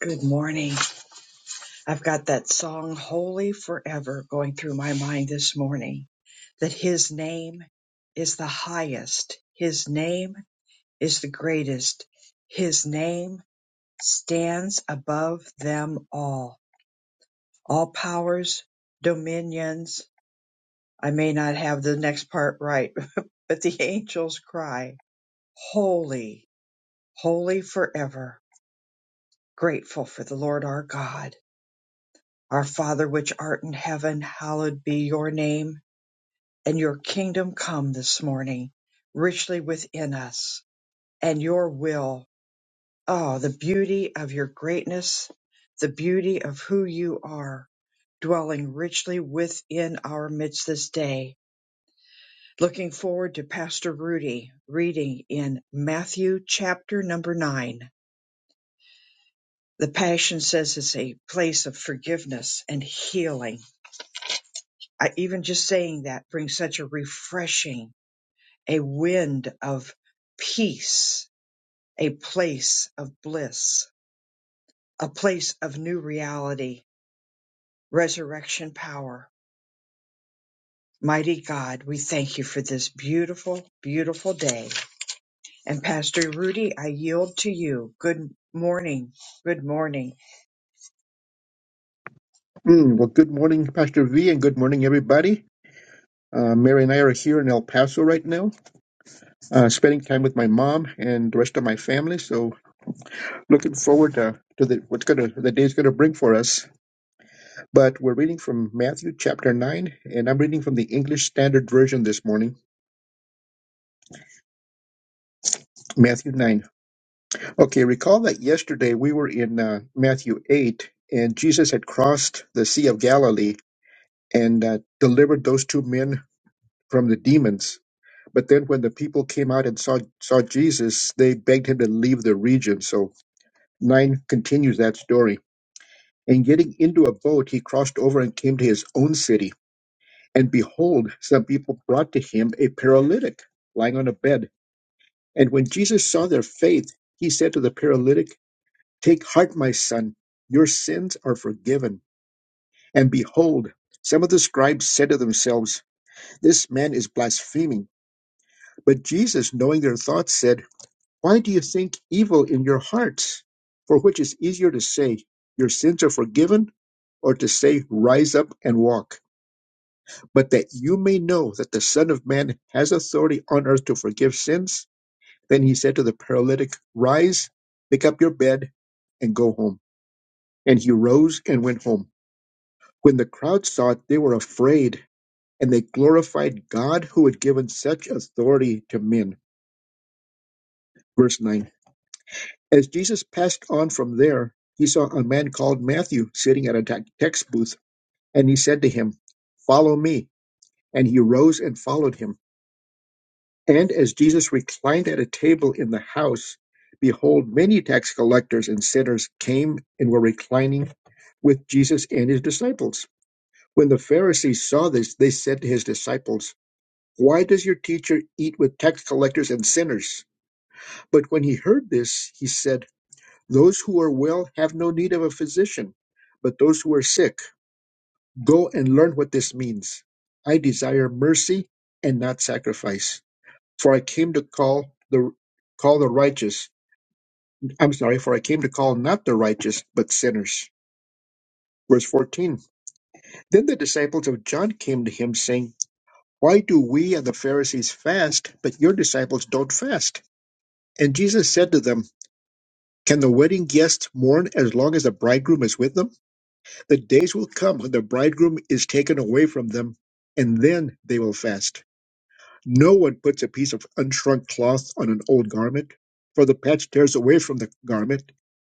Good morning. I've got that song Holy Forever going through my mind this morning that his name is the highest, his name is the greatest, his name stands above them all. All powers, dominions. I may not have the next part right, but the angels cry, Holy, holy forever. Grateful for the Lord our God Our Father which art in heaven, hallowed be your name, and your kingdom come this morning, richly within us, and your will. Oh, the beauty of your greatness, the beauty of who you are, dwelling richly within our midst this day. Looking forward to Pastor Rudy reading in Matthew chapter number nine. The Passion says it's a place of forgiveness and healing I, even just saying that brings such a refreshing, a wind of peace, a place of bliss, a place of new reality, resurrection power. Mighty God, we thank you for this beautiful, beautiful day. And Pastor Rudy, I yield to you. Good morning. Good morning. Mm, well, good morning, Pastor V, and good morning, everybody. Uh, Mary and I are here in El Paso right now, uh, spending time with my mom and the rest of my family. So, looking forward to, to the, what's gonna the day's gonna bring for us. But we're reading from Matthew chapter nine, and I'm reading from the English Standard Version this morning. Matthew nine. Okay, recall that yesterday we were in uh, Matthew eight, and Jesus had crossed the Sea of Galilee and uh, delivered those two men from the demons. But then when the people came out and saw, saw Jesus, they begged him to leave the region. So nine continues that story. And getting into a boat, he crossed over and came to his own city. And behold, some people brought to him a paralytic lying on a bed. And when Jesus saw their faith, he said to the paralytic, Take heart, my son, your sins are forgiven. And behold, some of the scribes said to themselves, This man is blaspheming. But Jesus, knowing their thoughts, said, Why do you think evil in your hearts? For which is easier to say, Your sins are forgiven, or to say, Rise up and walk? But that you may know that the Son of Man has authority on earth to forgive sins. Then he said to the paralytic, Rise, pick up your bed, and go home. And he rose and went home. When the crowd saw it, they were afraid, and they glorified God who had given such authority to men. Verse nine. As Jesus passed on from there, he saw a man called Matthew sitting at a ta- tax booth, and he said to him, Follow me. And he rose and followed him. And as Jesus reclined at a table in the house, behold, many tax collectors and sinners came and were reclining with Jesus and his disciples. When the Pharisees saw this, they said to his disciples, Why does your teacher eat with tax collectors and sinners? But when he heard this, he said, Those who are well have no need of a physician, but those who are sick, go and learn what this means. I desire mercy and not sacrifice, for I came to call the call the righteous. I'm sorry, for I came to call not the righteous, but sinners. Verse 14. Then the disciples of John came to him saying, "Why do we and the Pharisees fast, but your disciples don't fast?" And Jesus said to them, "Can the wedding guests mourn as long as the bridegroom is with them? The days will come when the bridegroom is taken away from them, and then they will fast. No one puts a piece of unshrunk cloth on an old garment, for the patch tears away from the garment,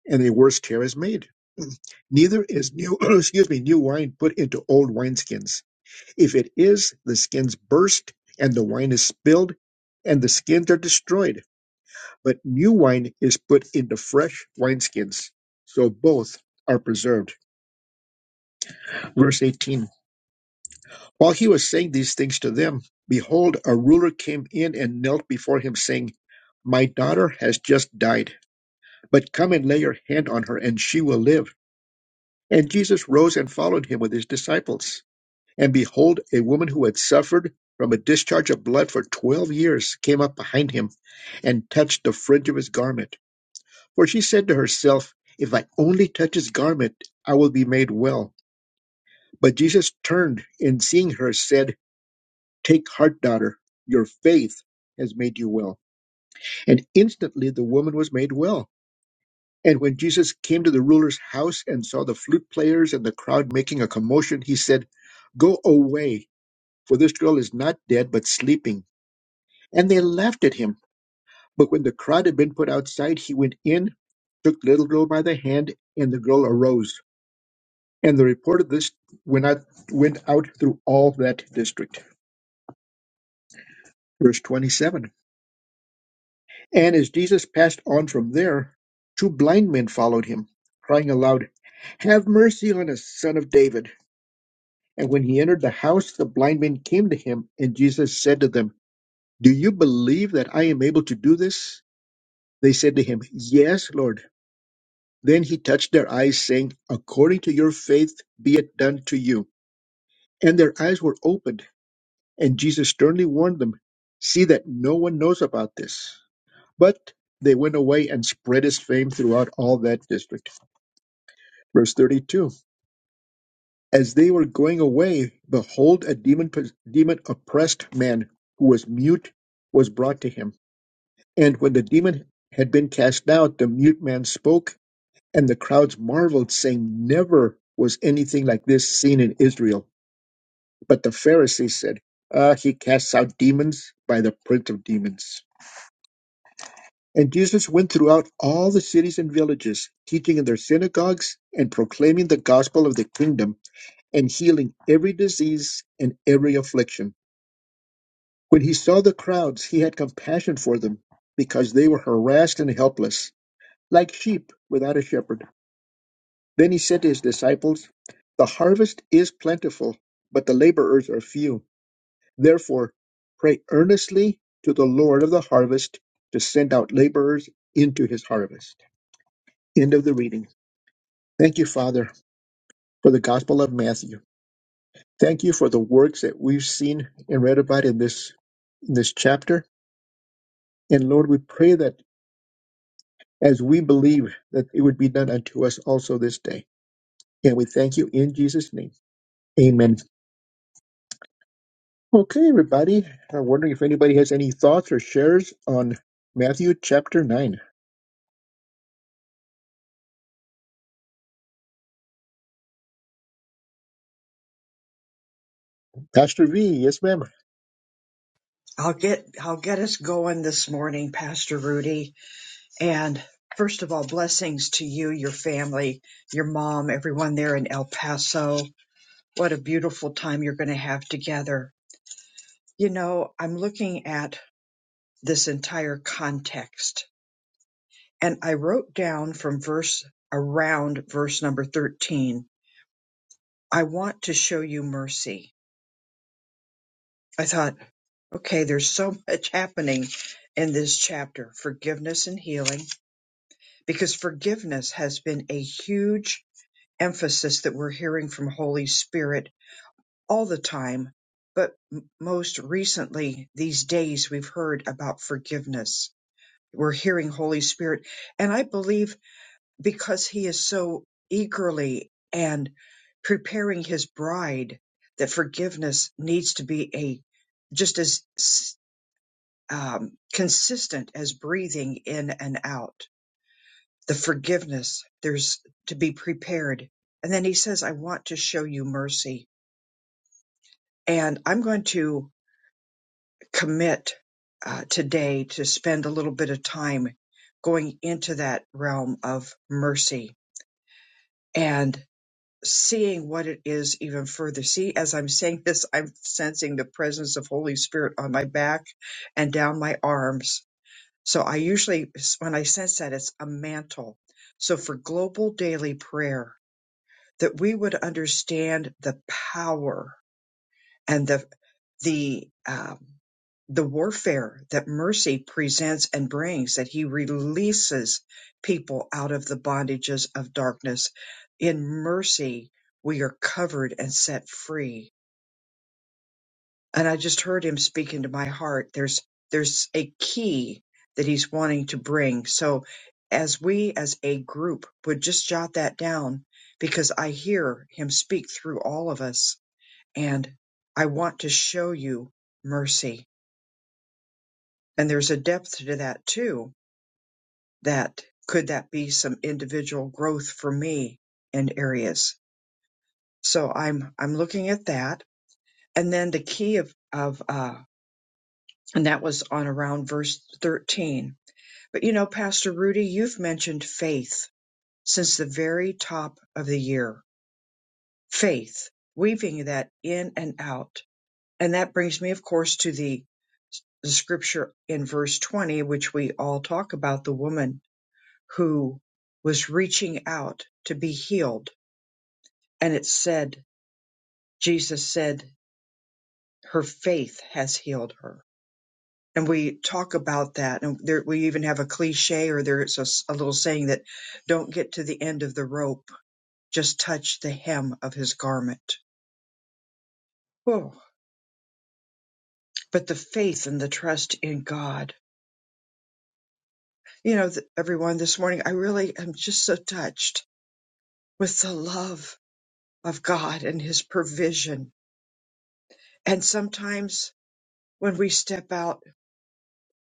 and a worse tear is made. Neither is new excuse me, new wine put into old wineskins. If it is, the skins burst, and the wine is spilled, and the skins are destroyed. But new wine is put into fresh wineskins, so both are preserved. Verse 18. While he was saying these things to them, behold, a ruler came in and knelt before him, saying, My daughter has just died, but come and lay your hand on her, and she will live. And Jesus rose and followed him with his disciples. And behold, a woman who had suffered from a discharge of blood for twelve years came up behind him and touched the fringe of his garment. For she said to herself, If I only touch his garment, I will be made well. But Jesus turned and seeing her said, Take heart, daughter. Your faith has made you well. And instantly the woman was made well. And when Jesus came to the ruler's house and saw the flute players and the crowd making a commotion, he said, Go away, for this girl is not dead, but sleeping. And they laughed at him. But when the crowd had been put outside, he went in, took the little girl by the hand, and the girl arose. And the report of this went out, went out through all that district. Verse 27. And as Jesus passed on from there, two blind men followed him, crying aloud, Have mercy on us, son of David. And when he entered the house, the blind men came to him, and Jesus said to them, Do you believe that I am able to do this? They said to him, Yes, Lord. Then he touched their eyes, saying, According to your faith be it done to you. And their eyes were opened, and Jesus sternly warned them, See that no one knows about this. But they went away and spread his fame throughout all that district. Verse 32 As they were going away, behold, a demon, demon oppressed man who was mute was brought to him. And when the demon had been cast out, the mute man spoke, and the crowds marveled, saying, Never was anything like this seen in Israel. But the Pharisees said, Ah, He casts out demons by the prince of demons. And Jesus went throughout all the cities and villages, teaching in their synagogues and proclaiming the gospel of the kingdom and healing every disease and every affliction. When he saw the crowds, he had compassion for them because they were harassed and helpless, like sheep without a shepherd. Then he said to his disciples, The harvest is plentiful, but the laborers are few. Therefore, pray earnestly to the Lord of the harvest to send out laborers into his harvest. End of the reading. Thank you, Father, for the Gospel of Matthew. Thank you for the works that we've seen and read about in this in this chapter. And Lord, we pray that as we believe that it would be done unto us also this day. And we thank you in Jesus' name. Amen. Okay, everybody. I'm wondering if anybody has any thoughts or shares on Matthew chapter 9. Pastor V, yes, ma'am. I'll get I'll get us going this morning, Pastor Rudy. And first of all, blessings to you, your family, your mom, everyone there in El Paso. What a beautiful time you're going to have together. You know, I'm looking at this entire context and I wrote down from verse around verse number 13, I want to show you mercy. I thought, okay, there's so much happening in this chapter forgiveness and healing because forgiveness has been a huge emphasis that we're hearing from Holy Spirit all the time, but m- most recently these days we've heard about forgiveness. We're hearing Holy Spirit, and I believe because He is so eagerly and preparing His bride, that forgiveness needs to be a just as s- um, consistent as breathing in and out. The forgiveness there's to be prepared, and then He says, "I want to show you mercy." And I'm going to commit uh, today to spend a little bit of time going into that realm of mercy and seeing what it is even further. See, as I'm saying this, I'm sensing the presence of Holy Spirit on my back and down my arms. So I usually, when I sense that, it's a mantle. So for global daily prayer, that we would understand the power and the. the um, the warfare that mercy presents and brings that he releases people out of the bondages of darkness in mercy we are covered and set free and i just heard him speak into my heart there's there's a key that he's wanting to bring so as we as a group would just jot that down because i hear him speak through all of us and i want to show you mercy And there's a depth to that too. That could that be some individual growth for me in areas. So I'm I'm looking at that. And then the key of of uh and that was on around verse 13. But you know, Pastor Rudy, you've mentioned faith since the very top of the year. Faith, weaving that in and out. And that brings me, of course, to the, the scripture in verse 20, which we all talk about the woman who was reaching out to be healed. And it said, Jesus said, her faith has healed her. And we talk about that. And there, we even have a cliche or there's a, s- a little saying that don't get to the end of the rope, just touch the hem of his garment. Oh, but the faith and the trust in God. You know, th- everyone, this morning, I really am just so touched with the love of God and his provision. And sometimes when we step out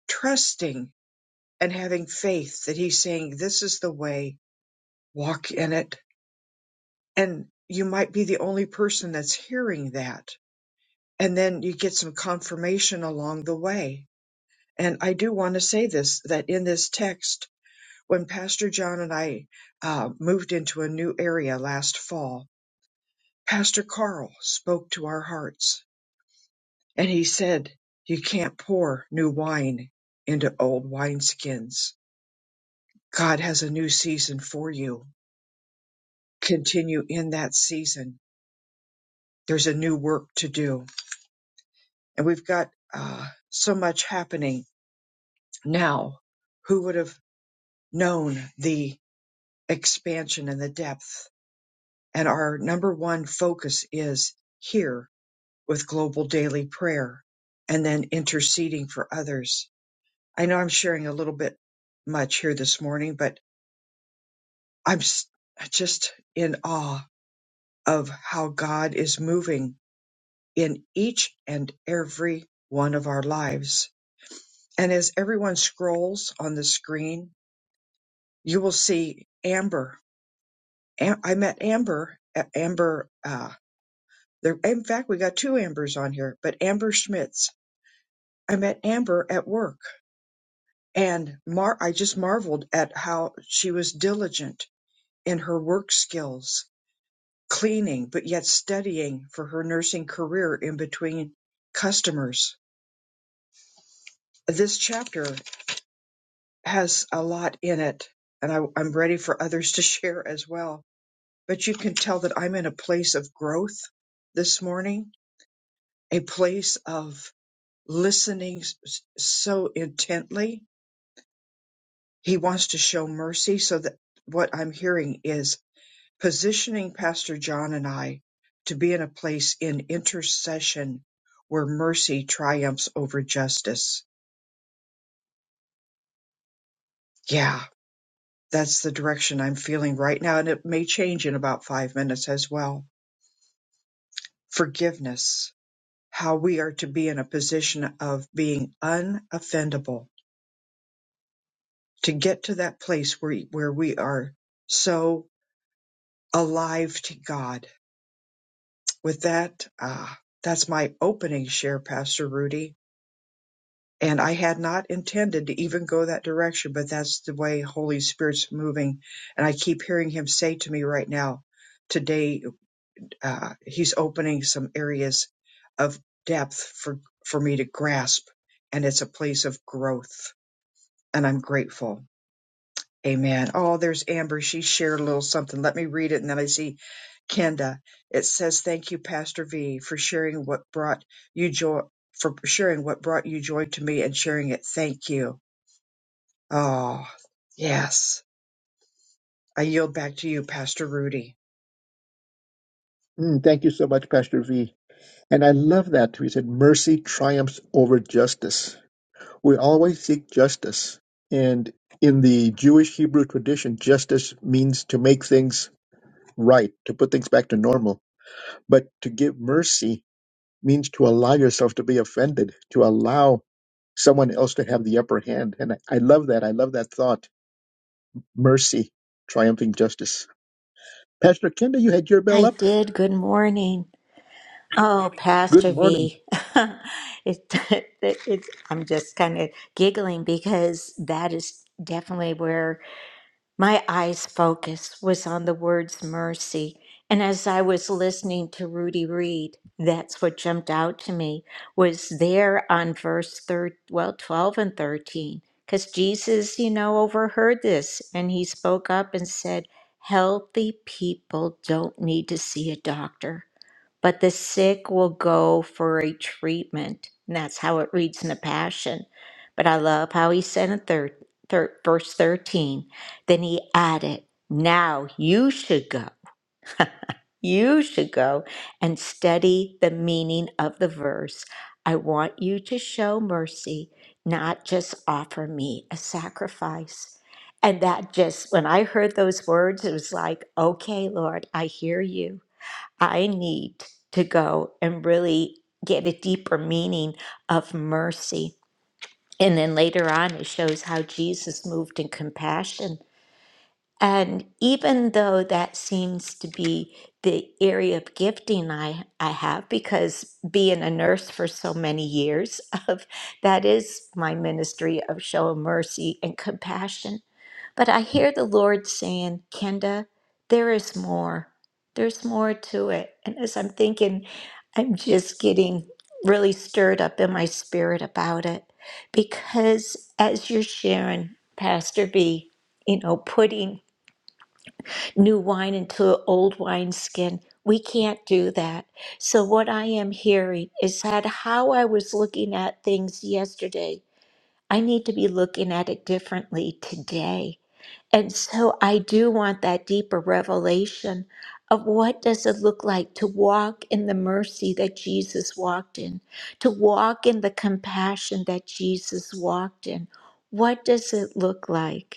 trusting and having faith that he's saying, This is the way, walk in it. And you might be the only person that's hearing that. And then you get some confirmation along the way. And I do want to say this that in this text, when Pastor John and I uh, moved into a new area last fall, Pastor Carl spoke to our hearts and he said, You can't pour new wine into old wineskins. God has a new season for you continue in that season. There's a new work to do. And we've got uh, so much happening now. Who would have known the expansion and the depth? And our number one focus is here with global daily prayer and then interceding for others. I know I'm sharing a little bit much here this morning, but I'm s- just in awe of how God is moving in each and every one of our lives. And as everyone scrolls on the screen, you will see Amber. Am- I met Amber. A- Amber. Uh, there, in fact, we got two Ambers on here, but Amber Schmitz. I met Amber at work, and Mar- I just marveled at how she was diligent in her work skills, cleaning, but yet studying for her nursing career in between customers. This chapter has a lot in it, and I, I'm ready for others to share as well. But you can tell that I'm in a place of growth this morning, a place of listening s- so intently. He wants to show mercy, so that what I'm hearing is positioning Pastor John and I to be in a place in intercession where mercy triumphs over justice. Yeah, that's the direction I'm feeling right now, and it may change in about five minutes as well forgiveness, how we are to be in a position of being unoffendable, to get to that place where, where we are so alive to God. With that, ah, that's my opening share, Pastor Rudy. And I had not intended to even go that direction, but that's the way Holy Spirit's moving. And I keep hearing him say to me right now, today uh, he's opening some areas of depth for for me to grasp and it's a place of growth and i'm grateful amen oh there's amber she shared a little something let me read it and then i see kenda it says thank you pastor v for sharing what brought you joy for sharing what brought you joy to me and sharing it thank you oh yes i yield back to you pastor rudy Mm, thank you so much, Pastor V. And I love that. We said mercy triumphs over justice We always seek justice. And in the Jewish Hebrew tradition, justice means to make things right, to put things back to normal. But to give mercy means to allow yourself to be offended, to allow someone else to have the upper hand. And I, I love that. I love that thought. Mercy, triumphing justice. Pastor Kenda, you had your bell I up. did. Good morning. Oh, Good Pastor morning. V. it, it, it's, I'm just kind of giggling because that is definitely where. My eyes focus was on the words mercy. And as I was listening to Rudy Reed, that's what jumped out to me was there on verse thir- well, 12 and 13. Because Jesus, you know, overheard this and he spoke up and said, Healthy people don't need to see a doctor but the sick will go for a treatment. And that's how it reads in the Passion. But I love how he said in thir- thir- verse 13, then he added, Now you should go. you should go and study the meaning of the verse. I want you to show mercy, not just offer me a sacrifice. And that just, when I heard those words, it was like, okay, Lord, I hear you. I need to go and really get a deeper meaning of mercy. And then later on, it shows how Jesus moved in compassion. And even though that seems to be the area of gifting I, I have, because being a nurse for so many years, of that is my ministry of showing mercy and compassion. But I hear the Lord saying, Kenda, there is more. There's more to it. And as I'm thinking, I'm just getting really stirred up in my spirit about it. Because as you're sharing, Pastor B, you know, putting new wine into old wineskin, we can't do that. So, what I am hearing is that how I was looking at things yesterday, I need to be looking at it differently today and so I do want that deeper revelation of what does it look like to walk in the mercy that Jesus walked in, to walk in the compassion that Jesus walked in. What does it look like?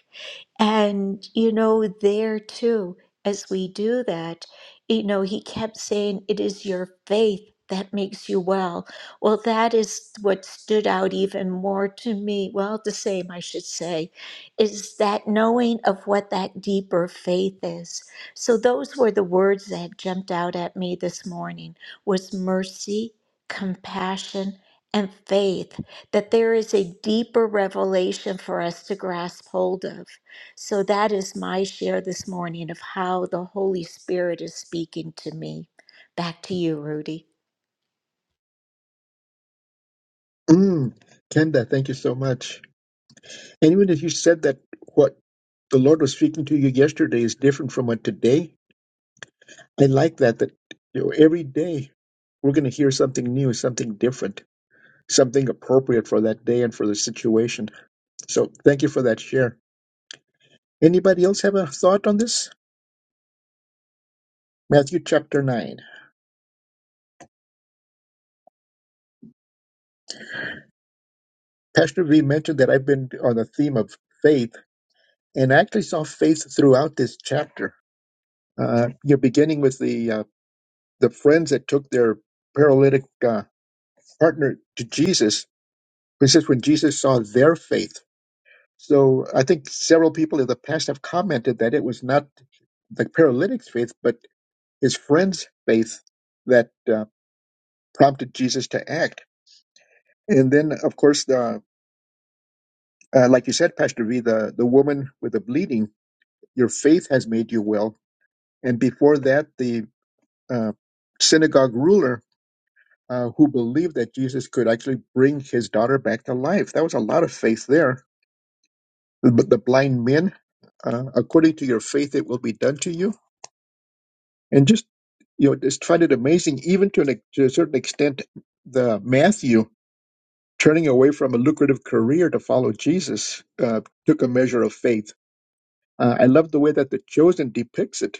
And, you know, there too, as we do that, you know, he kept saying, It is your faith that makes you well. Well, that is what stood out even more to me. Well, the same, I should say, is that knowing of what that deeper faith is. So those were the words that jumped out at me this morning was mercy, compassion, and faith, that there is a deeper revelation for us to grasp hold of. So that is my share this morning of how the Holy Spirit is speaking to me. Back to you, Rudy. Mm, Kenda, thank you so much. And even if you said that what the Lord was speaking to you yesterday is different from what today I like that that you know, every day we're going to hear something new, something different, something appropriate for that day and for the situation. So thank you for that share. Anybody else have a thought on this? Matthew chapter 9. Pastor V mentioned that I've been on the theme of faith and I actually saw faith throughout this chapter. Uh, you're beginning with the uh, the friends that took their paralytic uh, partner to Jesus. It says when Jesus saw their faith So I think several people in the past have commented that it was not the paralytic's faith, but his friend's faith that uh, prompted Jesus to act. And then, of course, the, uh, like you said, Pastor V, the, the woman with the bleeding, your faith has made you well. And before that, the uh, synagogue ruler uh, who believed that Jesus could actually bring his daughter back to life. That was a lot of faith there. But the blind men, uh, according to your faith, it will be done to you and just you know just find it amazing even to, an, ex- to a certain extent the matthew turning away from a lucrative career to follow jesus uh, took a measure of faith uh, i love the way that the chosen depicts it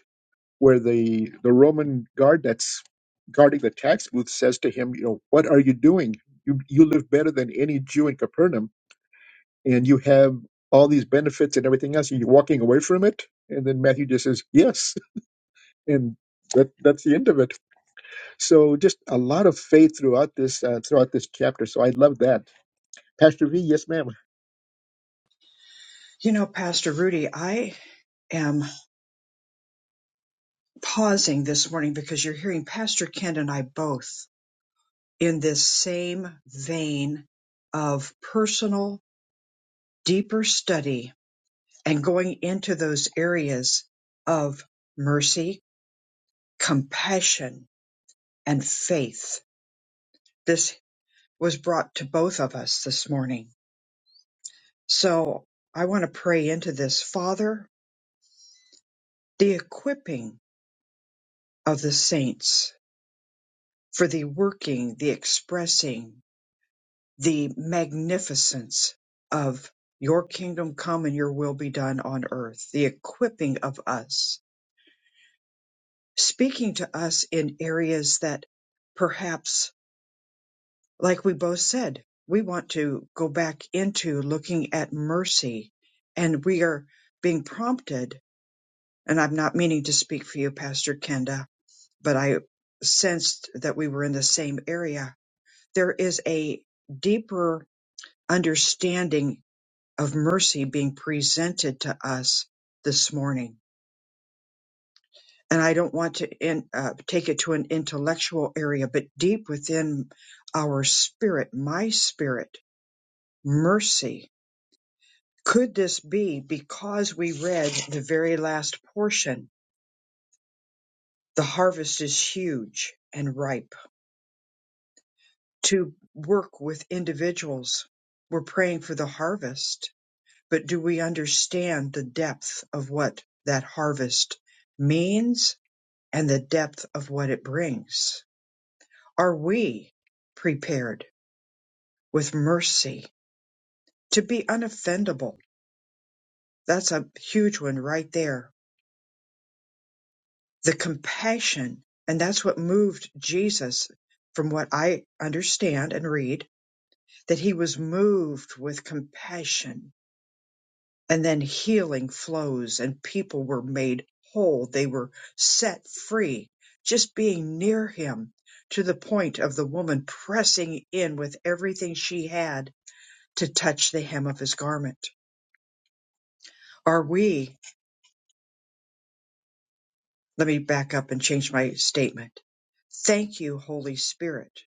where the the roman guard that's guarding the tax booth says to him you know what are you doing you you live better than any jew in capernaum and you have all these benefits and everything else and you're walking away from it and then matthew just says yes and that that's the end of it So just a lot of faith throughout this uh, throughout this chapter. So I love that, Pastor V. Yes, ma'am. you know pastor rudy i am pausing this morning because you're hearing Pastor Ken and I both in this same vein of personal, deeper study and going into those areas of mercy, compassion, and faith. This was brought to both of us this morning. So I want to pray into this. Father, the equipping of the saints for the working, the expressing, the magnificence of your kingdom come and your will be done on earth, the equipping of us, speaking to us in areas that perhaps, like we both said, we want to go back into looking at mercy and we are being prompted. And I'm not meaning to speak for you, Pastor Kenda, but I sensed that we were in the same area. There is a deeper understanding of mercy being presented to us this morning. And I don't want to in, uh, take it to an intellectual area, but deep within our spirit, my spirit, mercy. Could this be because we read the very last portion? The harvest is huge and ripe. To work with individuals, we're praying for the harvest, but do we understand the depth of what that harvest means and the depth of what it brings? Are we prepared with mercy to be unoffendable? That's a huge one right there. The compassion, and that's what moved Jesus from what I understand and read, that he was moved with compassion and then healing flows and people were made whole they were set free just being near him to the point of the woman pressing in with everything she had to touch the hem of his garment are we let me back up and change my statement thank you holy spirit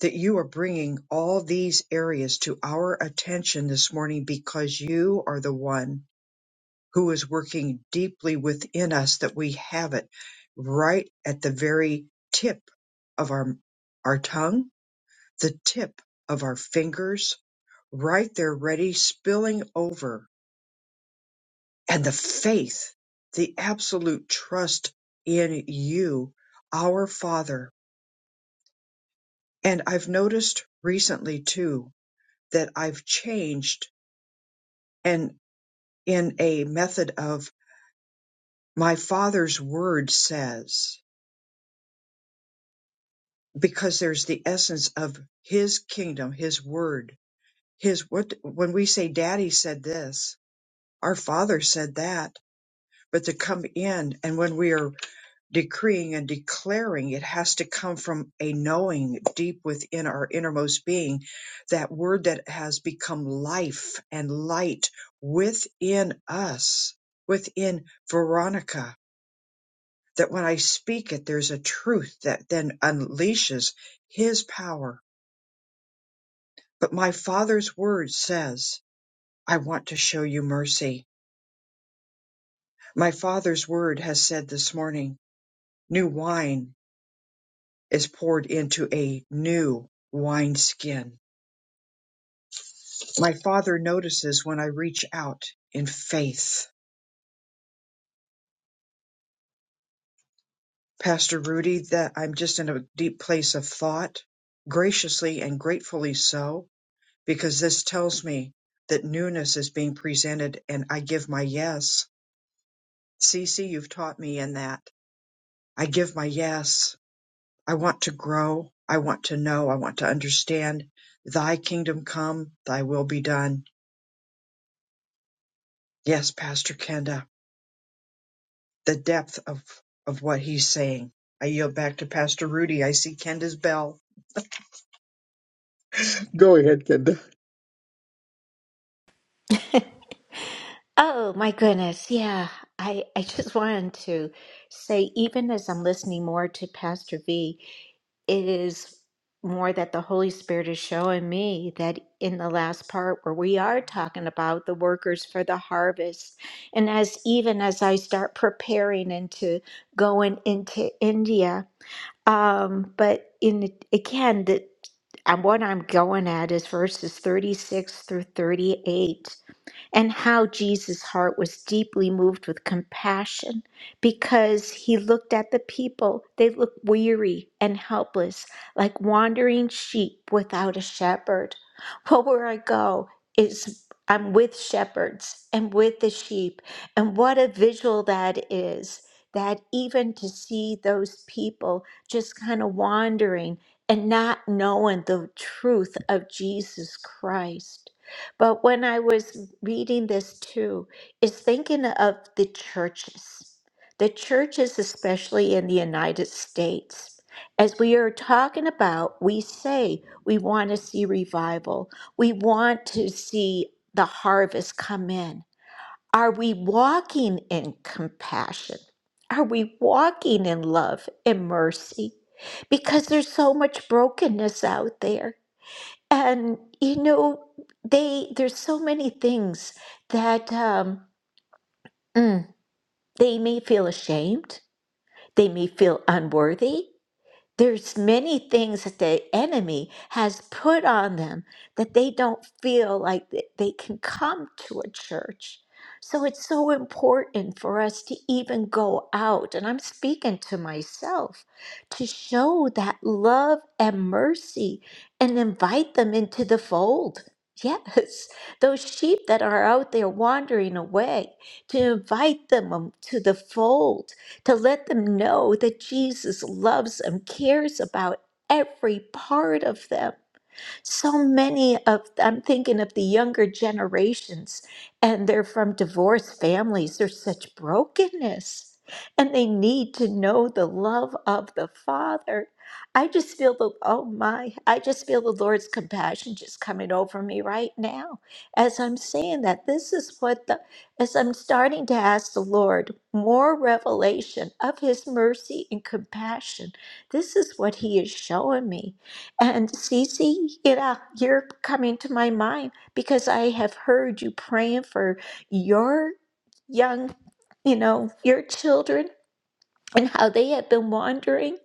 that you are bringing all these areas to our attention this morning because you are the one who is working deeply within us that we have it right at the very tip of our our tongue, the tip of our fingers, right there ready spilling over. And the faith, the absolute trust in you, our Father. And I've noticed recently too that I've changed and in a method of my father's word says because there's the essence of his kingdom his word his what when we say daddy said this our father said that but to come in and when we are decreeing and declaring it has to come from a knowing deep within our innermost being that word that has become life and light within us within veronica that when i speak it there's a truth that then unleashes his power But my Father's word says, I want to show you mercy. My Father's word has said this morning, new wine is poured into a new wineskin. My Father notices when I reach out in faith. Pastor Rudy, that I'm just in a deep place of thought, graciously and gratefully so, because this tells me that newness is being presented and I give my yes. Cece, you've taught me in that. I give my yes I want to grow. I want to know. I want to understand. Thy kingdom come, thy will be done. Yes, Pastor Kenda, the depth of, of what he's saying. I yield back to Pastor Rudy. I see Kenda's bell. Go ahead, Kenda. Oh my goodness. Yeah. I, I just wanted to say, even as I'm listening more to Pastor V, it is more that the Holy Spirit is showing me that in the last part where we are talking about the workers for the harvest. And as even as I start preparing and to going into India, Um, but in again, the and what I'm going at is verses 36 through 38 and how Jesus' heart was deeply moved with compassion because he looked at the people. They looked weary and helpless, like wandering sheep without a shepherd. Well, where I go is I'm with shepherds and with the sheep. And what a visual that is! That even to see those people just kind of wandering and not knowing the truth of Jesus Christ. But when I was reading this too, is thinking of the churches, the churches, especially in the United States. As we are talking about, we say we want to see revival, we want to see the harvest come in. Are we walking in compassion? Are we walking in love and mercy? Because there's so much brokenness out there and you know they there's so many things that um, mm, they may feel ashamed they may feel unworthy there's many things that the enemy has put on them that they don't feel like th- they can come to a church. So it's so important for us to even go out, and I'm speaking to myself, to show that love and mercy and invite them into the fold. Yes, those sheep that are out there wandering away, to invite them um, to the fold to let them know that Jesus loves them, cares about every part of them. So many of, I'm thinking of the younger generations, and they're from divorced families. There's such brokenness, and they need to know the love of the Father. I just feel the, oh my, I just feel the Lord's compassion just coming over me right now as I'm saying that. This is what the, as I'm starting to ask the Lord more revelation of His mercy and compassion, this is what He is showing me. And Cece, you know, you're coming to my mind because I have heard you praying for your young, you know, your children and how they have been wandering,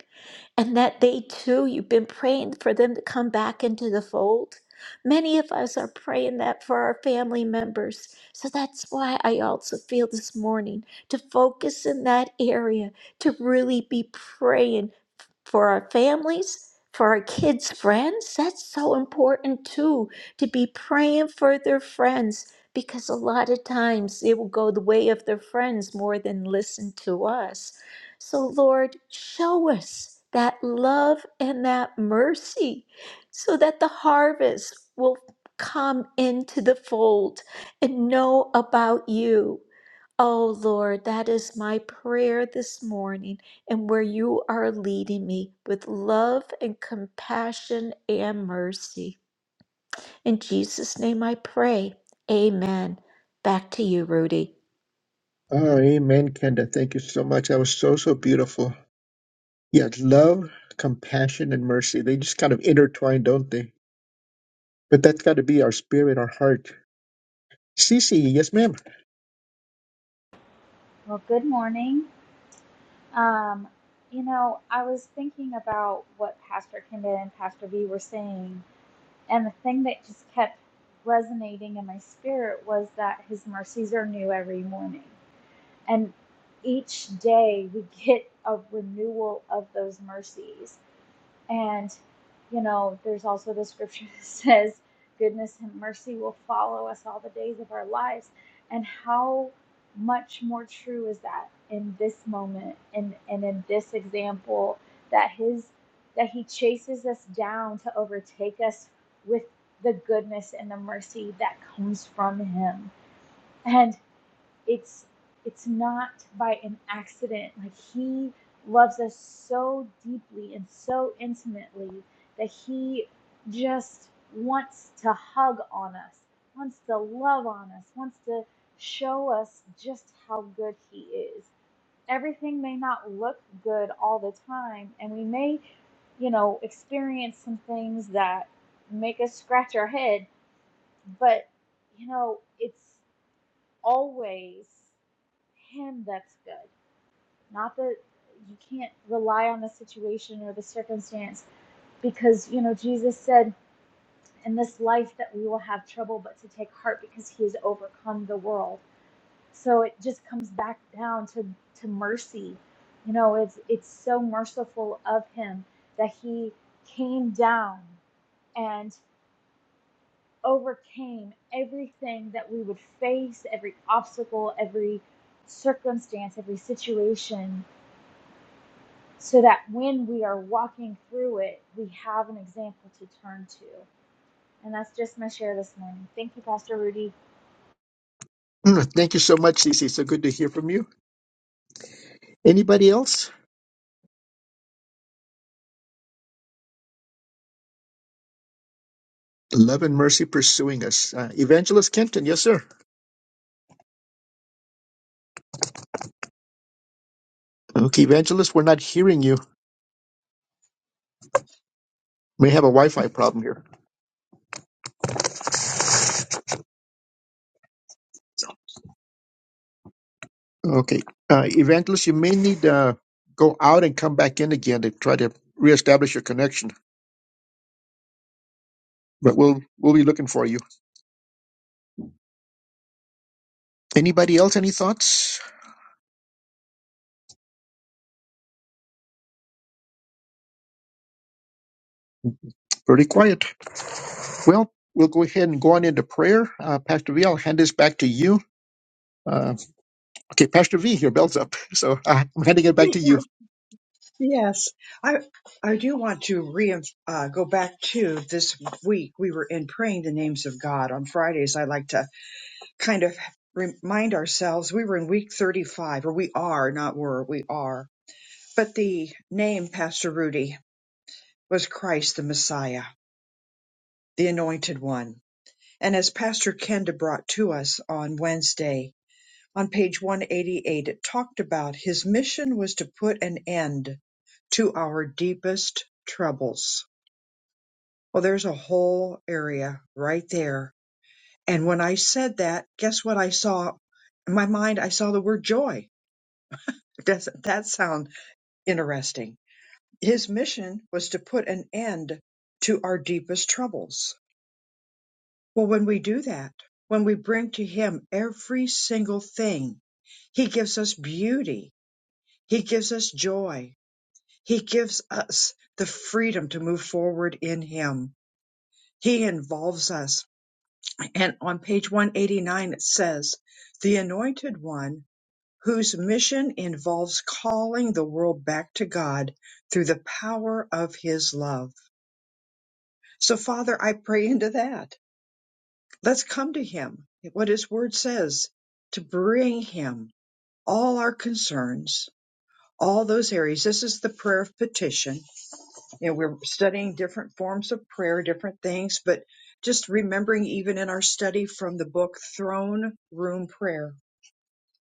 and that they too, you've been praying for them to come back into the fold. Many of us are praying that for our family members. So that's why I also feel this morning to focus in that area, to really be praying for our families, for our kids' friends. That's so important too, to be praying for their friends because a lot of times they will go the way of their friends more than listen to us. So, Lord, show us that love and that mercy so that the harvest will come into the fold and know about you. Oh Lord, that is my prayer this morning, and where you are leading me with love and compassion and mercy. In Jesus' name I pray. Amen. Back to you, Rudy. Oh, amen, Kenda. Thank you so much. That was so so beautiful. Yeah, love, compassion, and mercy. They just kind of intertwine, don't they? But that's got to be our spirit, our heart. Cece, yes, ma'am. Well, good morning. Um, you know, I was thinking about what Pastor Kenda and Pastor V were saying, and the thing that just kept resonating in my spirit was that His mercies are new every morning. And each day we get a renewal of those mercies. And, you know, there's also the scripture that says, goodness and mercy will follow us all the days of our lives. And how much more true is that in this moment and, and in this example that his that he chases us down to overtake us with the goodness and the mercy that comes from him. and it's it's not by an accident like he loves us so deeply and so intimately that he just wants to hug on us wants to love on us wants to show us just how good he is everything may not look good all the time and we may you know experience some things that make us scratch our head but you know it's always him that's good. Not that you can't rely on the situation or the circumstance because, you know, Jesus said in this life that we will have trouble, but to take heart because he has overcome the world. So it just comes back down to, to mercy. You know, it's, it's so merciful of him that he came down and overcame everything that we would face, every obstacle, every circumstance, every situation so that when we are walking through it, we have an example to turn to. And that's just my share this morning. Thank you, Pastor Rudy. Mm, Thank you so much, Cece. So good to hear from you. Anybody else? Love and mercy pursuing us. Uh, Evangelist Kenton, yes, sir. Okay, Evangelist, we're not hearing you. We have a Wi-Fi problem here. Okay. Uh, Evangelist, you may need to uh, go out and come back in again to try to reestablish your connection, but we'll we'll be looking for you. Anybody else? Any thoughts? Pretty quiet. Well, we'll go ahead and go on into prayer. Uh, Pastor V, I'll hand this back to you. Uh, okay, Pastor V, your bell's up, so uh, I'm handing it back to you. Yes, I I do want to re uh, go back to this week. We were in praying the names of God on Fridays. I like to kind of remind ourselves we were in week 35, or we are not were we are. But the name Pastor Rudy. was Christ the Messiah, the Anointed One. And as Pastor Kenda brought to us on Wednesday, on page 188, it talked about his mission was to put an end to our deepest troubles. Well, there's a whole area right there. And when I said that, guess what I saw? In my mind, I saw the word joy. Doesn't that sound interesting? His mission was to put an end to our deepest troubles Well, when we do that, when we bring to Him every single thing, He gives us beauty. He gives us joy. He gives us the freedom to move forward in Him. He involves us. And on page 189, it says, The anointed one whose mission involves calling the world back to God through the power of His love. So, Father, I pray into that Let's come to Him, what His Word says, to bring Him all our concerns, all those areas. This is the prayer of petition. You know, we're studying different forms of prayer, different things, but just remembering even in our study from the book Throne Room Prayer,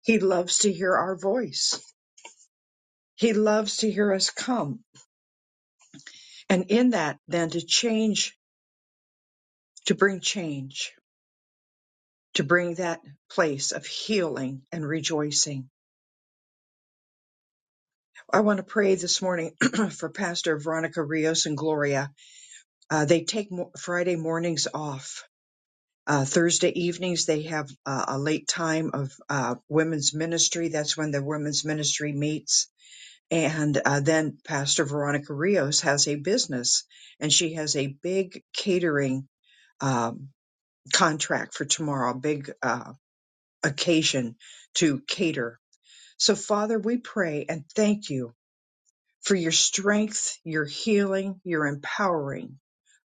He loves to hear our voice. He loves to hear us come. And in that, then to change, to bring change, to bring that place of healing and rejoicing I want to pray this morning for Pastor Veronica Rios and Gloria. Uh, they take mo- Friday mornings off. Uh, Thursday evenings, they have uh, a late time of uh, women's ministry. That's when the women's ministry meets. And uh, then Pastor Veronica Rios has a business and she has a big catering um, contract for tomorrow, a big uh, occasion to cater. So, Father, we pray and thank you for your strength, your healing, your empowering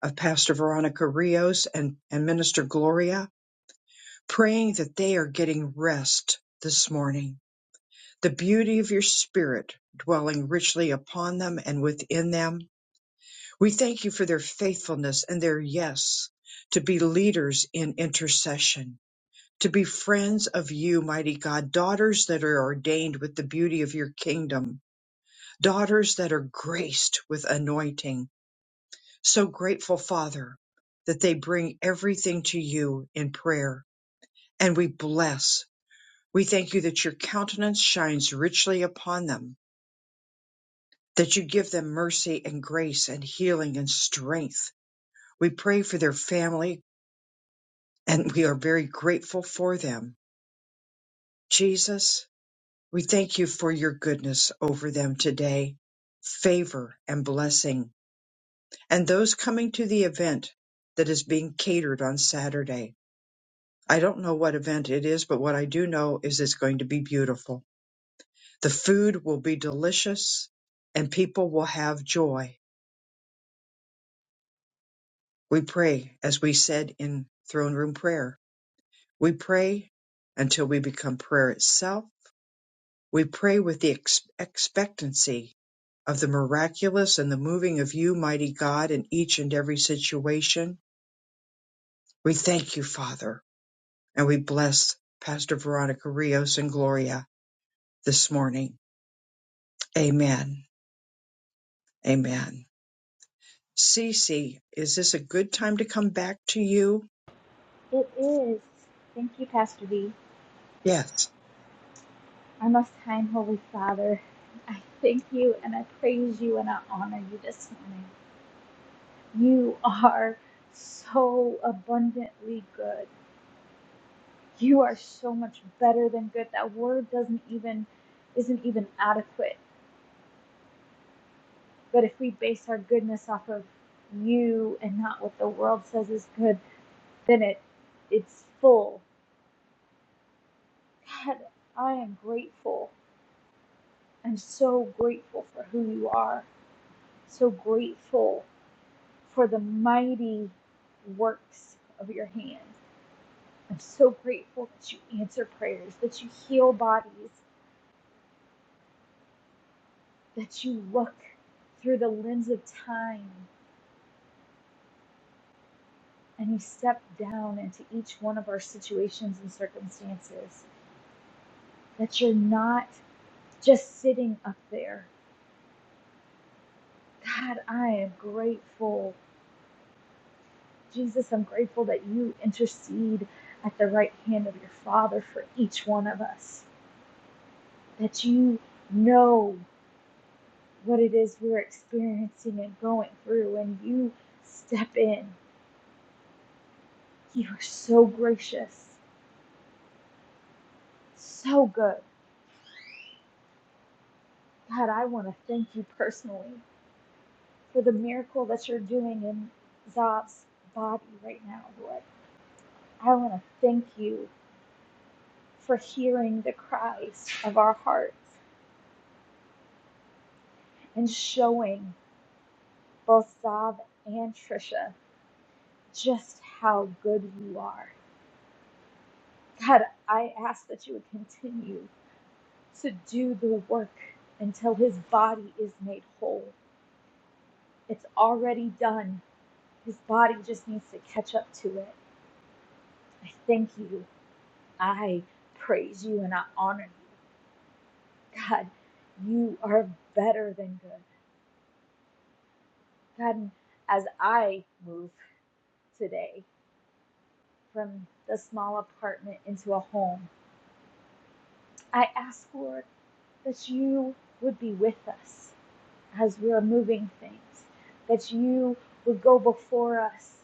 of Pastor Veronica Rios and, and Minister Gloria, praying that they are getting rest this morning. The beauty of your spirit dwelling richly upon them and within them. We thank you for their faithfulness and their yes to be leaders in intercession, to be friends of you, mighty God, daughters that are ordained with the beauty of your kingdom, daughters that are graced with anointing So grateful, Father, that they bring everything to you in prayer and we bless. We thank you that your countenance shines richly upon them, that you give them mercy and grace and healing and strength. We pray for their family and we are very grateful for them. Jesus, we thank you for your goodness over them today, favor and blessing, and those coming to the event that is being catered on Saturday. I don't know what event it is, but what I do know is it's going to be beautiful. The food will be delicious and people will have joy. We pray, as we said in throne room prayer, we pray until we become prayer itself. We pray with the ex- expectancy of the miraculous and the moving of you, mighty God, in each and every situation. We thank you, Father, and we bless Pastor Veronica Rios and Gloria this morning. Amen. Amen. Cece, is this a good time to come back to you? It is. Thank you, Pastor V. Yes. Our most high and holy Father, I thank you and I praise you and I honor you this morning. You are so abundantly good. You are so much better than good. That word doesn't even isn't even adequate But if we base our goodness off of you and not what the world says is good, then it it's full. God, I am grateful. I'm so grateful for who you are. So grateful for the mighty works of your hands. I'm so grateful that you answer prayers, that you heal bodies, that you look through the lens of time and you step down into each one of our situations and circumstances. that you're not just sitting up there. God, I am grateful. Jesus, I'm grateful that you intercede at the right hand of your Father for each one of us, that you know what it is we're experiencing and going through, and you step in. You are so gracious, so good. God, I want to thank you personally for the miracle that you're doing in Zob's body right now, Lord. I want to thank you for hearing the cries of our hearts and showing both Zob and Trisha just how good you are. God, I ask that you would continue to do the work until his body is made whole. It's already done. His body just needs to catch up to it. I thank you. I praise you and I honor you. God, you are better than good. God, as I move today. from the small apartment into a home. I ask, Lord, that you would be with us as we're moving things, that you would go before us.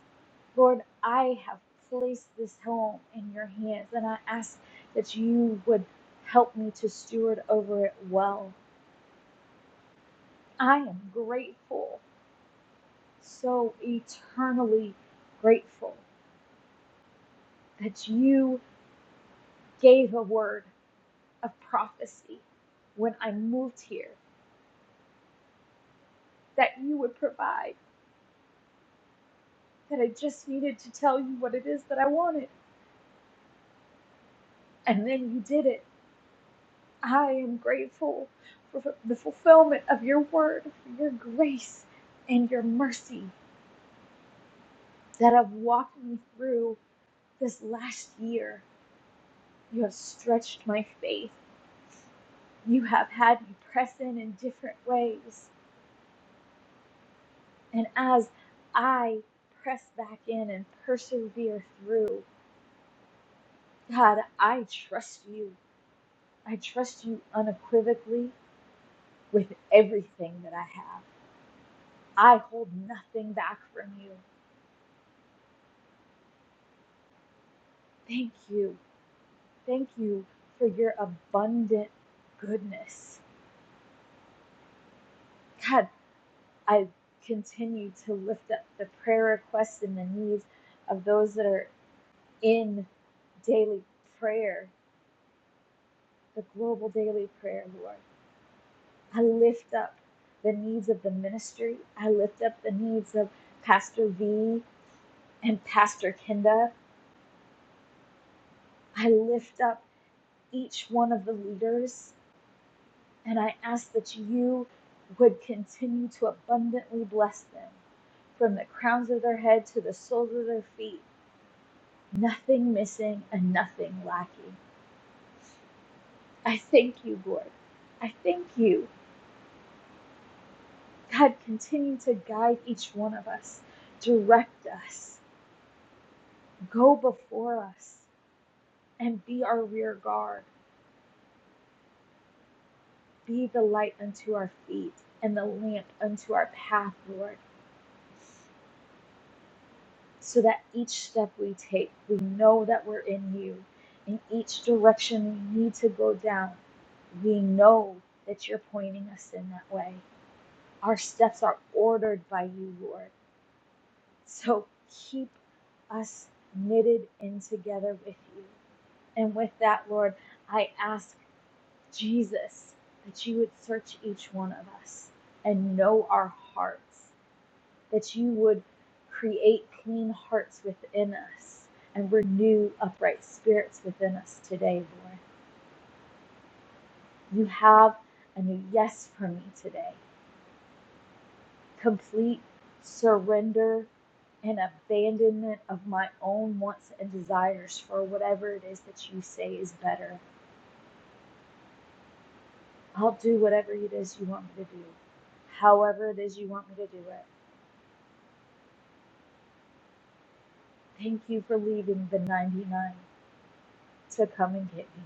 Lord, I have placed this home in your hands, and I ask that you would help me to steward over it well. I am grateful, so eternally grateful, that you gave a word of prophecy when I moved here that you would provide, that I just needed to tell you what it is that I wanted. And then you did it. I am grateful for the fulfillment of your word, for your grace and your mercy that have walked me through this last year. You have stretched my faith. You have had me press in in different ways. And as I press back in and persevere through, God, I trust you. I trust you unequivocally with everything that I have. I hold nothing back from you. Thank you. Thank you for your abundant goodness. God, I continue to lift up the prayer requests and the needs of those that are in daily prayer, the global daily prayer, Lord. I lift up the needs of the ministry. I lift up the needs of Pastor V And Pastor Kenda, I lift up each one of the leaders and I ask that you would continue to abundantly bless them from the crowns of their head to the soles of their feet, nothing missing and nothing lacking. I thank you, Lord. I thank you. God, continue to guide each one of us, direct us, go before us, and be our rear guard. Be the light unto our feet and the lamp unto our path, Lord, so that each step we take, we know that we're in you. In each direction we need to go down, we know that you're pointing us in that way. Our steps are ordered by you, Lord. So keep us knitted in together with you. And with that, Lord, I ask Jesus that you would search each one of us and know our hearts. that you would create clean hearts within us and renew upright spirits within us today, Lord. You have a new yes for me today. Complete surrender and abandonment of my own wants and desires for whatever it is that you say is better. I'll do whatever it is you want me to do, however it is you want me to do it. Thank you for leaving the 99 to come and get me.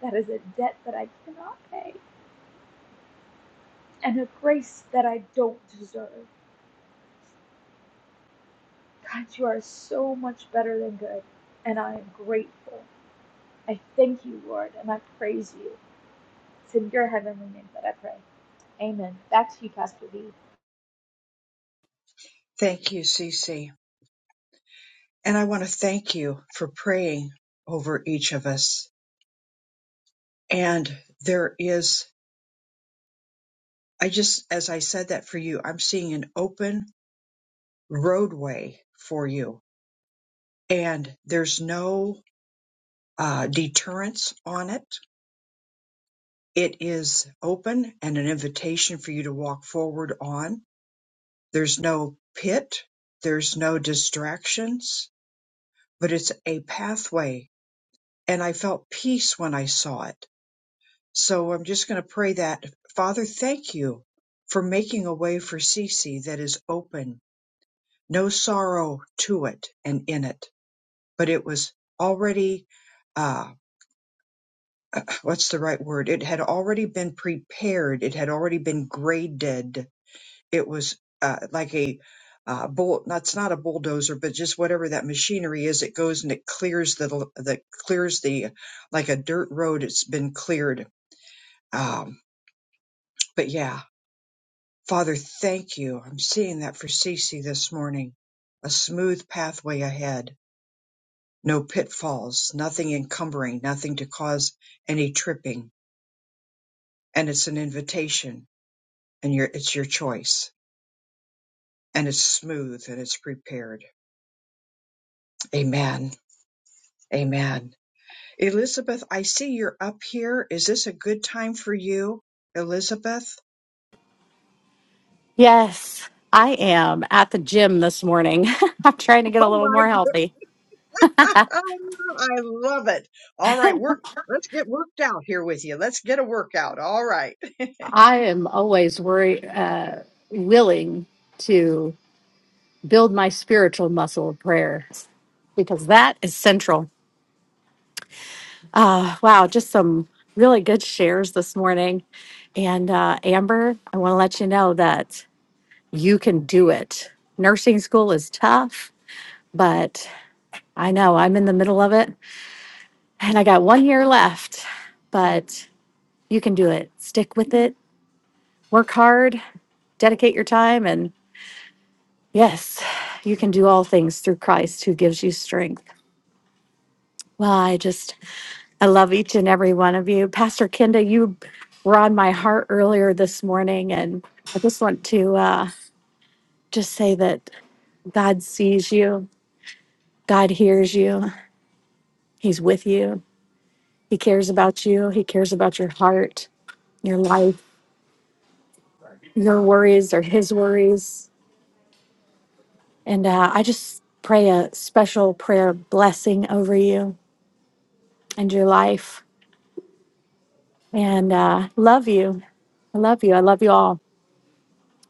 That is a debt that I cannot pay. and a grace that I don't deserve. God, you are so much better than good, and I am grateful. I thank you, Lord, and I praise you. It's in your heavenly name that I pray. Amen. Back to you, Pastor B. Thank you, Cece. And I want to thank you for praying over each of us. And there is, I just, as I said that for you, I'm seeing an open roadway for you. And there's no uh, deterrence on it. It is open and an invitation for you to walk forward on. There's no pit. There's no distractions but it's a pathway. And I felt peace when I saw it. So I'm just going to pray that, Father, thank you for making a way for Cece that is open, no sorrow to it and in it, but it was already, uh, what's the right word? It had already been prepared. It had already been graded It was uh, like a uh, bull. That's not a bulldozer, but just whatever that machinery is. It goes and it clears the l- the clears the like a dirt road. It's been cleared. Um, but yeah, Father, thank you. I'm seeing that for Cece this morning. A smooth pathway ahead. No pitfalls, nothing encumbering, nothing to cause any tripping. And it's an invitation and your, it's your choice and it's smooth and it's prepared. Amen. Amen. Elizabeth, I see you're up here. Is this a good time for you, Elizabeth? Yes, I am at the gym this morning. I'm trying to get a Oh little more my, healthy. I love it. All right, work. Let's get worked out here with you. Let's get a workout. All right. I am always worry, uh, willing to build my spiritual muscle of prayer because that is central. Uh, wow, just some really good shares this morning. And uh, Amber, I want to let you know that you can do it. Nursing school is tough, but I know I'm in the middle of it and I got one year left. But you can do it. Stick with it, work hard, dedicate your time, and yes, you can do all things through Christ who gives you strength. Well, I just, I love each and every one of you. Pastor Kenda, you were on my heart earlier this morning, and I just want to uh, just say that God sees you, God hears you, He's with you, He cares about you, He cares about your heart, your life. Your worries are His worries And uh, I just pray a special prayer blessing over you and your life. And uh, love you. I love you. I love you all.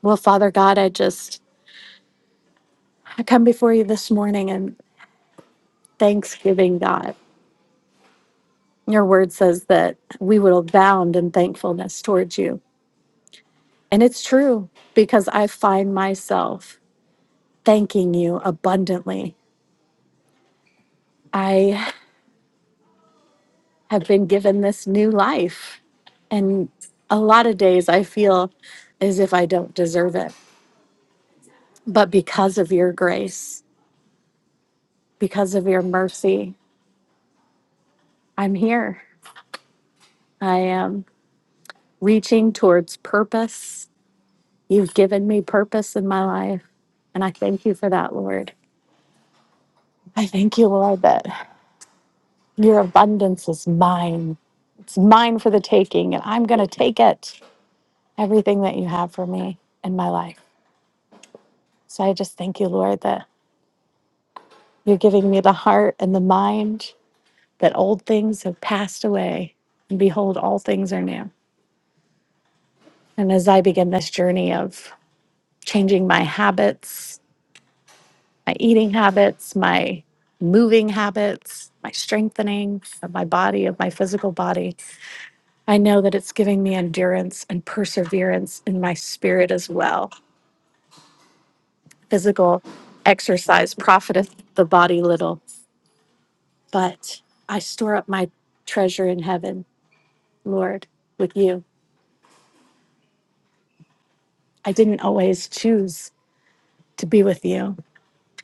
Well, Father God, I just I come before you this morning in thanksgiving, God. Your word says that we will abound in thankfulness towards you. And it's true because I find myself thanking you abundantly. I. have been given this new life. And a lot of days I feel as if I don't deserve it. But because of your grace, because of your mercy, I'm here. I am reaching towards purpose. You've given me purpose in my life. And I thank you for that, Lord. I thank you, Lord, that your abundance is mine. It's mine for the taking, and I'm going to take it, everything that you have for me in my life. So I just thank you, Lord, that You're giving me the heart and the mind that old things have passed away, and behold, all things are new. And as I begin this journey of changing my habits, my eating habits, my moving habits, my strengthening of my body, of my physical body, I know that it's giving me endurance and perseverance in my spirit as well. Physical exercise profiteth the body little, but I store up my treasure in heaven, Lord, with you I didn't always choose to be with you,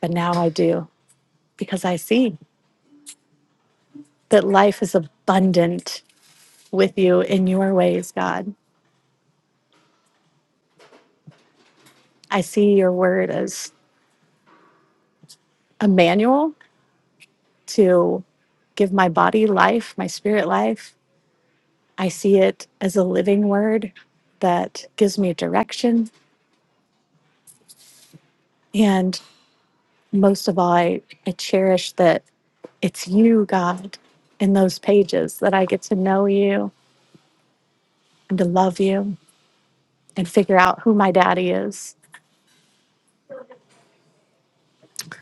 but now I do because I see that life is abundant with you in your ways, God. I see your word as a manual to give my body life, my spirit life. I see it as a living word that gives me direction. And most of all, I, I cherish that it's you, God, in those pages that I get to know you and to love you and figure out who my daddy is.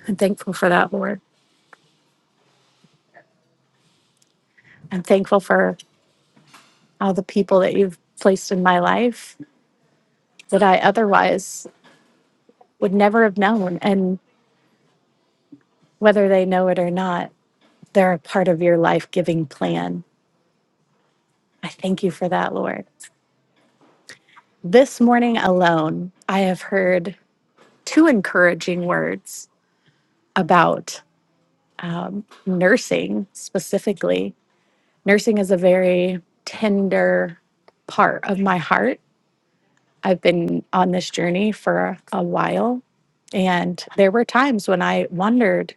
I'm thankful for that, Lord. I'm thankful for all the people that you've placed in my life that I otherwise would never have known. And whether they know it or not, they're a part of your life giving plan. I thank you for that, Lord. This morning alone, I have heard two encouraging words about um, nursing specifically. Nursing is a very tender part of my heart I've been on this journey for a while. And there were times when I wondered,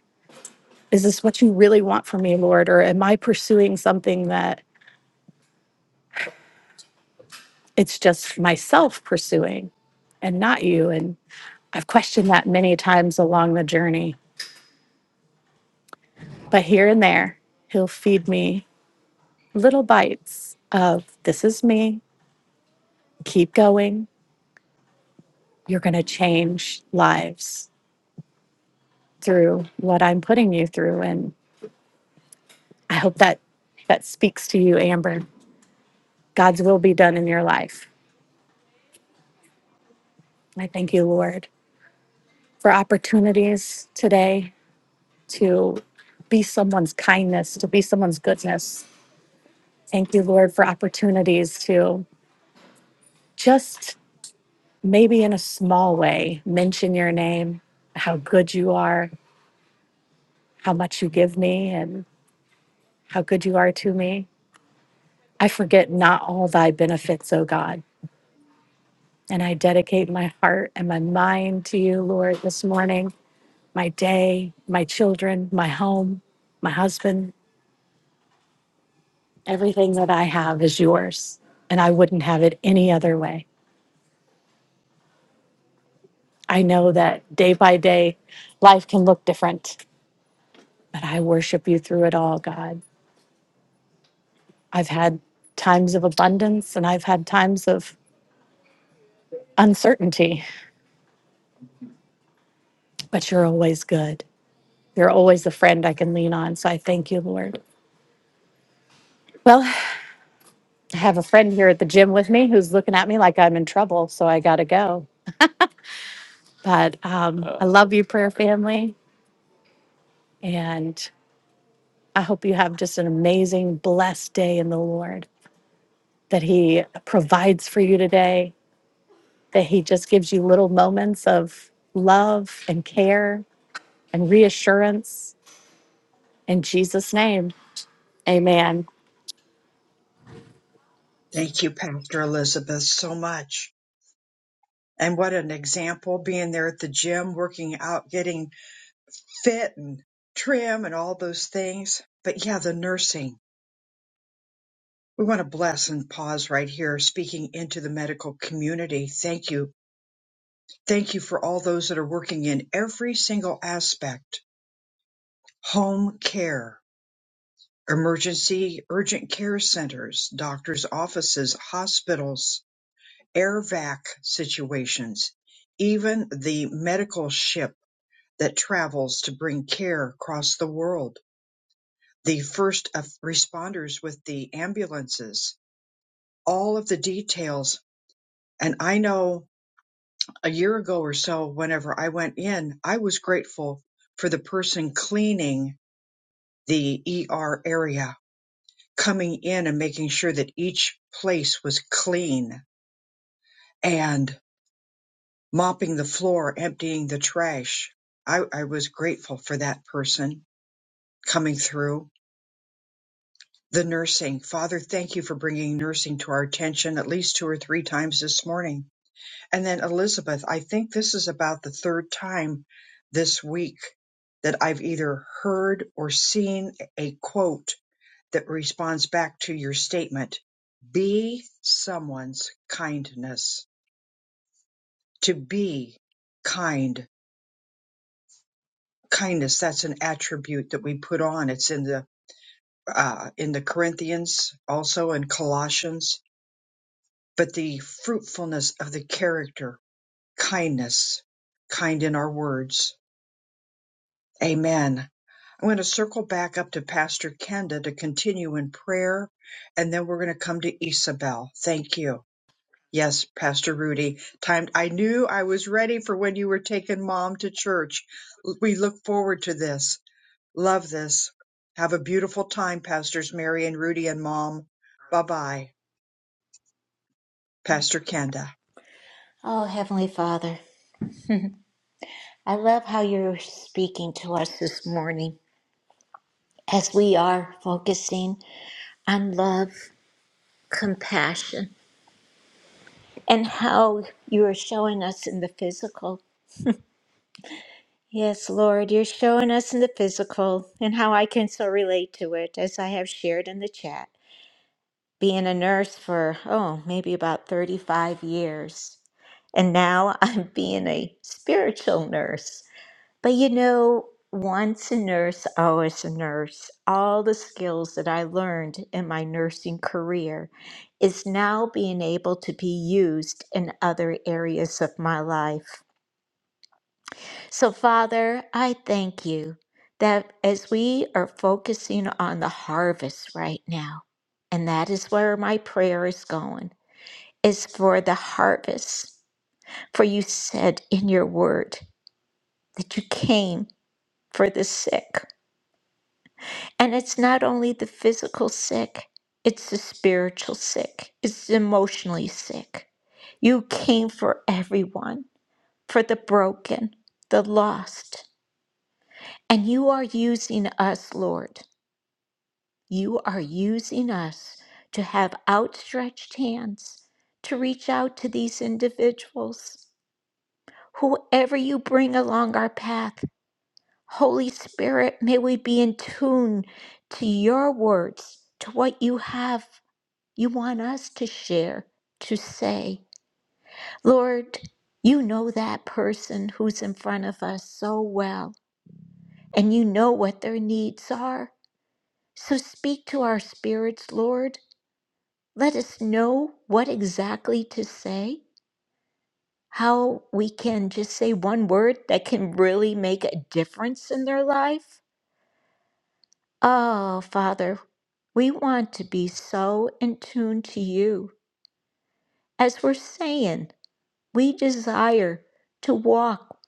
is this what you really want from me, Lord? Or am I pursuing something that it's just myself pursuing and not you? And I've questioned that many times along the journey. But here and there, he'll feed me little bites of this is me, keep going. You're going to change lives through what I'm putting you through. And I hope that that speaks to you, Amber. God's will be done in your life. I thank you, Lord, for opportunities today to be someone's kindness, to be someone's goodness. Thank you, Lord, for opportunities to just maybe in a small way mention your name, how good you are, how much you give me, and how good you are to me. I forget not all thy benefits, O God. And I dedicate my heart and my mind to you, Lord, this morning. my day, my children, my home, my husband, everything that I have is yours. And I wouldn't have it any other way. I know that day by day, life can look different, but I worship you through it all, God. I've had times of abundance and I've had times of uncertainty, but you're always good. You're always a friend I can lean on. So I thank you, Lord. Well, I have a friend here at the gym with me who's looking at me like I'm in trouble. So I got to go. But um, Uh, I love you, prayer family. And I hope you have just an amazing, blessed day in the Lord, that He provides for you today, that He just gives you little moments of love and care and reassurance. In Jesus' name, amen. Thank you, Pastor Elizabeth, so much. And what an example being there at the gym, working out, getting fit and trim and all those things. But yeah, the nursing. We want to bless and pause right here, speaking into the medical community. Thank you, Thank you for all those that are working in every single aspect home care, emergency urgent care centers, doctors' offices, hospitals, air vac situations, even the medical ship that travels to bring care across the world, the first of- responders with the ambulances, all of the details. And I know a year ago or so, whenever I went in, I was grateful for the person cleaning the ER area, coming in and making sure that each place was clean and mopping the floor, emptying the trash. I, I was grateful for that person coming through. The nursing. Father, thank you for bringing nursing to our attention at least two or three times this morning. And then Elizabeth, I think this is about the third time this week that I've either heard or seen a quote that responds back to your statement. Be someone's kindness. To be kind, kindness, that's an attribute that we put on. It's in the, uh, in the Corinthians, also in Colossians, but the fruitfulness of the character, kindness, kind in our words. Amen. I'm going to circle back up to Pastor Kenda to continue in prayer, and then we're going to come to Isabel. Thank you. Yes, Pastor Rudy. Time I knew I was ready for when you were taking mom to church. L- We look forward to this. Love this. Have a beautiful time, Pastors Mary and Rudy and Mom. Bye bye. Pastor Kenda. Oh, Heavenly Father, I love how you're speaking to us this morning as we are focusing on love, compassion, and how you are showing us in the physical. Yes, Lord, you're showing us in the physical and how I can so relate to it, as I have shared in the chat. Being a nurse for, oh, maybe about 35 years. And now I'm being a spiritual nurse. But you know, once a nurse, always a nurse. All the skills that I learned in my nursing career is now being able to be used in other areas of my life. So, Father, I thank you that as we are focusing on the harvest right now, and that is where my prayer is going, is for the harvest. For you said in your word that you came for the sick. And it's not only the physical sick, it's the spiritual sick, it's the emotionally sick. You came for everyone, for the broken, the lost. And you are using us, Lord You are using us to have outstretched hands to reach out to these individuals. Whoever you bring along our path, Holy Spirit, may we be in tune to your words, to what you have, you want us to share, to say. Lord, you know that person who's in front of us so well, and you know what their needs are. So speak to our spirits, Lord. let us know what exactly to say, how we can just say one word that can really make a difference in their life. Oh, Father, we want to be so in tune to you. As we're saying, we desire to walk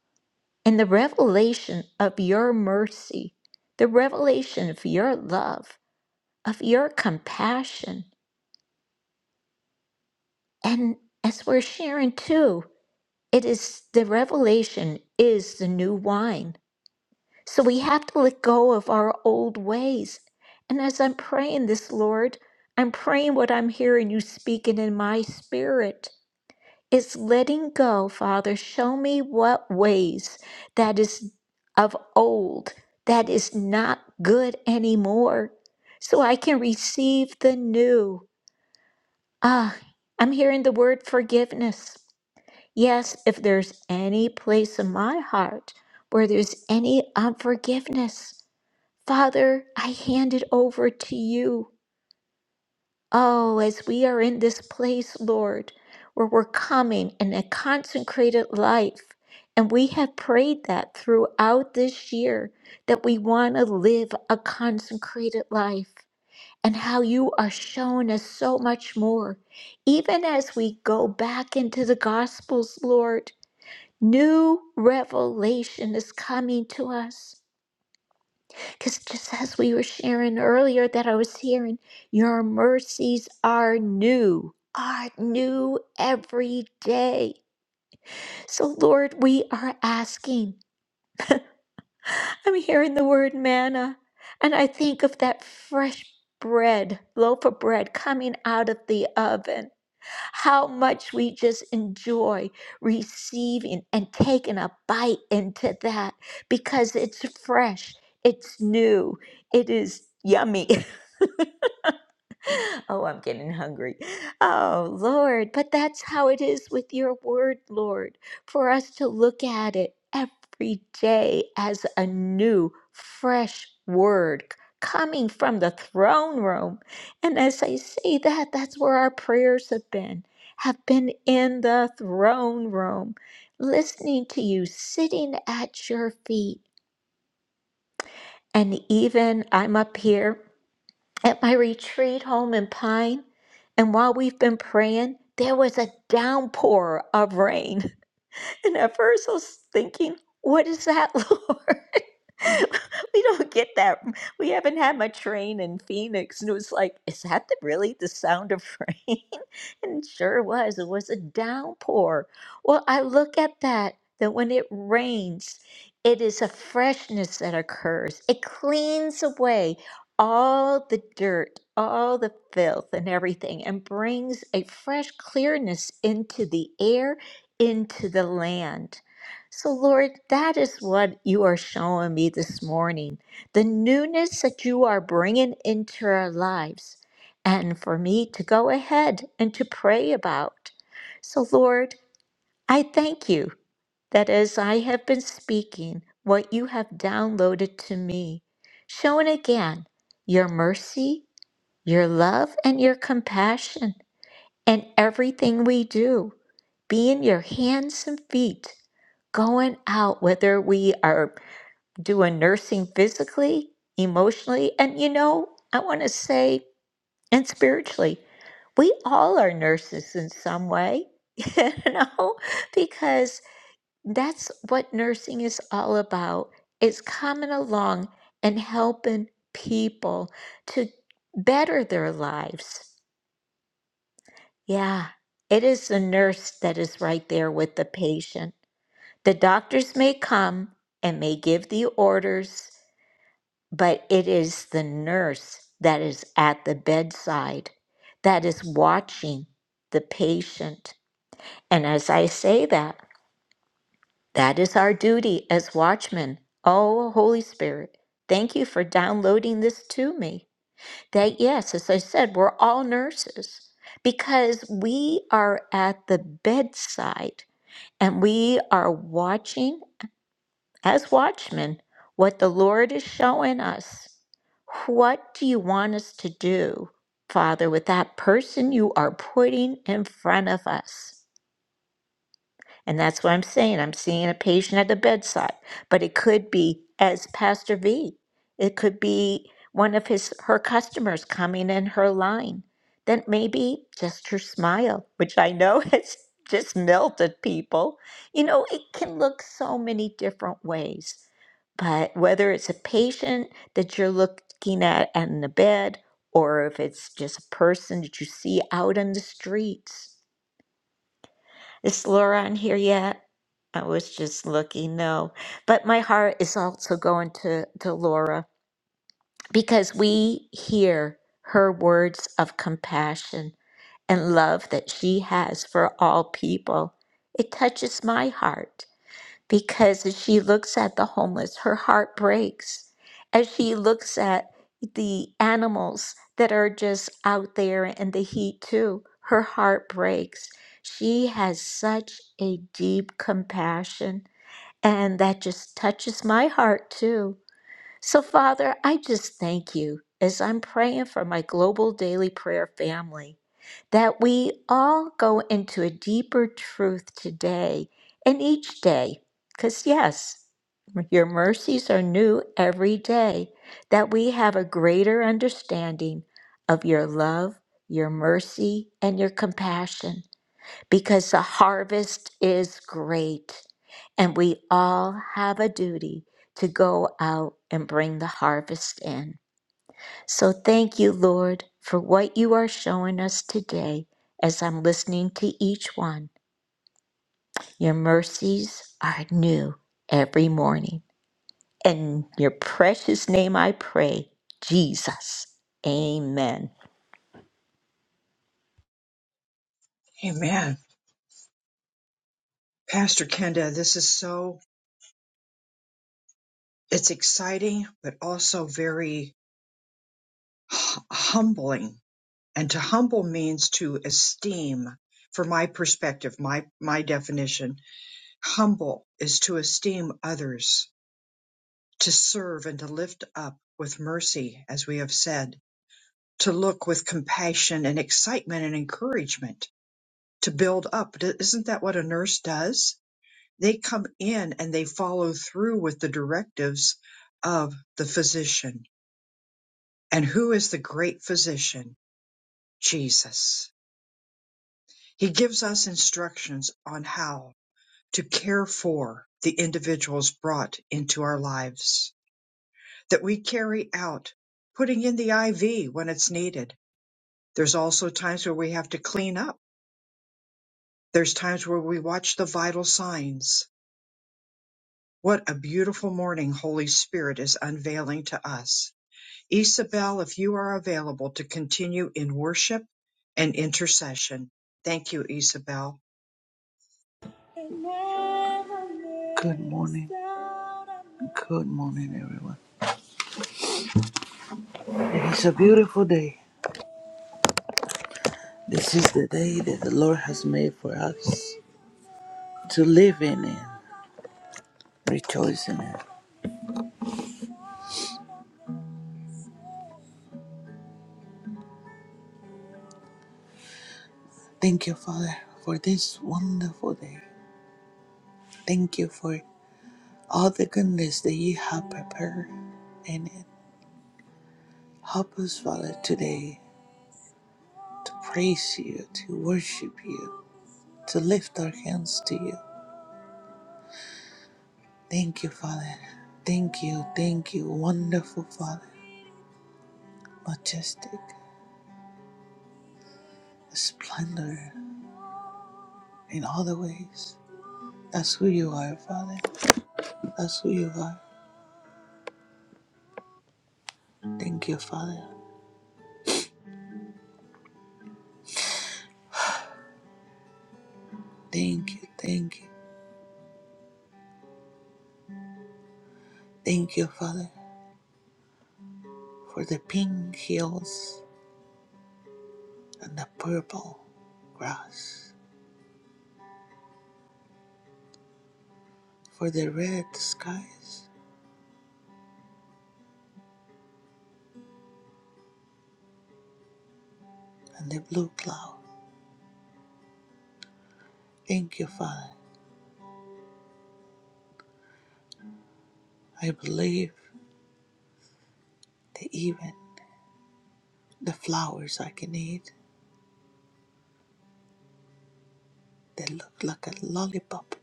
in the revelation of your mercy, the revelation of your love, of your compassion. And as we're sharing too. It is the revelation is the new wine. So we have to let go of our old ways. And as I'm praying this, Lord, I'm praying what I'm hearing you speaking in my spirit. is letting go, Father. Show me what ways that is of old, that is not good anymore, so I can receive the new. Ah, I'm hearing the word forgiveness. Yes, if there's any place in my heart where there's any unforgiveness, Father, I hand it over to you. Oh, as we are in this place, Lord, where we're coming in a consecrated life, and we have prayed that throughout this year that we want to live a consecrated life, and how you are showing us so much more, even as we go back into the Gospels, Lord. New revelation is coming to us. Because just as we were sharing earlier, that I was hearing, your mercies are new, are new every day. So, Lord, we are asking. I'm hearing the word manna, and I think of that fresh bread, loaf of bread coming out of the oven. How much we just enjoy receiving and taking a bite into that because it's fresh, it's new, it is yummy. oh, I'm getting hungry. Oh, Lord, but that's how it is with your word, Lord, for us to look at it every day as a new, fresh word c- coming from the throne room. And as I say that, that's where our prayers have been, have been in the throne room, listening to you, sitting at your feet. And even I'm up here at my retreat home in Pine, and while we've been praying, there was a downpour of rain. And at first I was thinking, what is that, Lord? we don't get that. We haven't had much rain in Phoenix. And it was like, is that the, really the sound of rain? and it sure was. It was a downpour. Well, I look at that, that when it rains, it is a freshness that occurs. It cleans away all the dirt, all the filth, and everything, and brings a fresh clearness into the air into the land. So, Lord, that is what you are showing me this morning the newness that you are bringing into our lives, and for me to go ahead and to pray about. So, Lord, I thank you that as I have been speaking, what you have downloaded to me, showing again your mercy, your love, and your compassion. And everything we do, being your hands and feet, going out, whether we are doing nursing physically, emotionally, and you know, I want to say, and spiritually, we all are nurses in some way, you know, because that's what nursing is all about, is coming along and helping people to better their lives. Yeah, it is the nurse that is right there with the patient. The doctors may come and may give the orders, but it is the nurse that is at the bedside that is watching the patient. And as I say that, that is our duty as watchmen. Oh, Holy Spirit, thank you for downloading this to me. That, yes, as I said, we're all nurses because we are at the bedside And we are watching as watchmen what the Lord is showing us. What do you want us to do, Father, with that person you are putting in front of us? And that's what I'm saying. I'm seeing a patient at the bedside, but it could be as Pastor V. It could be one of his her customers coming in her line. Then maybe just her smile, which I know has just melted people. You know, it can look so many different ways. But whether it's a patient that you're looking at in the bed, or if it's just a person that you see out on the streets, is Laura on here yet? I was just looking, no. But my heart is also going to, to Laura because we hear her words of compassion and love that she has for all people. It touches my heart because as she looks at the homeless, her heart breaks. As she looks at the animals that are just out there in the heat, too, her heart breaks. She has such a deep compassion, and that just touches my heart, too. So, Father, I just thank you as I'm praying for my global daily prayer family that we all go into a deeper truth today and each day. Because, yes, your mercies are new every day, that we have a greater understanding of your love, your mercy, and your compassion because the harvest is great and we all have a duty to go out and bring the harvest in. So thank you, Lord, for what you are showing us today as I'm listening to each one. Your mercies are new every morning. In your precious name I pray, Jesus. Amen. Amen. Pastor Kenda, this is so it's exciting, but also very hu- humbling. And to humble means to esteem. From my perspective, my my definition, humble is to esteem others to serve and to lift up with mercy, as we have said, to look with compassion and excitement and encouragement, to build up. D- Isn't that what a nurse does? They come in and they follow through with the directives of the physician. And who is the great physician? Jesus. He gives us instructions on how to care for the individuals brought into our lives, that we carry out putting in the IV when it's needed, There's also times where we have to clean up. There's times where we watch the vital signs. What a beautiful morning Holy Spirit is unveiling to us. Isabel, if you are available to continue in worship and intercession. Thank you, Isabel. Good morning. Good morning, everyone. It is a beautiful day. This is the day that the Lord has made for us to live in and rejoice in it. Thank you, Father, for this wonderful day. Thank you for all the goodness that you have prepared in it. Help us, Father, today to praise you, to worship you, to lift our hands to you. Thank you, Father. Thank you, thank you, wonderful Father. Majestic, splendor in all the ways. That's who you are, Father. That's who you are. Thank you, Father. Thank you, thank you, thank you, Father, for the pink hills and the purple grass, for the red skies and the blue cloud. Thank you, Father. I believe that even the flowers I can eat, they look like a lollipop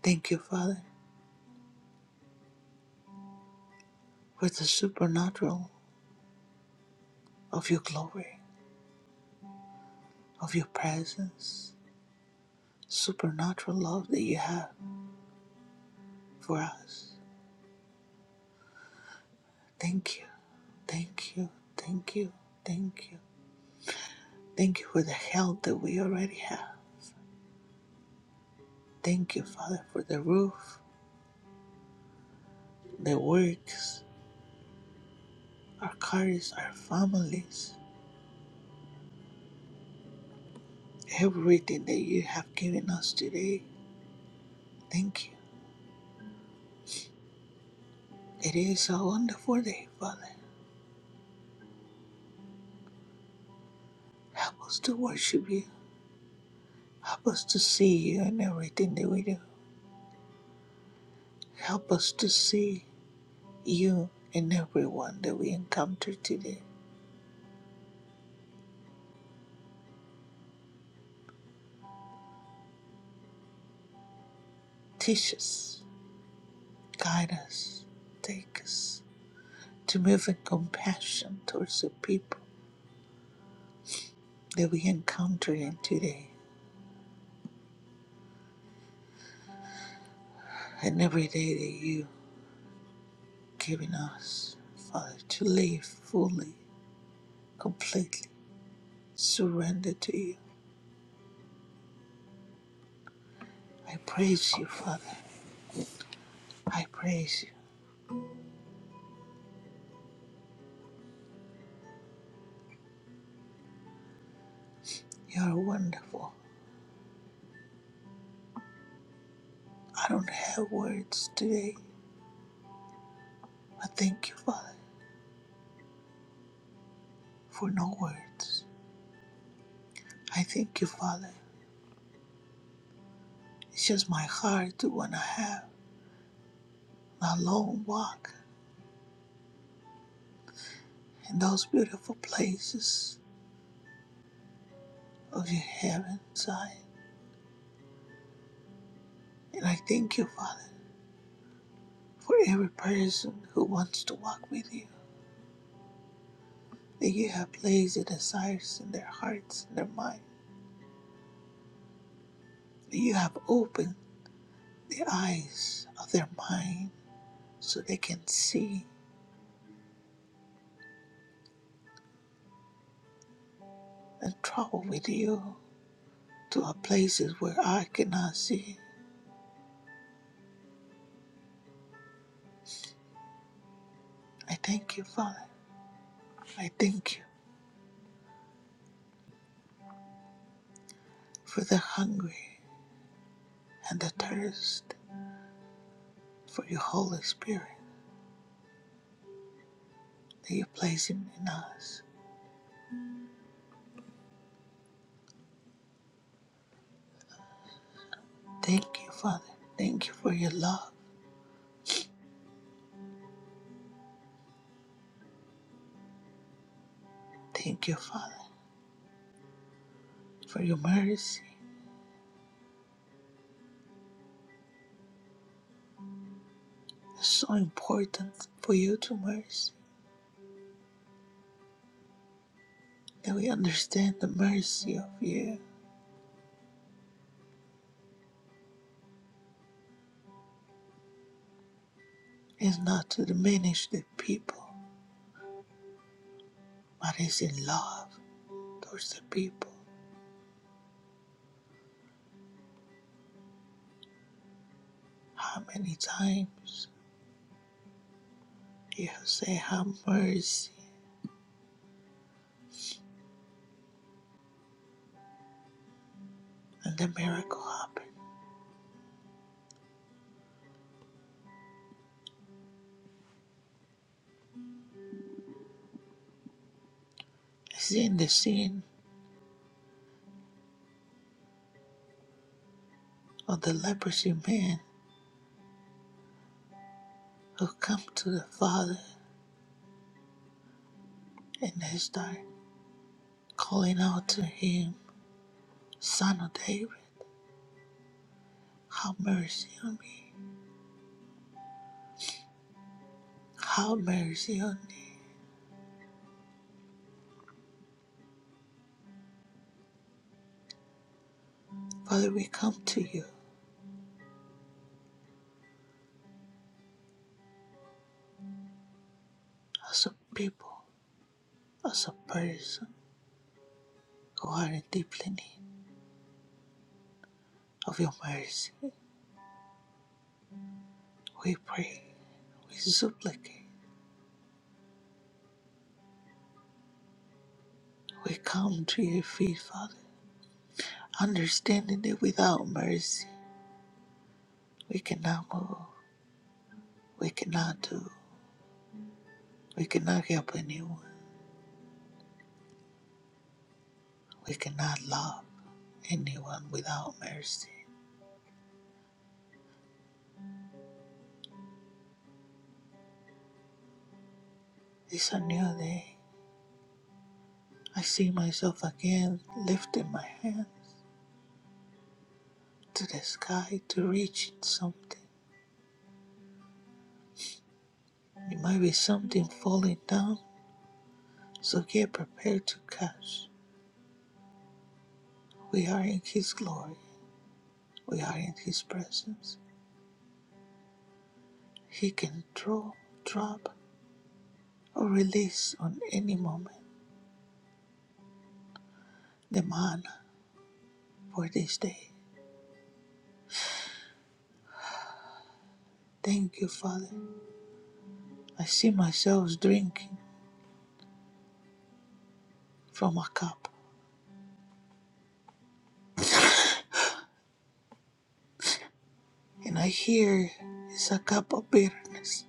Thank you, Father, for the supernatural of your glory, of your presence, supernatural love that you have for us. Thank you, thank you, thank you, thank you. Thank you for the health that we already have. Thank you, Father, for the roof, the works, our cars, our families, everything that you have given us today. Thank you. It is a wonderful day, Father. Help us to worship you. Help us to see you in everything that we do. Help us to see you in everyone that we encounter today. Teach us, guide us, take us to move in compassion towards the people that we encounter in today and every day that you've given us, Father, to live fully, completely, surrender to you. I praise you, Father. I praise you. You are wonderful. I don't have words today I thank you, Father, for no words. I thank you, Father. It's just my heart to want to have a long walk in those beautiful places of your heaven, side. And I thank you, Father, for every person who wants to walk with you, that you have placed the desires in their hearts and their mind, that you have opened the eyes of their mind so they can see and travel with you to a places where I cannot see I thank you, Father. I thank you for the hungry and the thirst for your Holy Spirit that you place in us. Thank you, Father. Thank you for your love. Thank you, Father, for your mercy. It's so important for you to mercy that we understand the mercy of you is not to diminish the people, but is in love towards the people. How many times you have said have mercy and the miracle happened? seen the scene of the leprosy man who come to the Father and they start calling out to him, Son of David, have mercy on me. Have mercy on me. Father, we come to you as a people, as a person who are in deeply need of your mercy. We pray, we supplicate, we come to your feet, Father, understanding that without mercy we cannot move, we cannot do, we cannot help anyone. We cannot love anyone without mercy. It's a new day. I see myself again lifting my hands to the sky to reach something. It might be something falling down, so get prepared to catch. We are in His glory. We are in His presence. He can throw, drop, or release on any moment the manna for this day. Thank you, Father. I see myself drinking from a cup And I hear it's a cup of bitterness.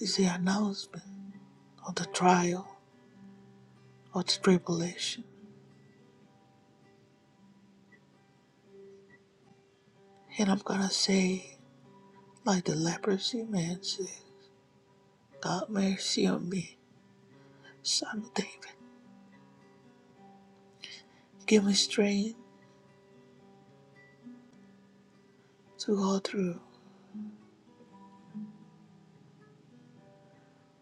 It's the announcement of the trial, of the tribulation. And I'm gonna say, like the leprosy man said, God mercy on me, son of David. Give me strength to go through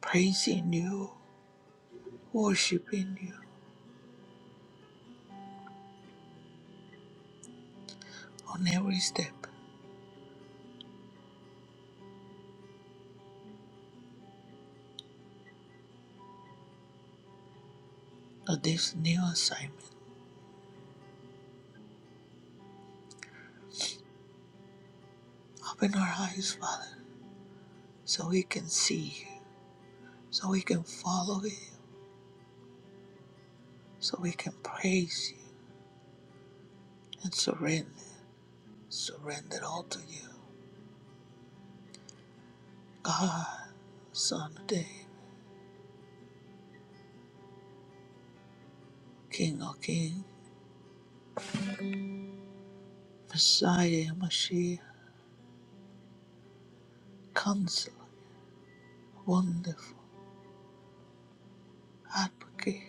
praising you, worshiping you on every step of this new assignment. Open our eyes, Father, so we can see you, so we can follow you, so we can praise you and surrender. surrendered all to you. God, Son of David, King of Kings, Messiah, Mashiach, Counselor, Wonderful, Advocate,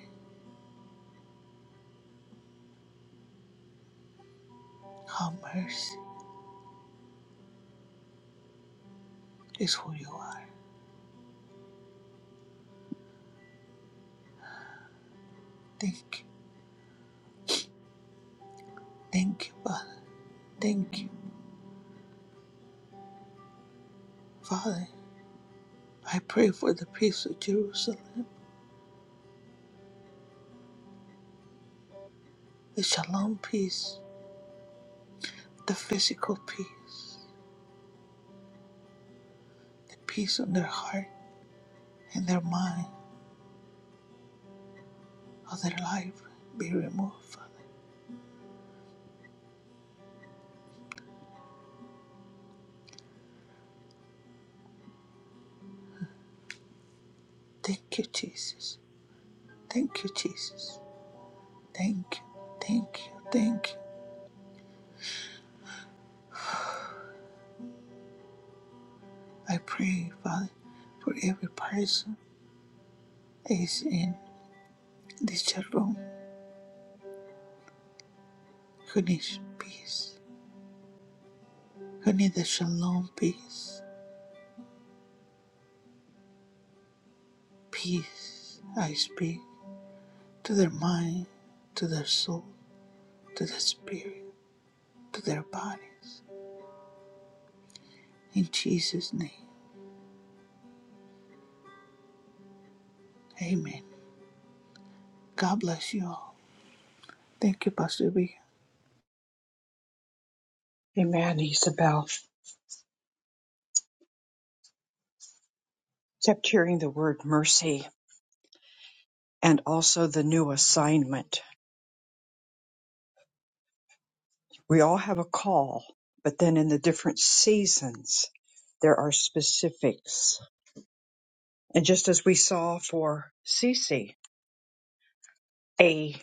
have mercy is who you are. Thank you. Thank you, Father. Thank you, Father. I pray for the peace of Jerusalem, the shalom peace, the physical peace, the peace on their heart and their mind, of their life be removed, Father. Thank you, Jesus. Thank you, Jesus. Thank you, thank you, thank you. I pray, Father, for every person that is in this chat room who needs peace, who needs the shalom peace. Peace, I speak to their mind, to their soul, to their spirit, to their bodies. In Jesus' name, amen. God bless you all. Thank you, Pastor B. Amen, Isabel. Kept hearing the word mercy and also the new assignment. We all have a call, but then in the different seasons, there are specifics. And just as we saw for Cece, a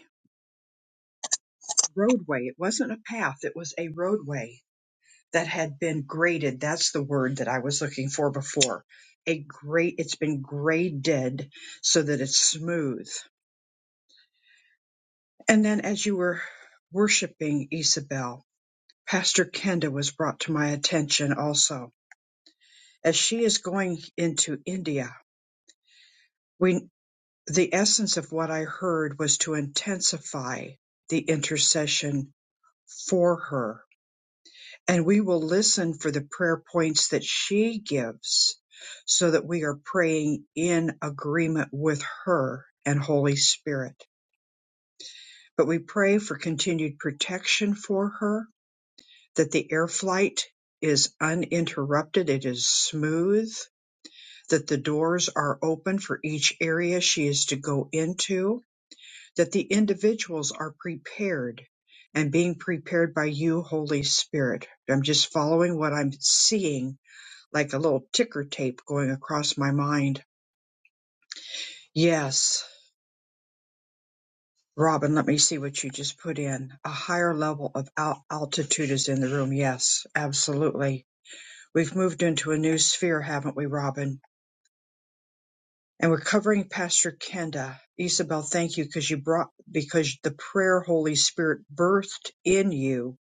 roadway. It wasn't a path, it was a roadway that had been graded. That's the word that I was looking for before. A great, it's been graded so that it's smooth. And then as you were worshiping Isabel, Pastor Kenda was brought to my attention also. As she is going into India, we, the essence of what I heard was to intensify the intercession for her And we will listen for the prayer points that she gives so that we are praying in agreement with her and Holy Spirit. But we pray for continued protection for her, that the air flight is uninterrupted, it is smooth, that the doors are open for each area she is to go into, that the individuals are prepared and being prepared by you, Holy Spirit. I'm just following what I'm seeing like a little ticker tape going across my mind. Yes. Robin, let me see what you just put in. A higher level of al- altitude is in the room. Yes, absolutely. We've moved into a new sphere, haven't we, Robin? And we're covering Pastor Kenda. Isabel, thank you because you brought, because the prayer Holy Spirit birthed in you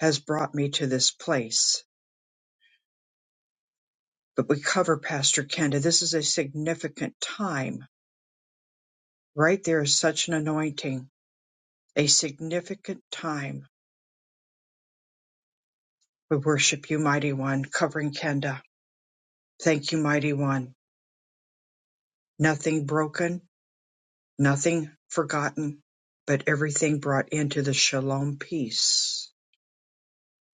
has brought me to this place. But we cover Pastor Kenda. This is a significant time. Right there is such an anointing a significant time. We worship you, Mighty One, covering Kenda. Thank you, Mighty One. Nothing broken, nothing forgotten, but everything brought into the shalom peace.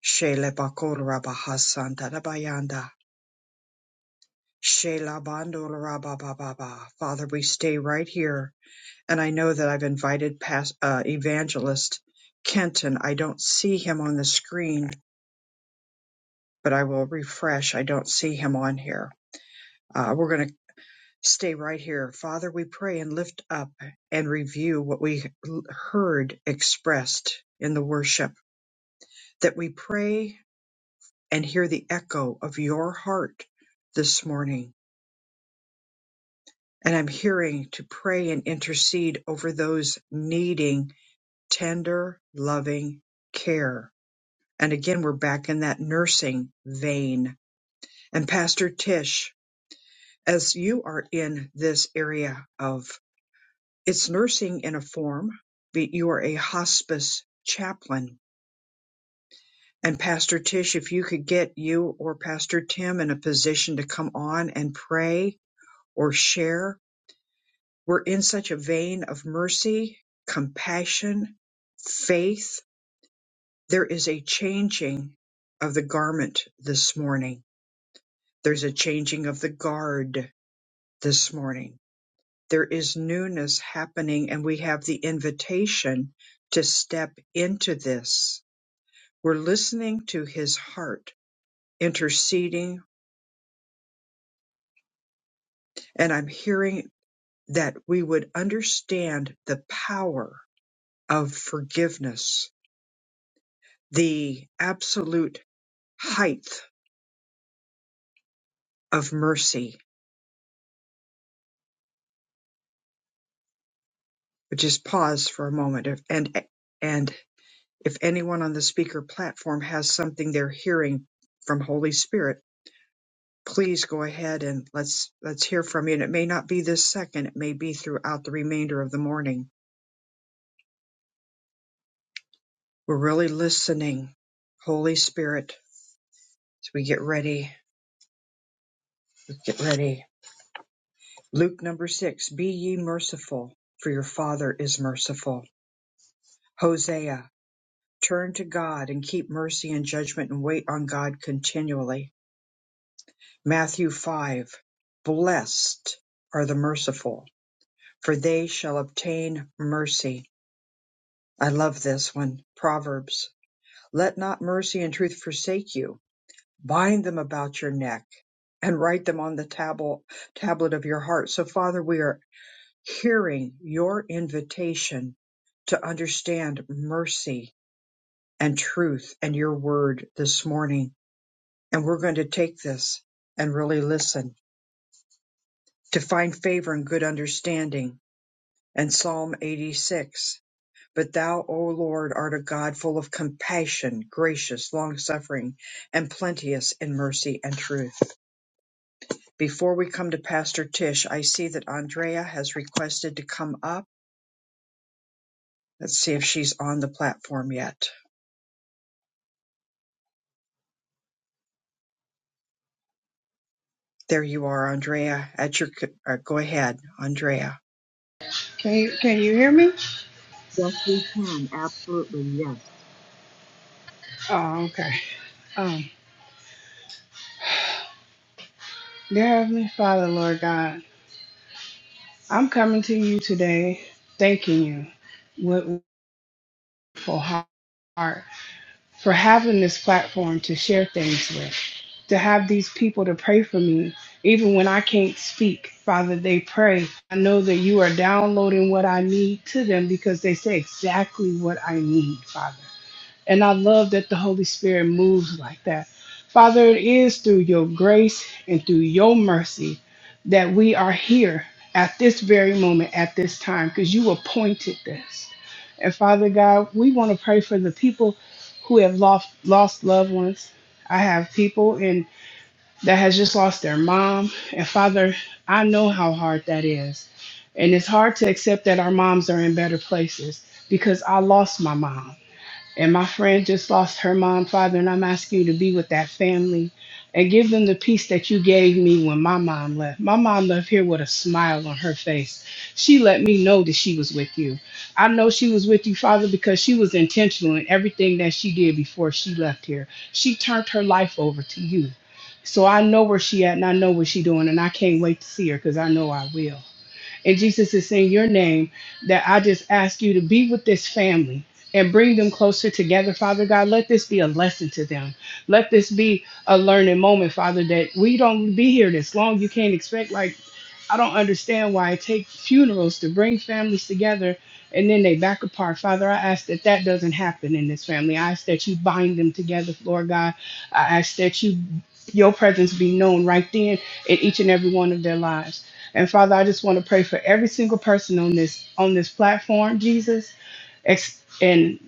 Shele bakol rabahasanta rabayanda. Shela bandol rabababa. Father, we stay right here. And I know that I've invited past, uh, evangelist Kenton. I don't see him on the screen, but I will refresh. I don't see him on here. Uh, we're going to Stay right here. Father, we pray and lift up and review what we heard expressed in the worship, that we pray and hear the echo of your heart this morning. And I'm hearing to pray and intercede over those needing tender, loving care. And again, we're back in that nursing vein. And Pastor Tish, as you are in this area of It's nursing in a form, but you are a hospice chaplain. And Pastor Tish, if you could get you or Pastor Tim in a position to come on and pray or share, we're in such a vein of mercy, compassion, faith. There is a changing of the garment this morning. There's a changing of the guard this morning. There is newness happening, and we have the invitation to step into this We're listening to his heart interceding, and I'm hearing that we would understand the power of forgiveness, the absolute height of mercy. But just pause for a moment, if- and and if anyone on the speaker platform has something they're hearing from Holy Spirit, please go ahead and let's let's hear from you. And it may not be this second; it may be throughout the remainder of the morning. We're really listening, Holy Spirit, as we get ready. Let's get ready. Luke number six Be ye merciful, for your Father is merciful. Hosea, turn to God and keep mercy and judgment and wait on God continually. Matthew 5 Blessed are the merciful, for they shall obtain mercy. I love this one. Proverbs, let not mercy and truth forsake you bind them about your neck and write them on the tablet tablet of your heart so father we are hearing your invitation to understand mercy and truth and your word this morning and we're going to take this and really listen to find favor and good understanding and psalm 86 but thou o lord art a god full of compassion gracious long suffering and plenteous in mercy and truth Before we come to Pastor Tish, I see that Andrea has requested to come up. Let's see if she's on the platform yet. There you are, Andrea. At your c- uh, go ahead, Andrea. Can you can you hear me? Yes, we can. Absolutely. Yes. Oh, okay. Um, dear Heavenly Father, Lord God, I'm coming to you today, thanking you with full heart for having this platform to share things with, to have these people to pray for me, even when I can't speak. Father, they pray. I know that you are downloading what I need to them because they say exactly what I need, Father. And I love that the Holy Spirit moves like that. Father, it is through your grace and through your mercy that we are here at this very moment, at this time, because you appointed this. And Father God, we want to pray for the people who have lost lost loved ones. I have people in that has just lost their mom. And Father, I know how hard that is. And it's hard to accept that our moms are in better places because I lost my mom. And my friend just lost her mom, father, and I'm asking you to be with that family and give them the peace that you gave me when my mom left. My mom left here with a smile on her face. She let me know that she was with you. I know she was with you, Father, because she was intentional in everything that she did before she left here. She turned her life over to you. So I know where she at and I know what she doing and I can't wait to see her because I know I will. And Jesus is in your name that I just ask you to be with this family and bring them closer together, Father God. Let this be a lesson to them. Let this be a learning moment, Father, that we don't be here this long. You can't expect, like, I don't understand why it takes funerals to bring families together and then they back apart. Father, I ask that that doesn't happen in this family. I ask that you bind them together, Lord God. I ask that you your presence be known right then in each and every one of their lives. And Father, I just want to pray for every single person on this on this platform, Jesus. Ex- And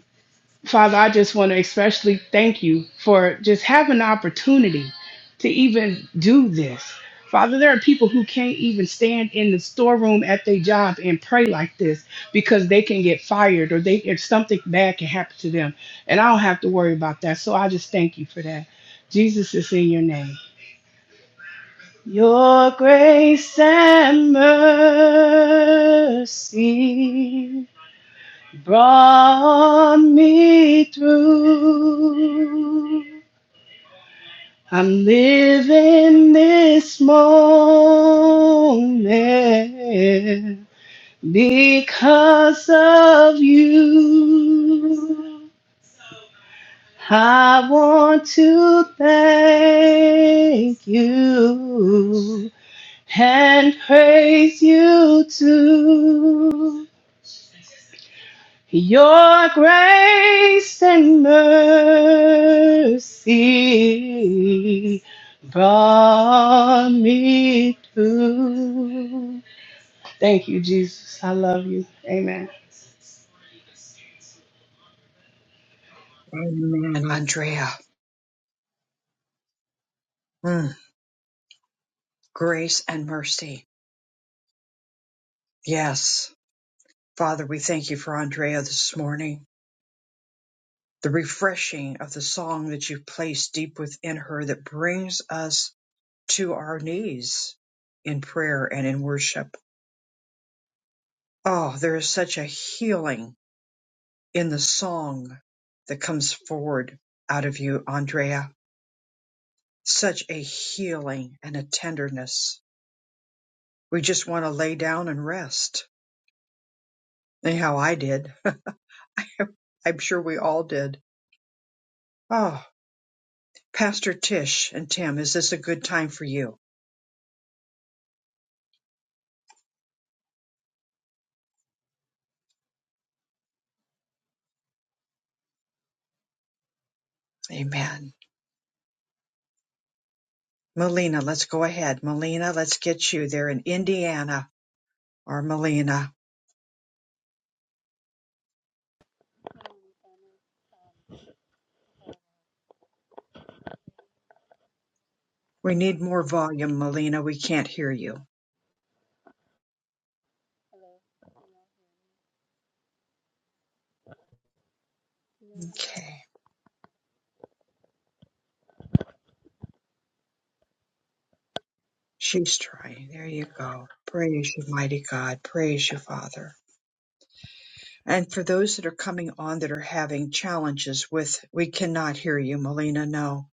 Father, I just want to especially thank you for just having the opportunity to even do this. Father, there are people who can't even stand in the storeroom at their job and pray like this because they can get fired or they if something bad can happen to them. And I don't have to worry about that. So I just thank you for that. Jesus is in your name. Your grace and mercy brought me through. I'm living this moment because of you. I want to thank you and praise you too. Your grace and mercy brought me through. Thank you, Jesus. I love you. Amen. And Amen. Andrea, mm, grace and mercy. Yes. Father, we thank you for Andrea this morning. The refreshing of the song that you've placed deep within her that brings us to our knees in prayer and in worship. Oh, there is such a healing in the song that comes forward out of you, Andrea. Such a healing and a tenderness. We just want to lay down and rest. Anyhow, I did. I'm sure we all did. Oh, Pastor Tish and Tim, is this a good time for you? Amen. Melina, let's go ahead. Melina, let's get you there in Indiana or Melina. We need more volume, Melina. We can't hear you. Okay. She's trying. There you go. Praise you, mighty God. Praise you, Father. And for those that are coming on that are having challenges with, we cannot hear you, Melina. No.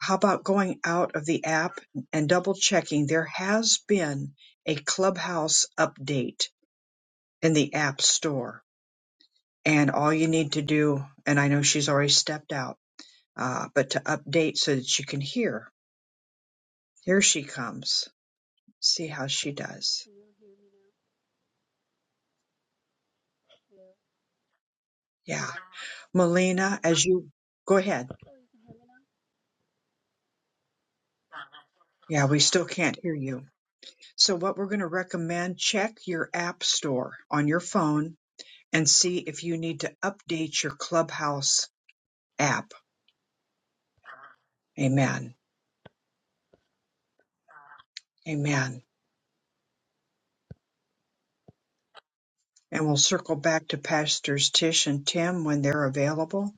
How about going out of the app and double checking? There has been a clubhouse update in the app store. And all you need to do, and I know she's already stepped out, uh, but to update so that you can hear. Here she comes. See how she does. Can you all hear me now? Yeah. Melina, as you go ahead. Oh, you can hear me now? Yeah, we still can't hear you. So, what we're going to recommend check your app store on your phone and see if you need to update your Clubhouse app. Amen. Amen. And we'll circle back to Pastors Tish and Tim when they're available.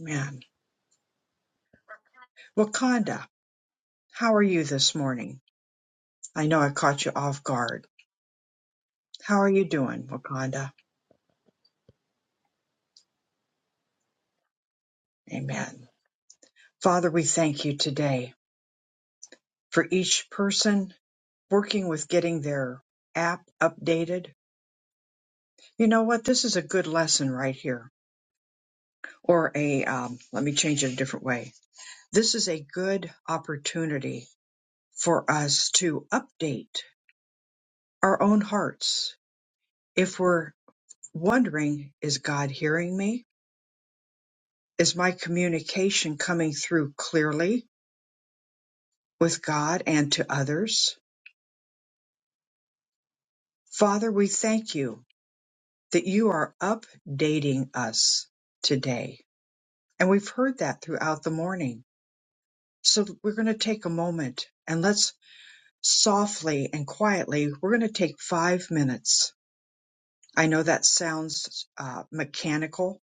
Amen. Wakanda, how are you this morning? I know I caught you off guard. How are you doing, Wakanda? Amen. Father, we thank you today for each person working with getting their app updated. You know what? This is a good lesson right here. Or a, um, let me change it a different way. This is a good opportunity for us to update our own hearts. If we're wondering, is God hearing me? Is my communication coming through clearly with God and to others? Father, we thank you that you are updating us today. And we've heard that throughout the morning So we're going to take a moment and let's softly and quietly, we're going to take five minutes. I know that sounds uh, mechanical,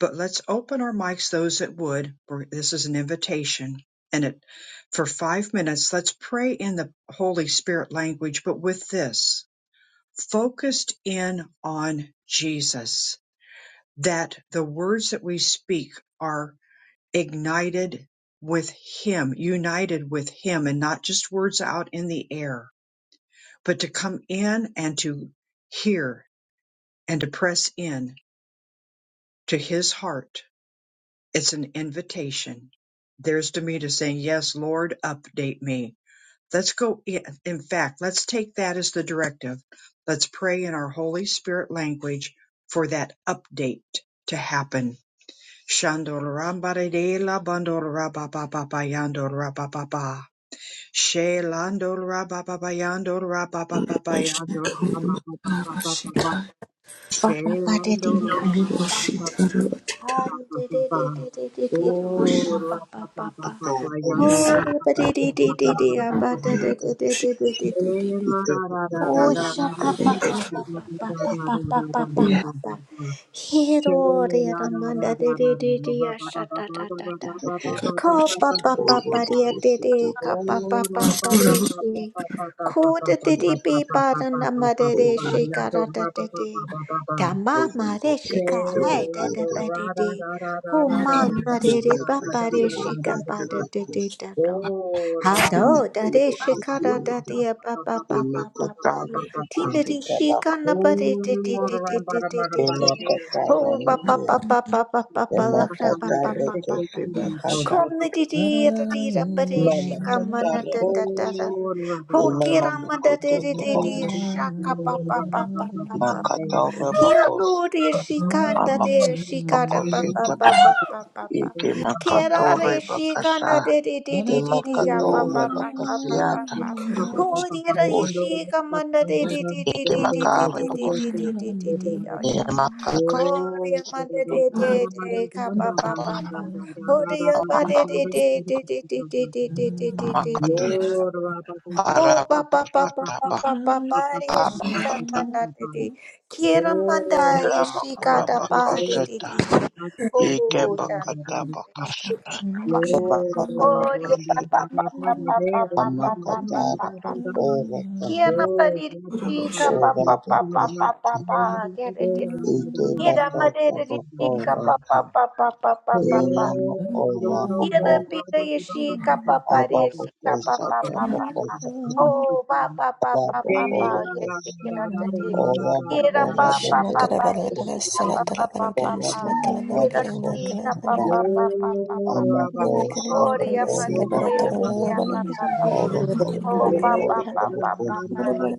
but let's open our mics, those that would. We're- This is an invitation. And it, for five minutes, let's pray in the Holy Spirit language, but with this focused in on Jesus, that the words that we speak are ignited with him, united with him, and not just words out in the air, but to come in and to hear and to press in to his heart. It's an invitation. There's Demita saying, Yes, Lord, update me. Let's go. In in fact, let's take that as the directive. Let's pray in our Holy Spirit language for that update to happen. Shandorambare de la bandorababa She lando ra ba ba ba yando ra ba ba ba ba yando ra ba ba ba ba ba ba ba. Arabashikarabatarabashita. She lando ra ba ba ba ba ba Ikarabashikarabatita. ba Hari ba de ba de ba. de de de de de de Oh hosha ra pa pa ba ba pa ba pa. ba ba Mama yando Yes. ra Hori ba ba de ba ba de de ba de de ba ba ba ba ba. da de de de de Arabashikarabatarabashita. de She de de de. la ra ra ra ra Oh, ra ra ra ra ra ra ra ra shaka pa pa ra pa pa pa pa pa ra pa pa ra Yes. pa ra pa. ra She Hero re la ra ra ramanda ra de ra ra ra de de ra de ba ya ba ba sha ba ta ba ta ba ta ba ta, ba ba ba ba ba Ka pa pa pa pa re ya de de ka Oh, pa pa pa pa re she. Ko de de de be ba da na ma de de she ka ra da de de. Da ma ma re she ka hai da da ba de de. Ho ma na re re pa pa re she ka pa da de de da. Hado dade shikara dade ba ba ba ba ba ba. Tina di shikana ba de de de de de de de de de. Ho ba ba ba Katara ba ba ba ba ba la ra ba ba ba ba ba ba. Kom na di di ra di ra ba de shikama na da Oh, da da Bakosa da. Ho Imama kira ma da makoto de de de de tabaka shaka ba ba ba ba ba ba. makatore bakose Hiano de shikanda ama de shikara ba bakosi ba ba taba ba ba ba. ike Kera makatore re shi bakasha kana de de de de de de ya pa imakatore pa pa pa pa bakasia pa pa. taba Ho de re us shi kamana de de de de ike de de de makare de bakose de de de de de de ya sha pa. imakata Ko re ma de de de de ka pa pa taba pa pa. Ho de ya ba de de de de de de de de de de de de de amakata ya sha pa. ara Oh, pa pa pa bakosa pa pa taba pa pa pa Oh, yeshika amakata nanda de de. Kira manda irama yeshika kura Thank da pa de bakose de ta de. ike Oh, bakata bakasha Tananda. bakata oh, pa bakose pa pa pa pa pa pa pa pa makata pa pa pa. bakore ta Kiana panirika Arabashikarabatarabashita. pa ora pa pa pa pa pa bakose pa. Get it. Ite Kira bakata madirika bokora pa pa ka. pa pa pa pa pa pa. Inyama ora Yada bokora. pida yeshi kapa Aba pare shi kapa bokosa pa ta pa pa pa. bokosa. Oh pa pa pa Aba pa Thank pa pa bokora yeshi kosa. kira tati. Ora Kira bokora pa pa you. pa bokora pa ta Shalakarabala, yeshi kapa pa pa pa bokora pa. bokosa Kira Thank shi bokosa you. ta kapa ba. pa pa pa pa pa. Ama kosa Oh riya bokora mana ye bokota. kira pa pa pa. Ora Thank kora Oh kora pa pa kora pa kora pa pa kora. pa yeshi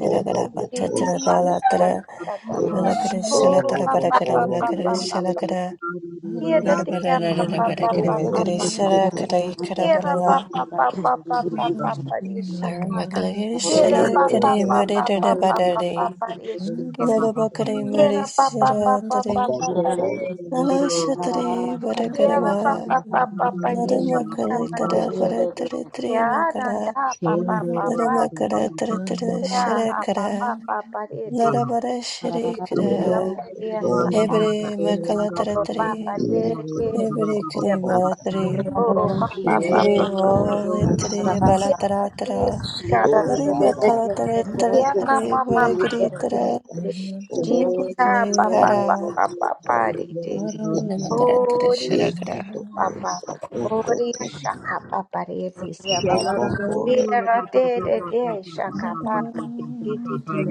Ora yeshi pa bokosa. da da da O- da. Oh Ora pa pa pa bokora pa pa pa bokora. pa. Kira tira pa pa pa pa pa Bokora pa. bokota. Yera pa pa pa pa pa pa pa pa rishikana. Yera pa pa Bokota. pa pa pa pa pa pa pa Lord, rishikana. about Kari Mary Yera pa you. pa pa pa pa Aba Shira pa pa bokora. rishikana. Nala shatri Yera pa varagarama. pa pa pa pa Narama rishikana. kalita ra varatri tri Yera mala. da pa pa pa pa. Narama kara taratrishara Yera pa pa kara. pa pa Nara rishikana. varashri Yera kara. pa Toda rishikana. Hebre mala Ko pa pa taratri. bapatiyati rishikana. Hebre kri Pa pa mala makabakota tri. oh pa pa pa pa Hebre pa. ola tri abakorakasata. balatara tara. Yes, cara, Narama Toshabako kalita ra taratri pequena mamamada varagiri de tara. usabakasabakata bebê, de Narama bokosamakasata papapapapari, de bokos kara taratrishara oris, kara. papá, Shame ikabokosabokota oria, chaca, papari, espera, Shela abokos de de de, chaca, papari,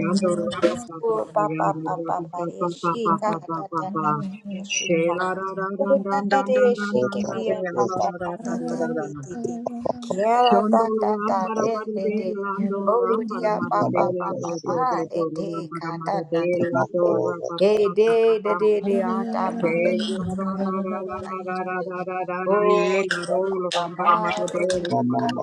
Oh, ba ba ba ba ba de shi ka Parasat da da da da de shi ka. Oh, na na de ye shi ke ri ya da kotabokos da da da da bi di di. Kia ra da da da de de de. Oh, dia ba ba ba ba ba abakosika de de ka da na makoraka Hey, day, the day, the ata manda de kapapari. Oh, the papa bad de.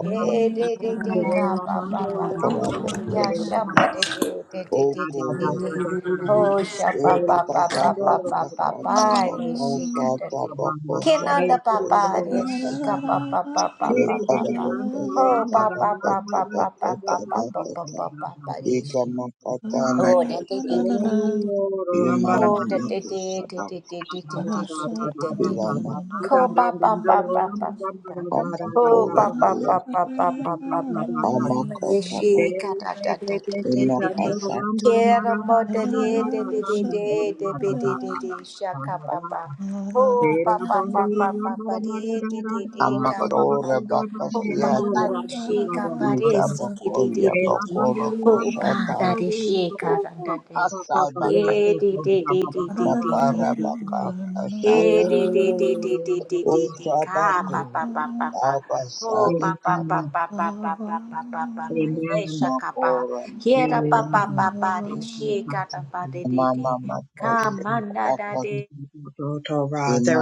Hey, day, day, day, ka Kela papa bandolo papa. wambara mara Ya kela mamamakasarabakosas shamba de bandada de bandada de de de de dada de dada de. dada. Oh, Ika you. shamba Kela papa papa bandolo papa wambara pari shika de. bambara haya Kinanda papa kudoro de shika wambara. papa papa Kere papa kere papa. bandolo Oh, wambara papa mara mara papa mara papa kela papa bandada papa dada papa papa dada papa. dada dada. Oh, Oro wambara Oh, mara da da da da da da da da dada dada da dada da dada da da dada da. Ko pa dada dada. Bandolo wambara mara dada pa pa pa pa pa. dada Oh, dada pa dada dada pa pa pa pa pa pa pa pa. dada dada. ba. Yeshi ka Amen. da da da da da da da. Kera mo Thank da da da da da da da da da da da. Shaka pa pa. Oh, pa pa pa pa pa pa da da da da ka pa pa. ba. Oh, pa pa da shi ka ba da si ki da da bakoria da da. bakora Oh, ba koshata. da da shi ka da Ooh, da da. asai baka Yeah, dee dee dee dee dee dee dee dee dee Nakarabaka dee. Yeah, Kasata dee dee dee dee you. dee dee dee dee. Ka pa Usabaku pa pa pa pa. Ho Abasade pa pa pa Kaba pa pa pa pa pa pa pa pa. Yeah, Amen. shaka pa. Makora There Yeah, da pa Makora pa pa pa de. She ka da pa de de de. Mama Ka Makosi manda da Kabaka de.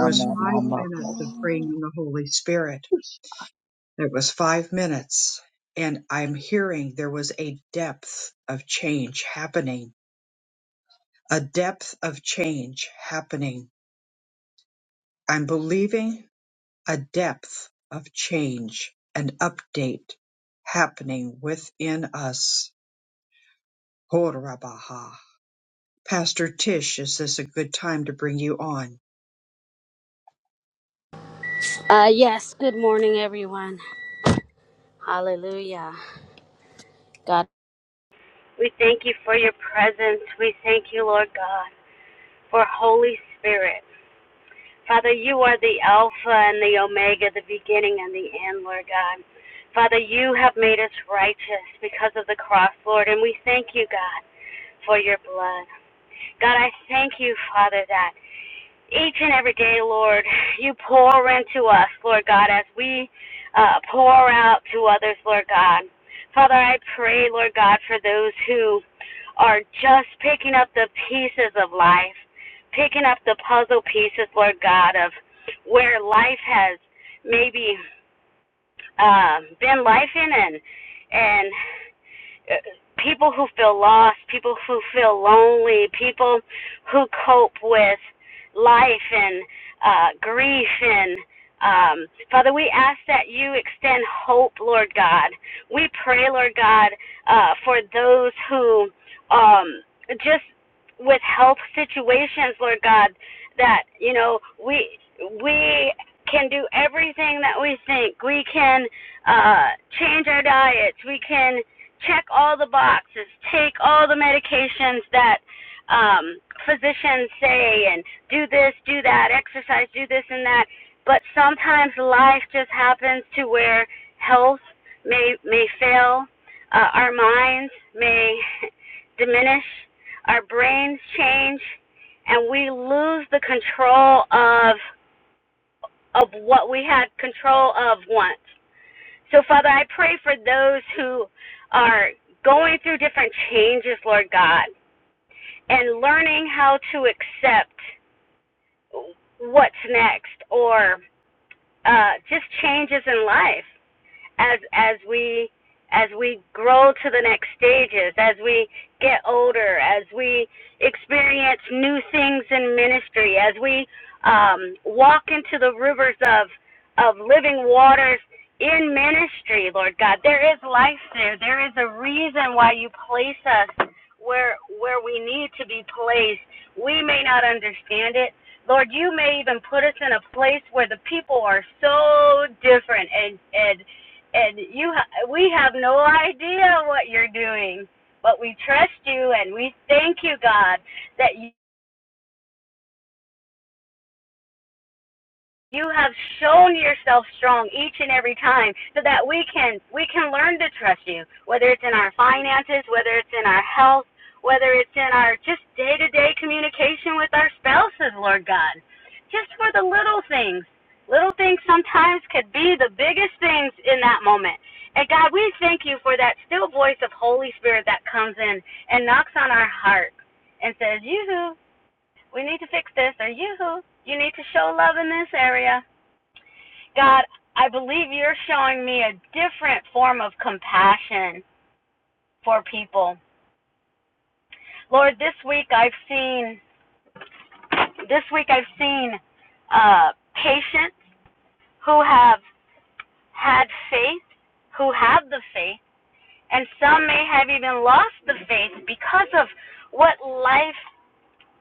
was five Mama minutes of Kosi praying in the Holy Spirit. There was five minutes, and I'm hearing there was a depth of change happening. A depth of change happening. I'm believing a depth of change, an update happening within us. Pastor Tish, is this a good time to bring you on? Uh, yes, good morning, everyone. Hallelujah. God. We thank you for your presence. We thank you, Lord God, for Holy Spirit. Father, you are the Alpha and the Omega, the beginning and the end, Lord God. Father, you have made us righteous because of the cross, Lord, and we thank you, God, for your blood. God, I thank you, Father, that each and every day, Lord, you pour into us, Lord God, as we uh, pour out to others, Lord God. Father, I pray, Lord God, for those who are just picking up the pieces of life, picking up the puzzle pieces, Lord God, of where life has maybe um, been life in and and uh, people who feel lost, people who feel lonely, people who cope with life and uh, grief and um, Father, we ask that you extend hope, Lord God. We pray, Lord God, uh, for those who um, just with health situations, Lord God, that, you know, we we can do everything that we think. We can uh change our diets. We can check all the boxes, take all the medications that um physicians say and do this, do that, exercise, do this and that. But sometimes life just happens to where health may may fail, uh, our minds may diminish our brains change, and we lose the control of of what we had control of once. So Father, I pray for those who are going through different changes, Lord God, and learning how to accept what's next or uh, just changes in life. as as we as we grow to the next stages, as we get older, as we experience new things in ministry, as we um, walk into the rivers of of living waters in ministry, Lord God. There is life there. There is a reason why you place us where where we need to be placed. We may not understand it. Lord, you may even put us in a place where the people are so different and and and you we have no idea what you're doing but we trust you and we thank you god that You have shown yourself strong each and every time so that we can we can learn to trust you, whether it's in our finances, whether it's in our health, whether it's in our just day-to-day communication with our spouses, Lord God. Just for the little things. Little things sometimes could be the biggest things in that moment. And God, we thank you for that still voice of Holy Spirit that comes in and knocks on our heart and says, Yoo-hoo, we need to fix this, or Yoo-hoo, you need to show love in this area. God, I believe you're showing me a different form of compassion for people. Lord, this week I've seen this week I've seen uh, patients who have had faith, who have the faith, and some may have even lost the faith because of what life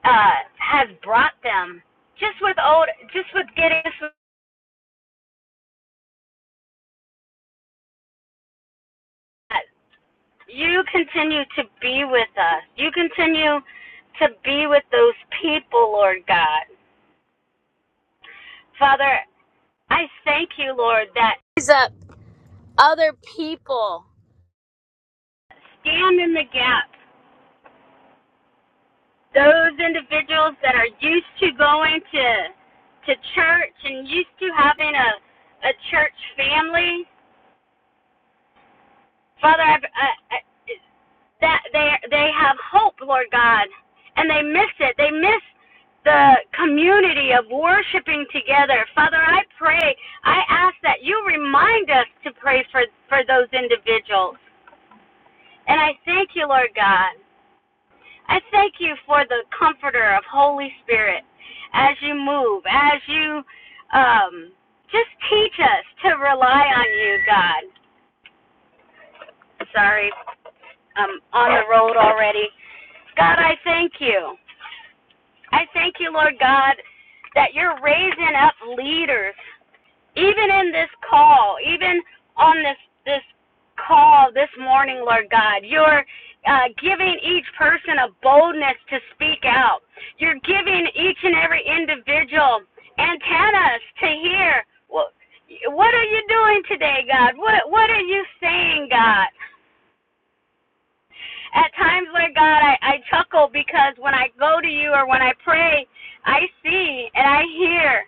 uh, has brought them. Just with old, just with getting you continue to be with us. You continue to be with those people, Lord God. Father, I thank you, Lord, that these uh, other people stand in the gap. Those individuals that are used to going to to church and used to having a a church family. Father, I, I, that they they have hope, Lord God, and they miss it. They miss the community of worshiping together. Father, I pray, I ask that you remind us to pray for for those individuals. And I thank you, Lord God. I thank you for the comforter of Holy Spirit as you move, as you um just teach us to rely on you, God. Sorry, I'm on the road already. God, I thank you. I thank you, Lord God, that you're raising up leaders, even in this call, even on this this call this morning, Lord God. You're uh, giving each person a boldness to speak out. You're giving each and every individual antennas to hear. What, what are you doing today, God? What What are you saying, God? At times, Lord God, I, I chuckle because when I go to you or when I pray, I see and I hear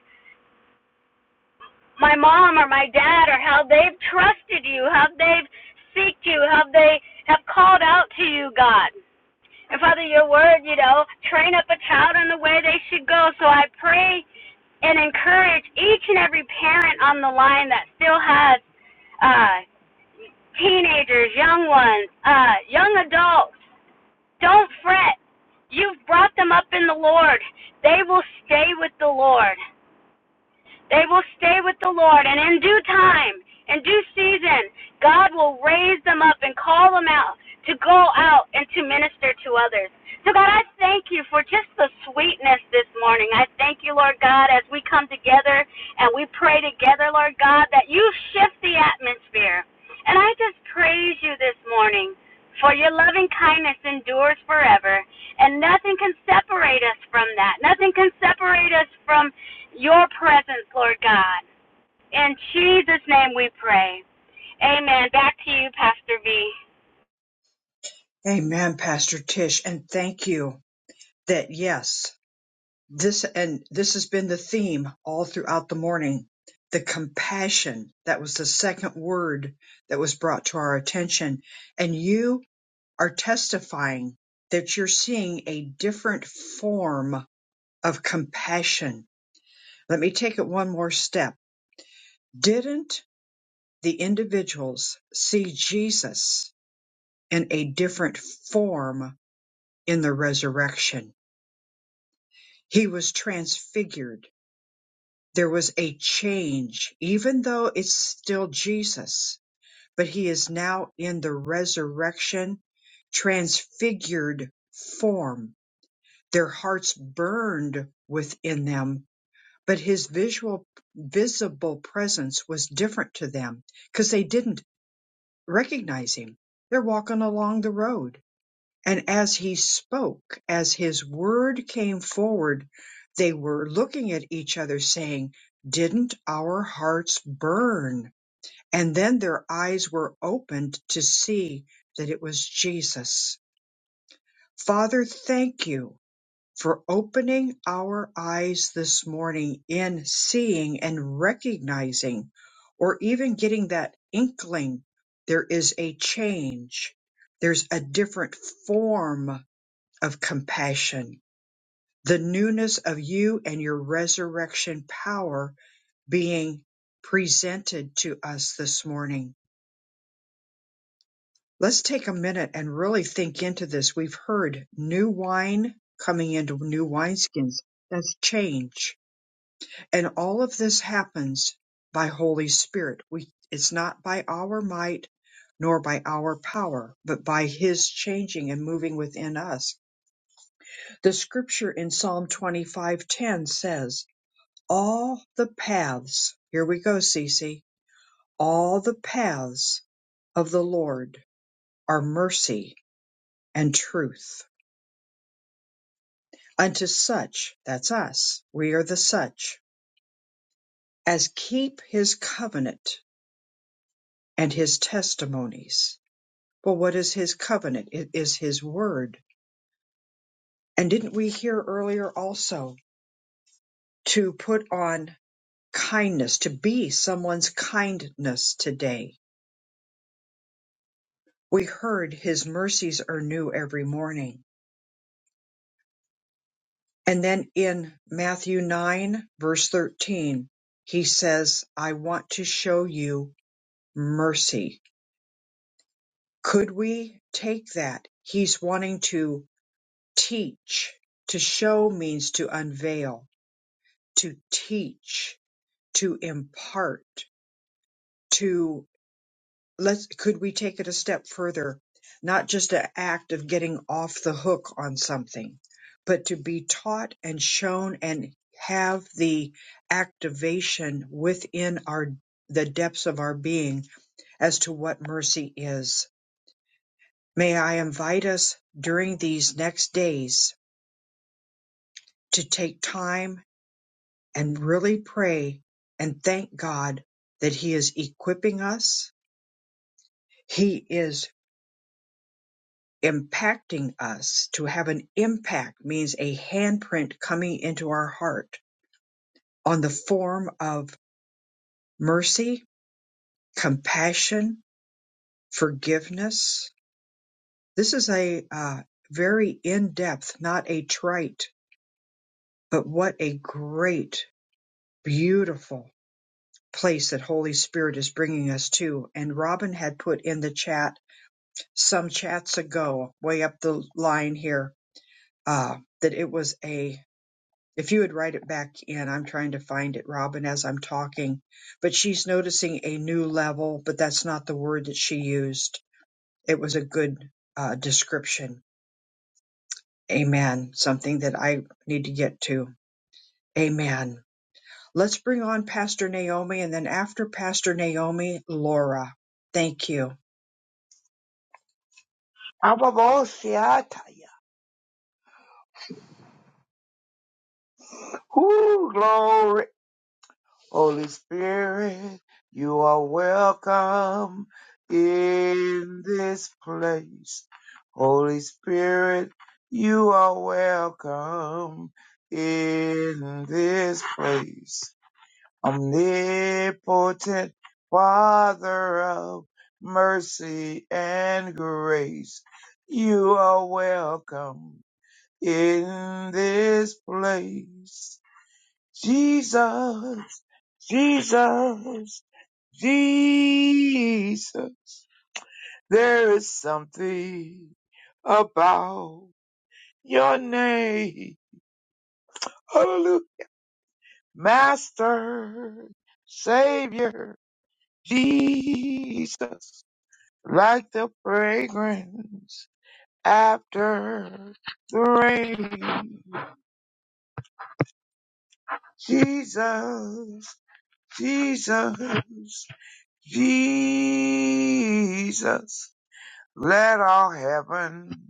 my mom or my dad or how they've trusted you, how they've seeked you, how they have called out to you, God. And Father, your word, you know, train up a child in the way they should go. So I pray and encourage each and every parent on the line that still has uh, teenagers, young ones, uh, young adults Don't fret. You've brought them up in the Lord. They will stay with the Lord. They will stay with the Lord, and in due time, in due season, God will raise them up and call them out to go out and to minister to others. So, God, I thank you for just the sweetness this morning. I thank you, Lord God, as we come together and we pray together, Lord God, that you shift the atmosphere. And I just praise you this morning for your loving kindness endures forever, and nothing can separate us from that. Nothing can separate us from your presence, Lord God. In Jesus' name we pray. Amen. Back to you, Pastor V. Amen, Pastor Tish, and thank you that yes, this and this has been the theme all throughout the morning. The compassion, that was the second word that was brought to our attention. And you are testifying that you're seeing a different form of compassion. Let me take it one more step. Didn't the individuals see Jesus in a different form in the resurrection. He was transfigured. There was a change, even though it's still Jesus, but he is now in the resurrection, transfigured form. Their hearts burned within them, but his visual, visible presence was different to them because they didn't recognize him. They're walking along the road And as he spoke, as his word came forward, they were looking at each other saying, Didn't our hearts burn? And then their eyes were opened to see that it was Jesus. Father, thank you for opening our eyes this morning in seeing and recognizing, or even getting that inkling there is a change, there's a different form of compassion, the newness of you and your resurrection power being presented to us this morning. Let's take a minute and really think into this. We've heard new wine coming into new wineskins. That's change. And all of this happens by Holy Spirit. We, it's not by our might nor by our power, but by his changing and moving within us. The scripture in Psalm 25:10 says, all the paths, here we go, Cece, all the paths of the Lord are mercy and truth. Unto such, that's us, we are the such, as keep his covenant and his testimonies. Well, what is his covenant? It is his word. And didn't we hear earlier also to put on kindness, to be someone's kindness today? We heard his mercies are new every morning And then in Matthew 9, verse 13, he says, I want to show you mercy. Could we take that? He's wanting to teach. To show means to unveil, to teach, to impart, to let's could we take it a step further not just an act of getting off the hook on something but to be taught and shown and have the activation within our the depths of our being as to what mercy is may i invite us during these next days to take time and really pray and thank god that he is equipping us he is impacting us. To have an impact means a handprint coming into our heart on the form of mercy, compassion, forgiveness. This is a uh, very in depth, not a trite, but what a great, beautiful place that Holy Spirit is bringing us to. And Robin had put in the chat some chats ago, way up the line here, uh, that it was a If you would write it back in, I'm trying to find it, Robin, as I'm talking. But she's noticing a new level, but that's not the word that she used. It was a good uh, description. Amen. Something that I need to get to. Amen. Let's bring on Pastor Naomi and then after Pastor Naomi, Laura. Thank you. Ababosiataya Whoo glory Holy Spirit, you are welcome in this place. Holy Spirit, you are welcome in this place. Omnipotent Father of mercy and grace, you are welcome in this place. Jesus. Jesus, Jesus, there is something about your name. Hallelujah. Master, Savior, Jesus, like the fragrance after the rain. Jesus, Jesus, Jesus, let all heaven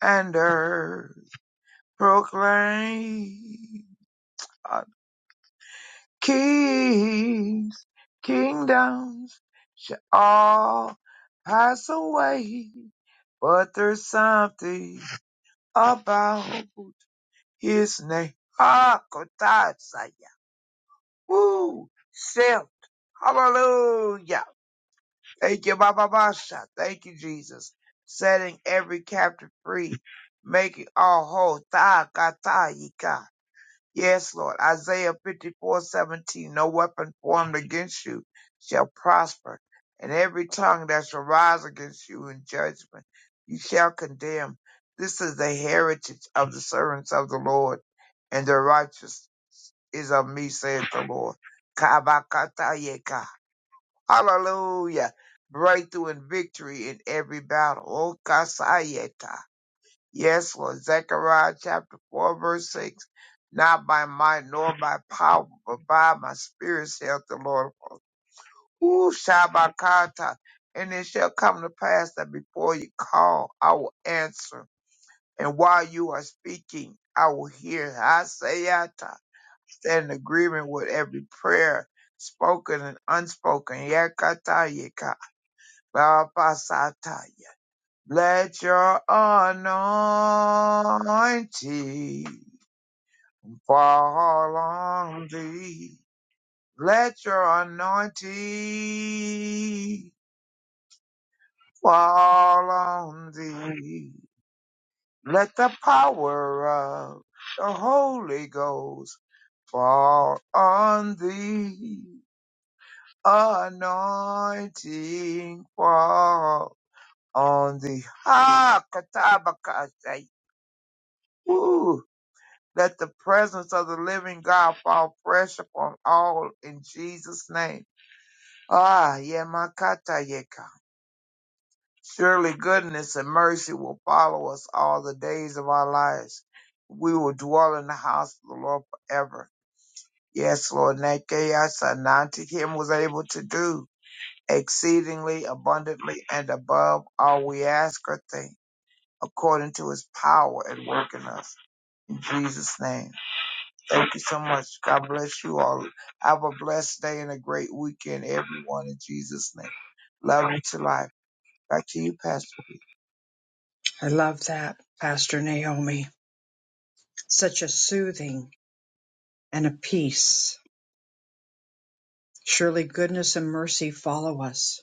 and earth proclaim. Uh, Kings, kingdoms shall all pass away, but there's something about his name. Ah, Kotatsaya. Woo! Self. Hallelujah. Thank you, Baba Basha. Thank you, Jesus. Setting every captive free, making all whole. Ta, kata, yika. Yes, Lord. Isaiah fifty-four seventeen. No weapon formed against you shall prosper, and every tongue that shall rise against you in judgment you shall condemn. This is the heritage of the servants of the Lord, and the righteous is of me, saith the Lord. Kabakatayeka. Hallelujah. Breakthrough and victory in every battle. Oh, kasayeka. Yes, Lord. Zechariah chapter 4, verse 6. Not by might nor by power, but by my spirit, saith the Lord. Ooh, Shabakata. And it shall come to pass that before you call, I will answer. And while you are speaking, I will hear. Hasayata. Stand in agreement with every prayer, spoken and unspoken. Yakata yaka. Labasata. Let your anointing fall on thee. Let your anointing fall on thee. Let the power of the Holy Ghost fall on thee. Anointing fall on thee. Ha, katabakasai. Let the presence of the living God fall fresh upon all in Jesus' name. Ah, yemakata yeka. Surely goodness and mercy will follow us all the days of our lives. We will dwell in the house of the Lord forever. Yes, Lord, and that chaos him was able to do exceedingly abundantly and above all we ask or think, according to his power at work in us. In Jesus' name. Thank you so much. God bless you all. Have a blessed day and a great weekend, everyone, in Jesus' name. Love you to life. Back to you, Pastor. I love that, Pastor Naomi. Such a soothing and a peace. Surely goodness and mercy follow us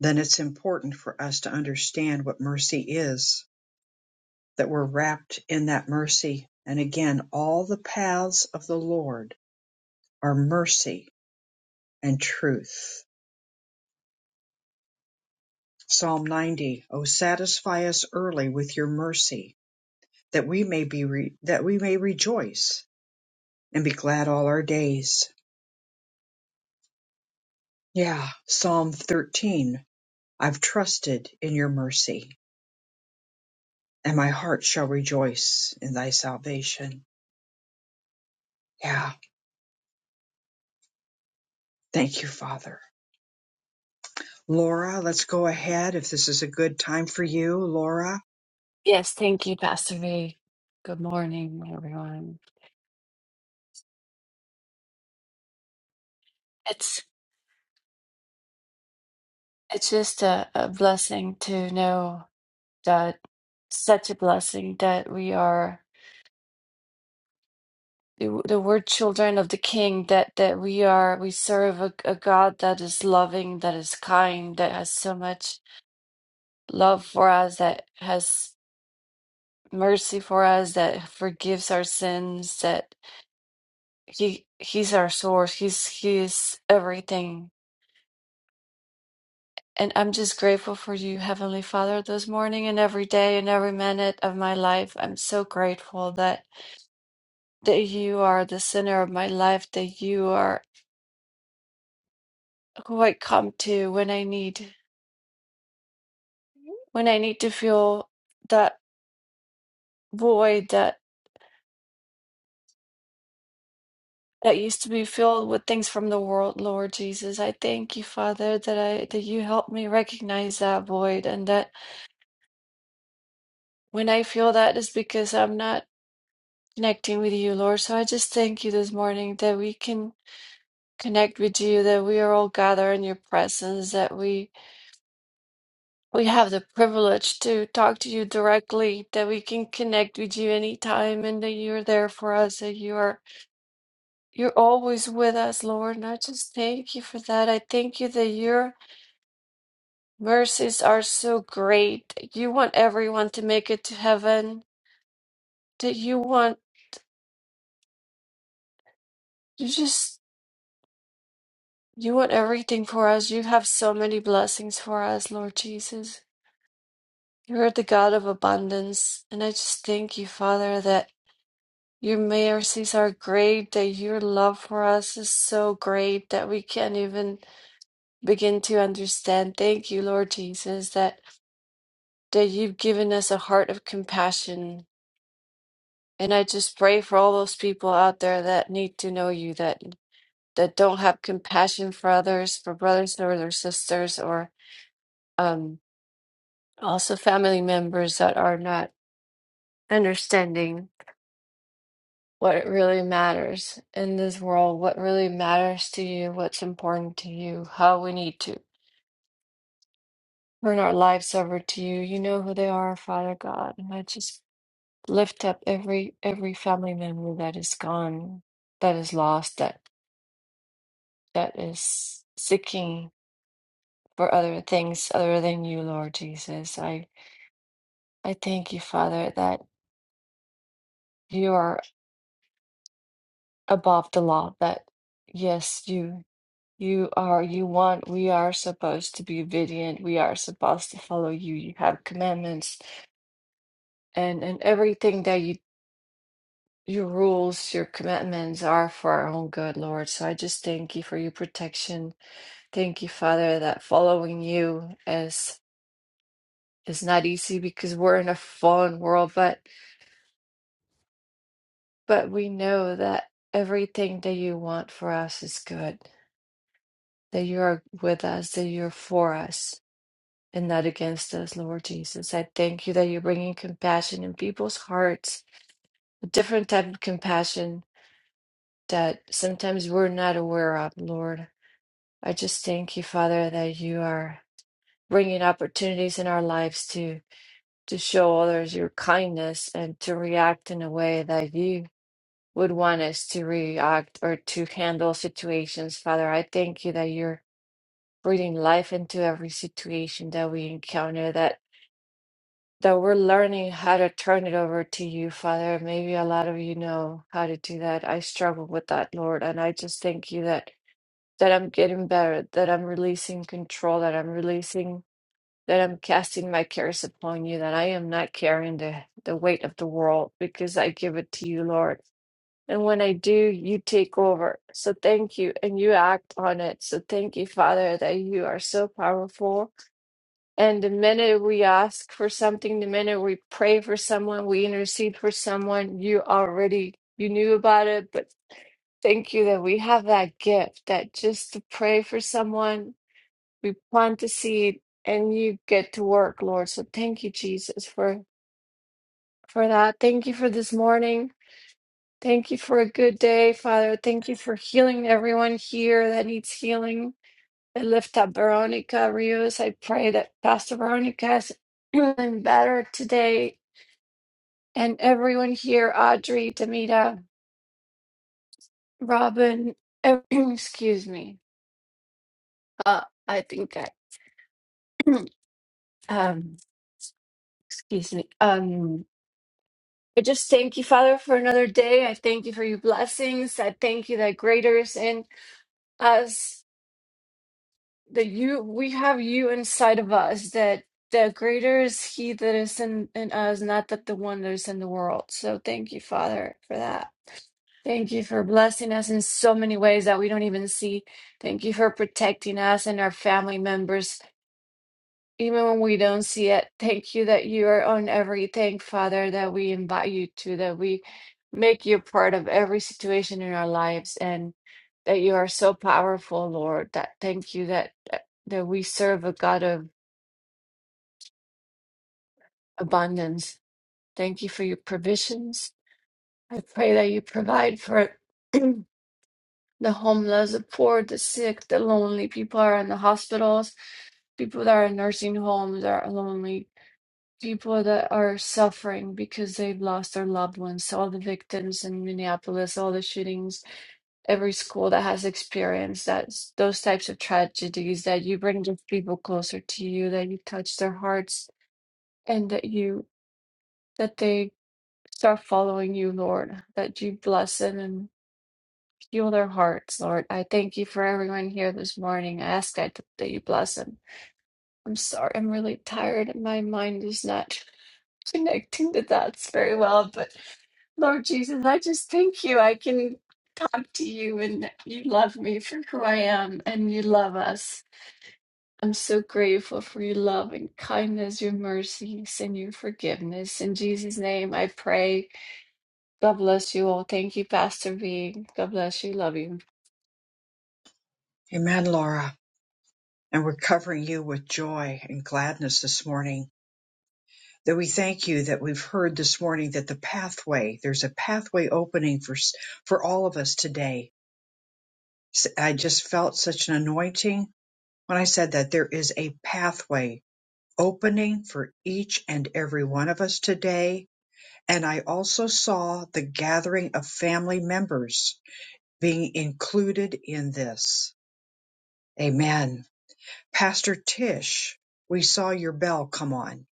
then it's important for us to understand what mercy is, that we're wrapped in that mercy. And again, all the paths of the Lord are mercy and truth. Psalm 90, O satisfy us early with your mercy, that we may be, re- that we may rejoice and be glad all our days. Yeah. Psalm 13, I've trusted in your mercy and my heart shall rejoice in thy salvation. Yeah. Thank you, Father. Laura, let's go ahead if this is a good time for you, Laura. Yes, thank you, Pastor V. Good morning, everyone. It's it's just a, a blessing to know that such a blessing that we are the, the word children of the King. That that we are we serve a, a God that is loving, that is kind, that has so much love for us, that has mercy for us, that forgives our sins. That he he's our source. He's he is everything And I'm just grateful for you, Heavenly Father, this morning and every day and every minute of my life. I'm so grateful that, that you are the center of my life, that you are who I come to when I need when I need to feel that void that that used to be filled with things from the world, Lord Jesus. I thank you, Father, that I that you help me recognize that void and that when I feel that is because I'm not connecting with you, Lord. So I just thank you this morning that we can connect with you, that we are all gathered in your presence, that we we have the privilege to talk to you directly, that we can connect with you anytime and that you're there for us, that you are you're always with us, Lord. And I just thank you for that. I thank you that your mercies are so great. You want everyone to make it to heaven. That you want you just you want everything for us. You have so many blessings for us, Lord Jesus. You are the God of abundance, and I just thank you, Father, that your mercies are great, that your love for us is so great that we can't even begin to understand. Thank you, Lord Jesus, that, that you've given us a heart of compassion. And I just pray for all those people out there that need to know you, that that don't have compassion for others, for brothers or their sisters, or um, also family members that are not understanding. what really matters in this world, what really matters to you, what's important to you, how we need to turn our lives over to you. You know who they are, Father God. And I just lift up every every family member that is gone, that is lost, that that is seeking for other things other than you, Lord Jesus. I I thank you, Father, that you are above the law, that yes, you. You are, you want, we are supposed to be obedient. We are supposed to follow you. You have commandments and and everything that you your rules, your commandments are for our own good, Lord. So I just thank you for your protection. Thank you, Father, that following you is is not easy because we're in a fallen world, but but we know that everything that you want for us is good, that you are with us, that you're for us. and not against us, Lord Jesus. I thank you that you're bringing compassion in people's hearts, a different type of compassion that sometimes we're not aware of, Lord. I just thank you, Father, that you are bringing opportunities in our lives to to show others your kindness and to react in a way that you would want us to react or to handle situations, Father. I thank you that you're breathing life into every situation that we encounter, That. that we're learning how to turn it over to you, Father. Maybe a lot of you know how to do that. I struggle with that, Lord, and I just thank you that that I'm getting better, that I'm releasing control, that I'm releasing, that I'm casting my cares upon you, that I am not carrying the, the weight of the world because I give it to you, Lord. And when I do, you take over. So thank you, and you act on it. So thank you, Father, that you are so powerful and the minute we ask for something, the minute we pray for someone, we intercede for someone, you already you knew about it, but thank you that we have that gift that just to pray for someone, we plant the seed and you get to work, Lord. So thank you, Jesus, for for that. Thank you for this morning. Thank you for a good day, Father. Thank you for healing everyone here that needs healing. I lift up Veronica Rios. I pray that Pastor Veronica is feeling better today. And everyone here, Audrey, Demita, Robin, ev- excuse me. Uh, I think I, um, excuse me. Um, I just thank you, Father, for another day. I thank you for your blessings. I thank you that greater is in us that you we have you inside of us that the greater is he that is in, in us not that the one that is in the world so thank you father for that thank you for blessing us in so many ways that we don't even see thank you for protecting us and our family members even when we don't see it, thank you that you are on everything, Father, that we invite you to, that we make you part of every situation in our lives, and that you are so powerful, Lord. That thank you that that that we serve a God of abundance. Thank you for your provisions. I pray that you provide for the homeless, the poor, the sick, the lonely people are in the hospitals, people that are in nursing homes are lonely people that are suffering because they've lost their loved ones, So all the victims in Minneapolis, all the shootings, every school that has experienced that those types of tragedies that you bring those people closer to you, that you touch their hearts and that you that they start following you, Lord, that you bless them and heal their hearts, Lord. I thank you for everyone here this morning. I ask that, that you bless them. I'm sorry, I'm really tired. My mind is not. connecting the dots very well. But Lord Jesus, I just thank you. I can talk to you and you love me for who I am and you love us. I'm so grateful for your love and kindness, your mercies, and your forgiveness. In Jesus' name, I pray. God bless you all. Thank you, Pastor V. God bless you. Love you. Amen, Laura. And we're covering you with joy and gladness this morning. That we thank you that we've heard this morning that the pathway, there's a pathway opening for for all of us today. S- I just felt such an anointing when I said that there is a pathway opening for each and every one of us today. And I also saw the gathering of family members being included in this Amen. Pastor Tish, we saw your bell come on.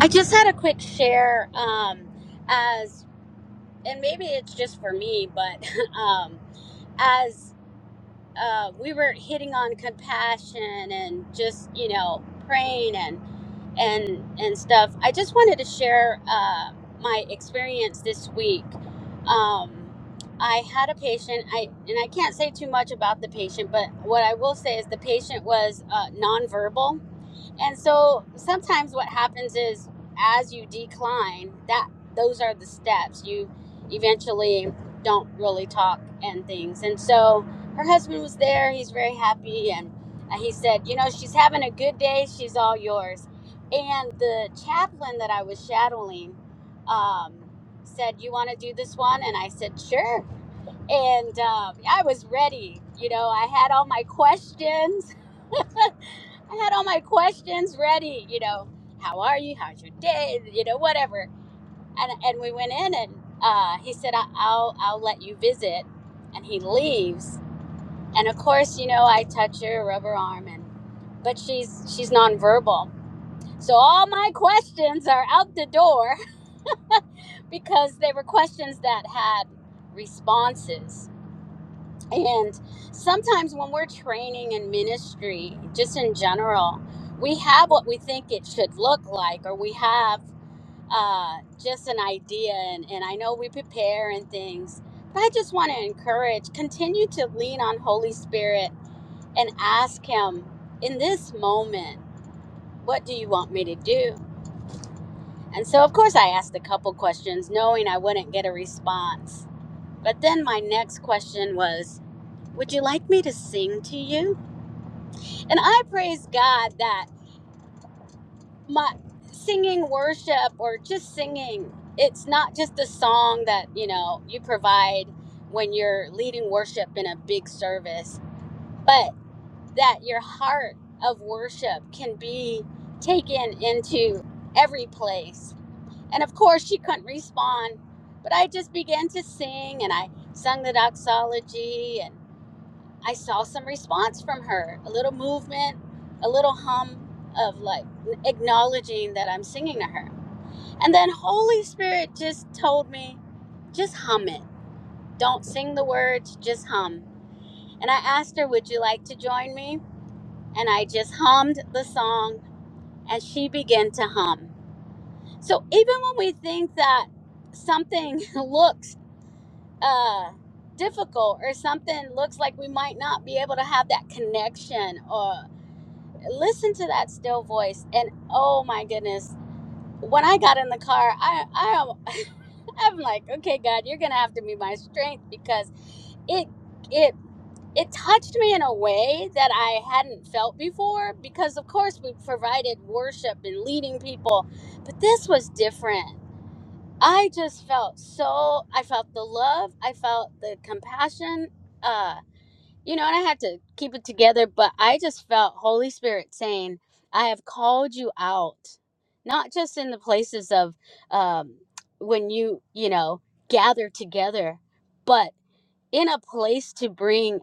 I just had a quick share um, as, and maybe it's just for me, but um, as we're and passion and just you know praying and and and stuff. I just wanted to share uh, my experience this week. Um, I had a patient. I and I can't say too much about the patient, but what I will say is the patient was uh, nonverbal and so sometimes what happens is as you decline, that those are the steps. You eventually don't really talk and things. And so her husband was there, he's very happy and and he said, "You know, she's having a good day. She's all yours." And the chaplain that I was shadowing um said, "You want to do this one?" And I said, "Sure." And um, I was ready. You know, I had all my questions I had all my questions ready, you know, how are you? How's your day? You know, whatever. And and we went in and uh, he said, I- I'll I'll let you visit, and he leaves. And of course, you know, I touch her rubber arm, and but she's she's nonverbal, so all my questions are out the door because they were questions that had responses And sometimes when we're training in ministry, just in general, we have what we think it should look like, or we have uh, just an idea. And, and I know we prepare and things, but I just want to encourage continue to lean on Holy Spirit and ask Him in this moment, what do you want me to do? And so, of course, I asked a couple questions knowing I wouldn't get a response. But then my next question was, Would you like me to sing to you? And I praise God that my singing worship or just singing, it's not just a song that, you know, you provide when you're leading worship in a big service, but that your heart of worship can be taken into every place. And of course, she couldn't respond, but I just began to sing and I sung the doxology and. I saw some response from her, a little movement, a little hum of like acknowledging that I'm singing to her. And then Holy Spirit just told me, just hum it. Don't sing the words, just hum. And I asked her, Would you like to join me? And I just hummed the song and she began to hum. So even when we think that something looks uh, difficult or something looks like we might not be able to have that connection or listen to that still voice and oh my goodness when i got in the car i i am i'm like okay god you're gonna have to be my strength because it it it touched me in a way that i hadn't felt before because of course we provided worship and leading people but this was different i just felt so i felt the love i felt the compassion Uh you know, and I had to keep it together, but I just felt Holy Spirit saying, I have called you out, not just in the places of um, when you, you know, gather together, but in a place to bring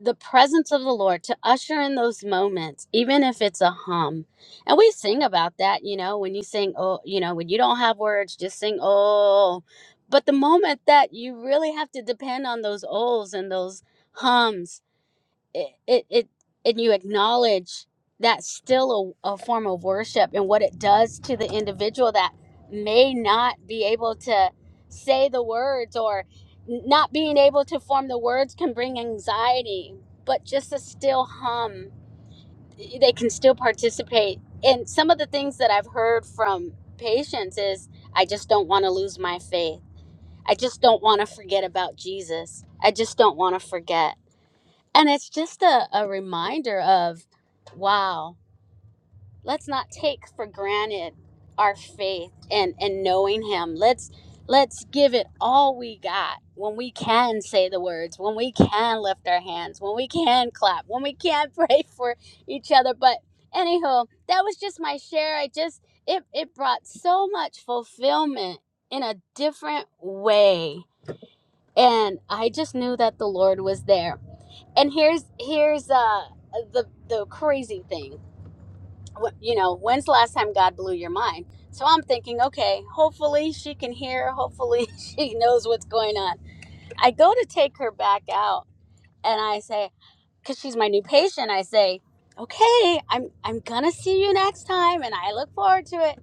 the presence of the Lord, to usher in those moments, even if it's a hum. And we sing about that, you know, when you sing, oh, you know, when you don't have words, just sing, oh. But the moment that you really have to depend on those ohs and those hums it it, it and you acknowledge that's still a, a form of worship and what it does to the individual that may not be able to say the words or not being able to form the words can bring anxiety but just a still hum they can still participate and some of the things that i've heard from patients is i just don't want to lose my faith i just don't want to forget about jesus i just don't want to forget and it's just a, a reminder of, wow, let's not take for granted our faith and, and knowing him. Let's let's give it all we got when we can say the words, when we can lift our hands, when we can clap, when we can pray for each other. But anywho, that was just my share. I just it it brought so much fulfillment in a different way. And I just knew that the Lord was there and here's here's uh the the crazy thing Wh- you know when's the last time god blew your mind so i'm thinking okay hopefully she can hear hopefully she knows what's going on i go to take her back out and i say because she's my new patient i say okay i'm i'm gonna see you next time and i look forward to it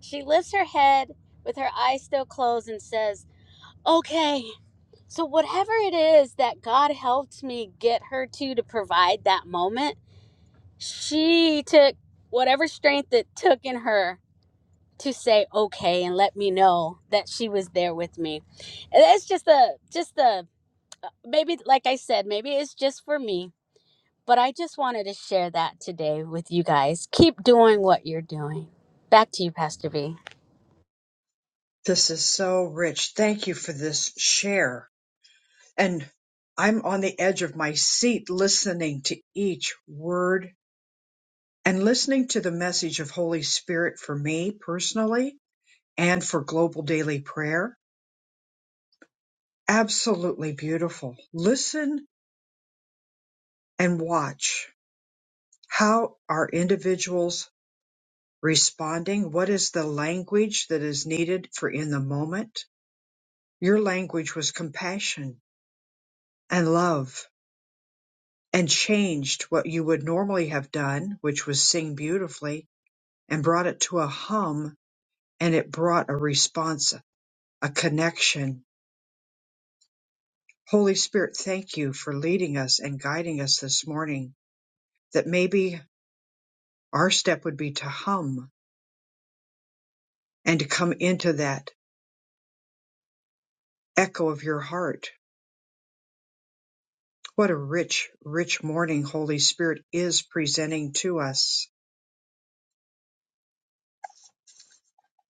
she lifts her head with her eyes still closed and says okay so whatever it is that god helped me get her to to provide that moment she took whatever strength it took in her to say okay and let me know that she was there with me and that's just a just a uh, maybe like i said maybe it's just for me but i just wanted to share that today with you guys keep doing what you're doing back to you pastor v This is so rich. Thank you for this share. And I'm on the edge of my seat listening to each word and listening to the message of Holy Spirit for me personally and for global daily prayer. Absolutely beautiful. Listen and watch. How are individuals responding? What is the language that is needed for in the moment? Your language was compassion and love and changed what you would normally have done, which was sing beautifully, and brought it to a hum and it brought a response, a connection. Holy Spirit, thank you for leading us and guiding us this morning that maybe our step would be to hum and to come into that echo of your heart. What a rich, rich morning Holy Spirit is presenting to us.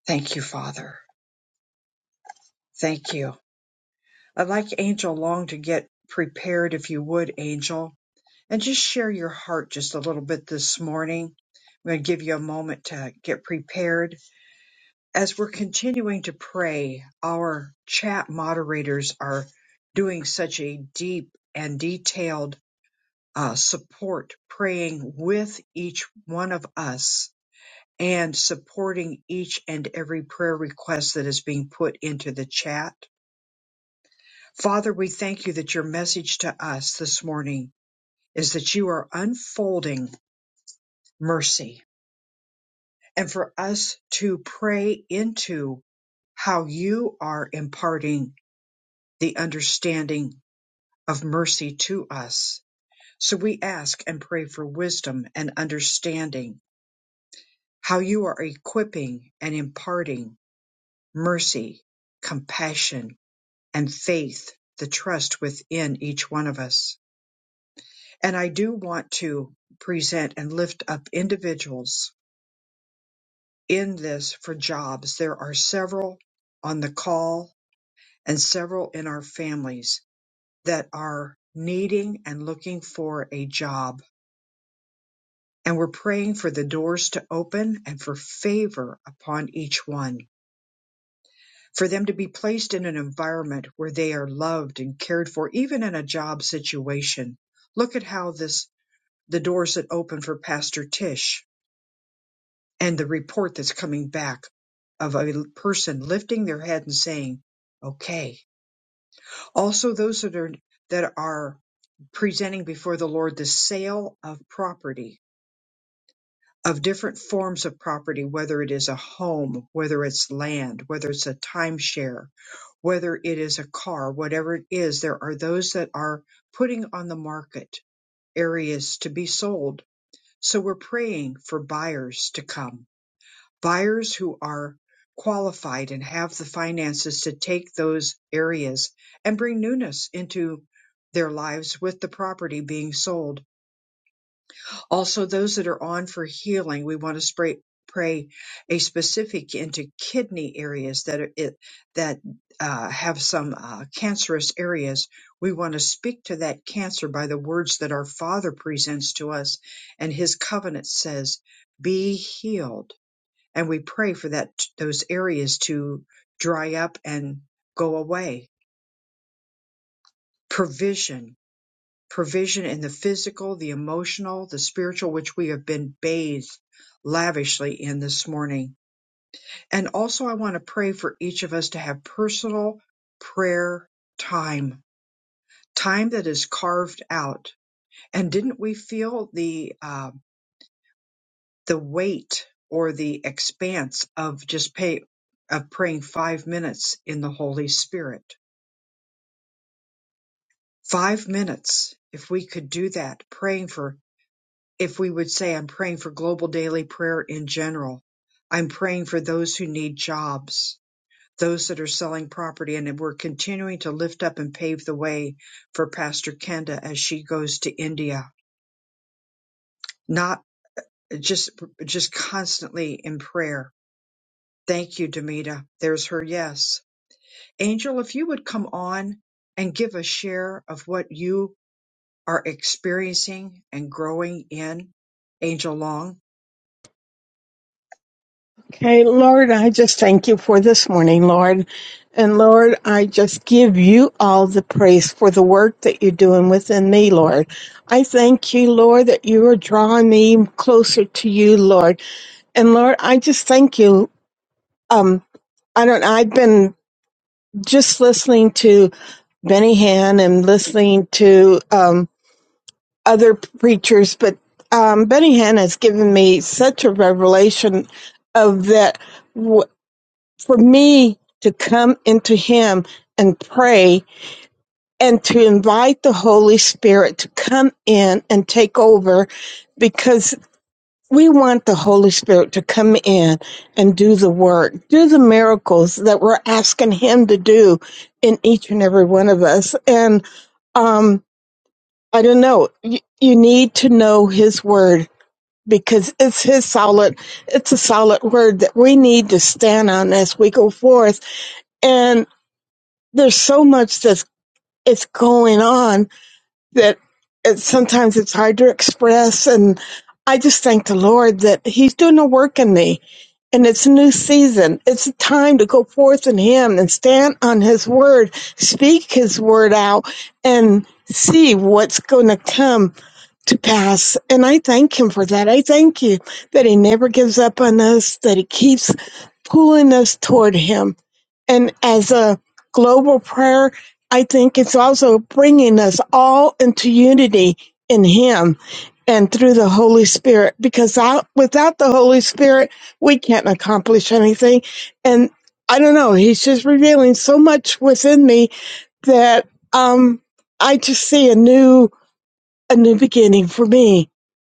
Thank you, Father. Thank you. I'd like Angel Long to get prepared if you would, Angel, and just share your heart just a little bit this morning. I'm going to give you a moment to get prepared. As we're continuing to pray, our chat moderators are doing such a deep and detailed uh, support, praying with each one of us and supporting each and every prayer request that is being put into the chat Father, we thank you that your message to us this morning is that you are unfolding mercy and for us to pray into how you are imparting the understanding of mercy to us. So we ask and pray for wisdom and understanding, how you are equipping and imparting mercy, compassion, and faith, the trust within each one of us. And I do want to present and lift up individuals in this for jobs. There are several on the call and several in our families that are needing and looking for a job. And we're praying for the doors to open and for favor upon each one, for them to be placed in an environment where they are loved and cared for, even in a job situation. Look at how this, the doors that open for Pastor Tish and the report that's coming back of a person lifting their head and saying, okay. Also those that are, that are presenting before the Lord the sale of property, of different forms of property, whether it is a home, whether it's land, whether it's a timeshare, whether it is a car, whatever it is, there are those that are putting on the market areas to be sold. So we're praying for buyers to come Buyers who are qualified and have the finances to take those areas and bring newness into their lives with the property being sold. Also, those that are on for healing, we want to spray, pray a specific into kidney areas that are, it, that uh, have some uh, cancerous areas. We want to speak to that cancer by the words that our Father presents to us, and His covenant says, "Be healed." and we pray for that those areas to dry up and go away provision provision in the physical the emotional the spiritual which we have been bathed lavishly in this morning and also i want to pray for each of us to have personal prayer time time that is carved out and didn't we feel the uh, the weight or the expanse of just pay of praying five minutes in the holy spirit Five minutes, if we could do that, praying for, if we would say, I'm praying for global daily prayer in general. I'm praying for those who need jobs, those that are selling property, and we're continuing to lift up and pave the way for Pastor Kenda as she goes to India. Not just, just constantly in prayer. Thank you, Demita. There's her yes. Angel, if you would come on and give a share of what you are experiencing and growing in. Angel Long. Okay, Lord, I just thank you for this morning, Lord. And Lord, I just give you all the praise for the work that you're doing within me, Lord. I thank you, Lord, that you are drawing me closer to you, Lord. And Lord, I just thank you. Um, I don't know. I've been just listening to Benny Hinn and listening to um, other preachers, but um, Benny Hinn has given me such a revelation of that. for me to come into him and pray and to invite the Holy Spirit to come in and take over because we want the Holy Spirit to come in and do the work, do the miracles that we're asking him to do in each and every one of us. And um, I don't know, you, you need to know his word because it's his solid it's a solid word that we need to stand on as we go forth and. there's so much that's it's going on that it, sometimes it's hard to express. And I just thank the Lord that He's doing a work in me. And it's a new season. It's a time to go forth in Him and stand on His word, speak His word out, and see what's going to come to pass. And I thank Him for that. I thank you that He never gives up on us, that He keeps pulling us toward Him and as a global prayer, I think it's also bringing us all into unity in Him and through the Holy Spirit, because out, without the Holy Spirit, we can't accomplish anything. And I don't know, He's just revealing so much within me that um, I just see a new, a new beginning for me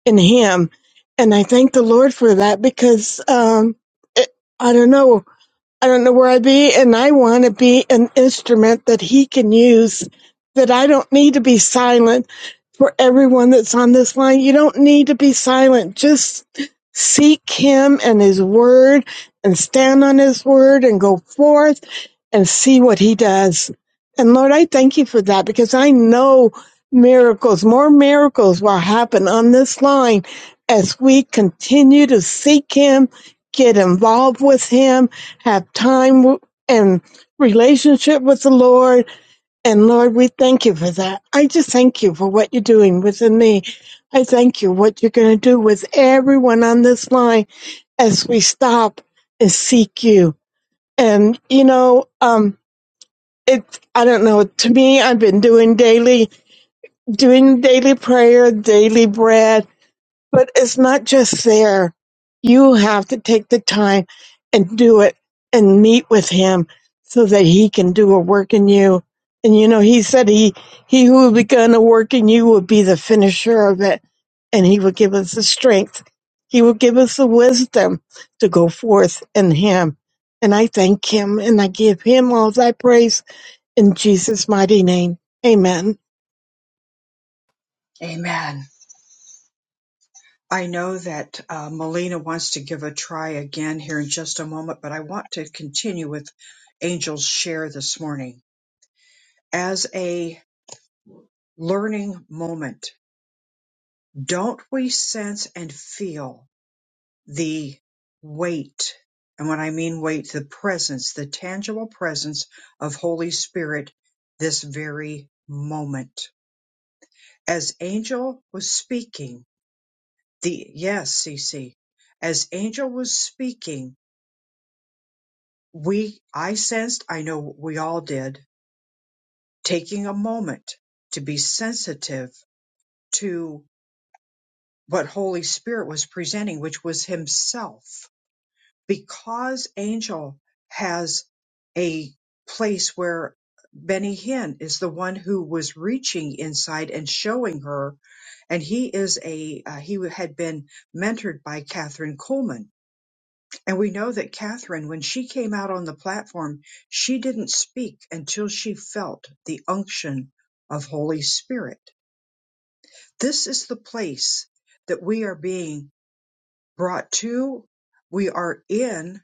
in Him. And I thank the Lord for that because um, it, I don't know. I don't know where I'd be, and I want to be an instrument that he can use, that I don't need to be silent for everyone that's on this line. You don't need to be silent. Just seek Him and His Word and stand on His Word and go forth and see what He does. And Lord, I thank you for that because I know miracles, more miracles will happen on this line as we continue to seek Him, get involved with Him, have time and relationship with the Lord and Lord, we thank you for that. I just thank you for what you're doing within me. I thank you what you're going to do with everyone on this line as we stop and seek you. And you know, um, it I don't know. To me, I've been doing daily, doing daily prayer, daily bread, but it's not just there. You have to take the time and do it and meet with him so that he can do a work in you. And you know, he said he, he who will begun a work in you will be the finisher of it and he will give us the strength. He will give us the wisdom to go forth in him. And I thank him and I give him all thy praise in Jesus' mighty name. Amen. Amen. I know that uh, Melina wants to give a try again here in just a moment, but I want to continue with Angel's share this morning. As a learning moment, don't we sense and feel the weight? And when I mean weight, the presence, the tangible presence of Holy Spirit this very moment As Angel was speaking, the yes, Cece. As Angel was speaking, we I sensed, I know we all did, taking a moment to be sensitive to what Holy Spirit was presenting, which was himself. Because Angel has a place where Benny Hinn is the one who was reaching inside and showing her and he is a uh, he had been mentored by Catherine Coleman, and we know that Catherine, when she came out on the platform, she didn't speak until she felt the unction of Holy Spirit. This is the place that we are being brought to. We are in,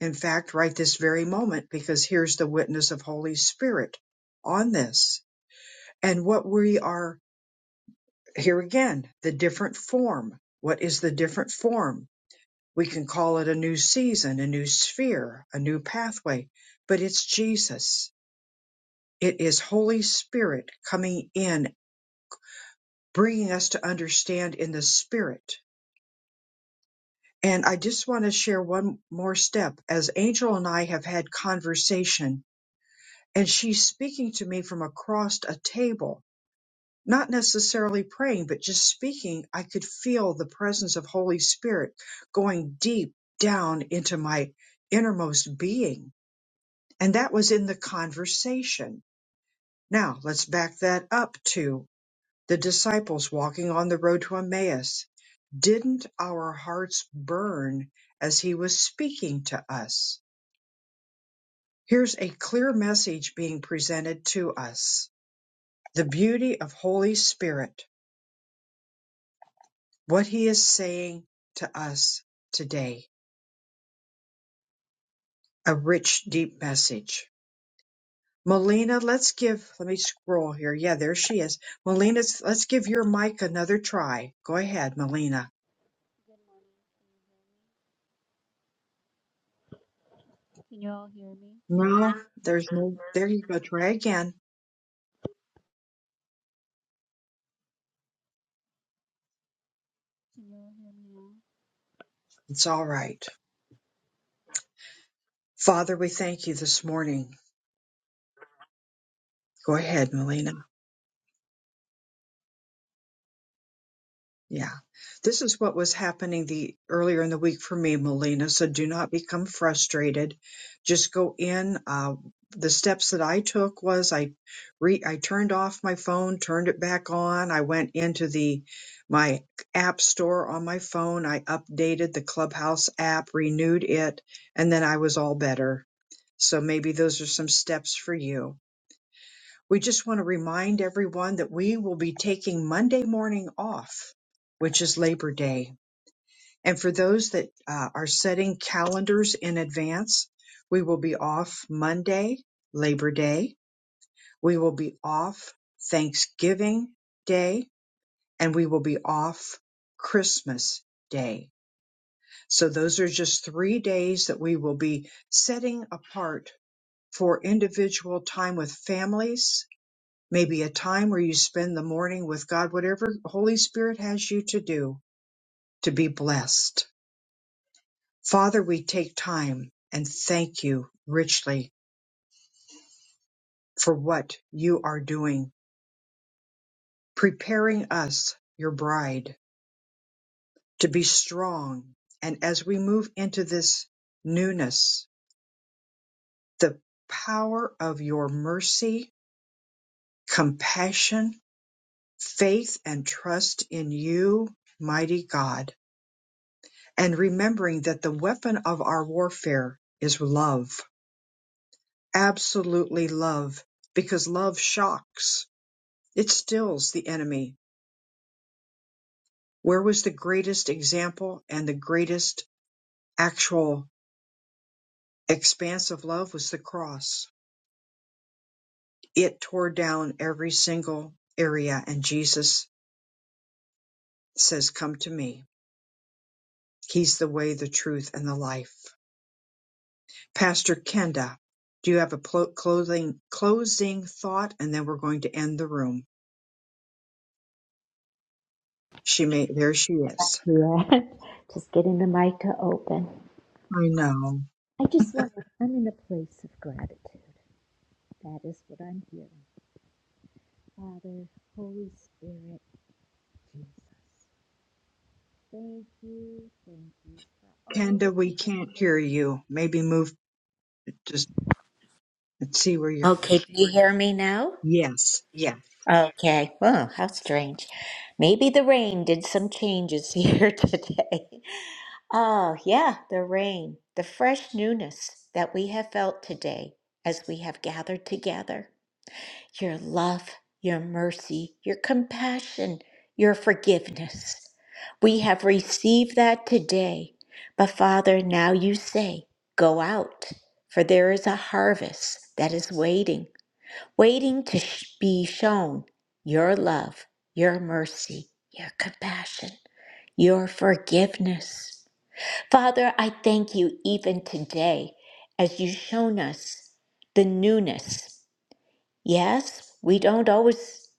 in fact, right this very moment, because here's the witness of Holy Spirit on this, and what we are here again, the different form. What is the different form? We can call it a new season, a new sphere, a new pathway, but it's Jesus. It is Holy Spirit coming in, bringing us to understand in the Spirit. And I just want to share one more step. As Angel and I have had conversation, and she's speaking to me from across a table, not necessarily praying, but just speaking, I could feel the presence of Holy Spirit going deep down into my innermost being And that was in the conversation. Now let's back that up to the disciples walking on the road to Emmaus. Didn't our hearts burn as he was speaking to us? Here's a clear message being presented to us. The beauty of Holy Spirit, what he is saying to us today, a rich, deep message. Melina, let's give, let me scroll here. Yeah, there she is. Melina, let's give your mic another try. Go ahead, Melina. Can you all hear me? No, there's no, there you go. Try again. Can you all hear me now? It's all right. Father, we thank you this morning. Go ahead, Melina. Yeah. This is what was happening the earlier in the week for me, Melina. So do not become frustrated. Just go in. Uh, the steps that I took was I re I turned off my phone, turned it back on. I went into the my app store on my phone. I updated the Clubhouse app, renewed it, and then I was all better. So maybe those are some steps for you. We just want to remind everyone that we will be taking Monday morning off, which is Labor Day. And for those that uh, are setting calendars in advance, we will be off Monday, Labor Day. We will be off Thanksgiving Day, and we will be off Christmas Day. So those are just three days that we will be setting apart for individual time with families maybe a time where you spend the morning with God, whatever Holy Spirit has you to do to be blessed. Father, we take time and thank you richly for what you are doing, preparing us, your bride, to be strong. And as we move into this newness, the power of your mercy, compassion, faith, and trust in you, mighty God and remembering that the weapon of our warfare is love, absolutely love, because love shocks, it stills the enemy. Where was the greatest example and the greatest actual expanse of love was the cross. It tore down every single area, and Jesus says, Come to me. He's the way, the truth, and the life. Pastor Kenda, do you have a plo- closing thought? And then we're going to end the room. She may, there she is. Yeah, just getting the mic to open. I know. I just want to, I'm in a place of gratitude. That is what I'm hearing. Father, Holy Spirit. Thank you, thank you for all that Kenda, you we can't download. hear you. Maybe move, just let's see where you're. Okay, can you hear me now? Yes, yeah. Okay. Oh, how strange. Maybe the rain did some changes here today. Oh, yeah, the rain, the fresh newness that we have felt today as we have gathered together. your love, your mercy, your compassion, your forgiveness. We have received that today. But Father, now you say, go out, for there is a harvest that is waiting, waiting to sh- be shown your love, your mercy, your compassion, your forgiveness. Father, I thank you even today as you've shown us the newness Yes, we don't always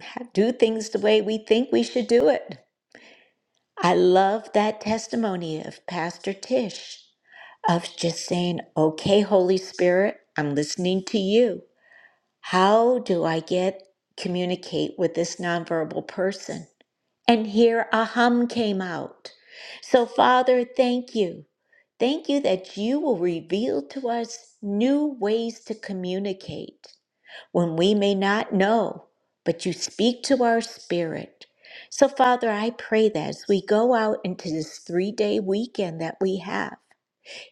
ha- do things the way we think we should do it. I love that testimony of Pastor Tish of just saying, okay, Holy Spirit, I'm listening to you. How do I get communicate with this nonverbal person? And here a hum came out. So, Father, thank you. Thank you that you will reveal to us new ways to communicate when we may not know, but you speak to our spirit. So, Father, I pray that as we go out into this three day weekend that we have,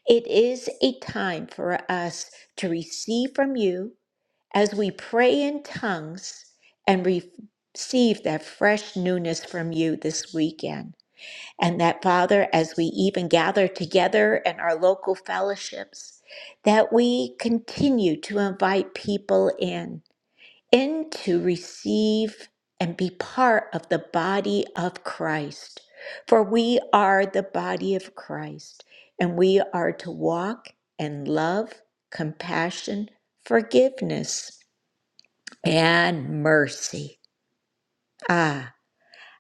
it is a time for us to receive from you as we pray in tongues and re- receive that fresh newness from you this weekend. And that, Father, as we even gather together in our local fellowships, that we continue to invite people in and to receive and be part of the body of Christ. For we are the body of Christ, and we are to walk in love, compassion, forgiveness, and mercy. Ah,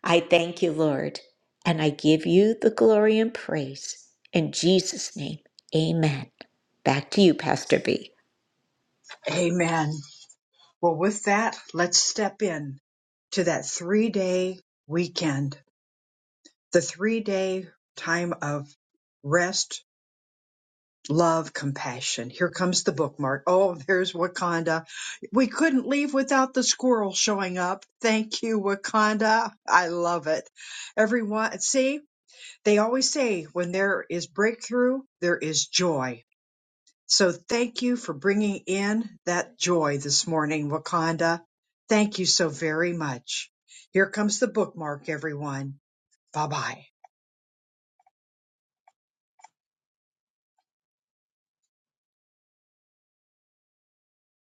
I thank you, Lord, and I give you the glory and praise. In Jesus' name, amen. Back to you, Pastor B. Amen. Well, with that, let's step in to that three day weekend, the three day time of rest, love, compassion. Here comes the bookmark. Oh, there's Wakanda. We couldn't leave without the squirrel showing up. Thank you, Wakanda. I love it. Everyone, see? They always say when there is breakthrough, there is joy. So thank you for bringing in that joy this morning, Wakanda. Thank you so very much. Here comes the bookmark, everyone. Bye bye.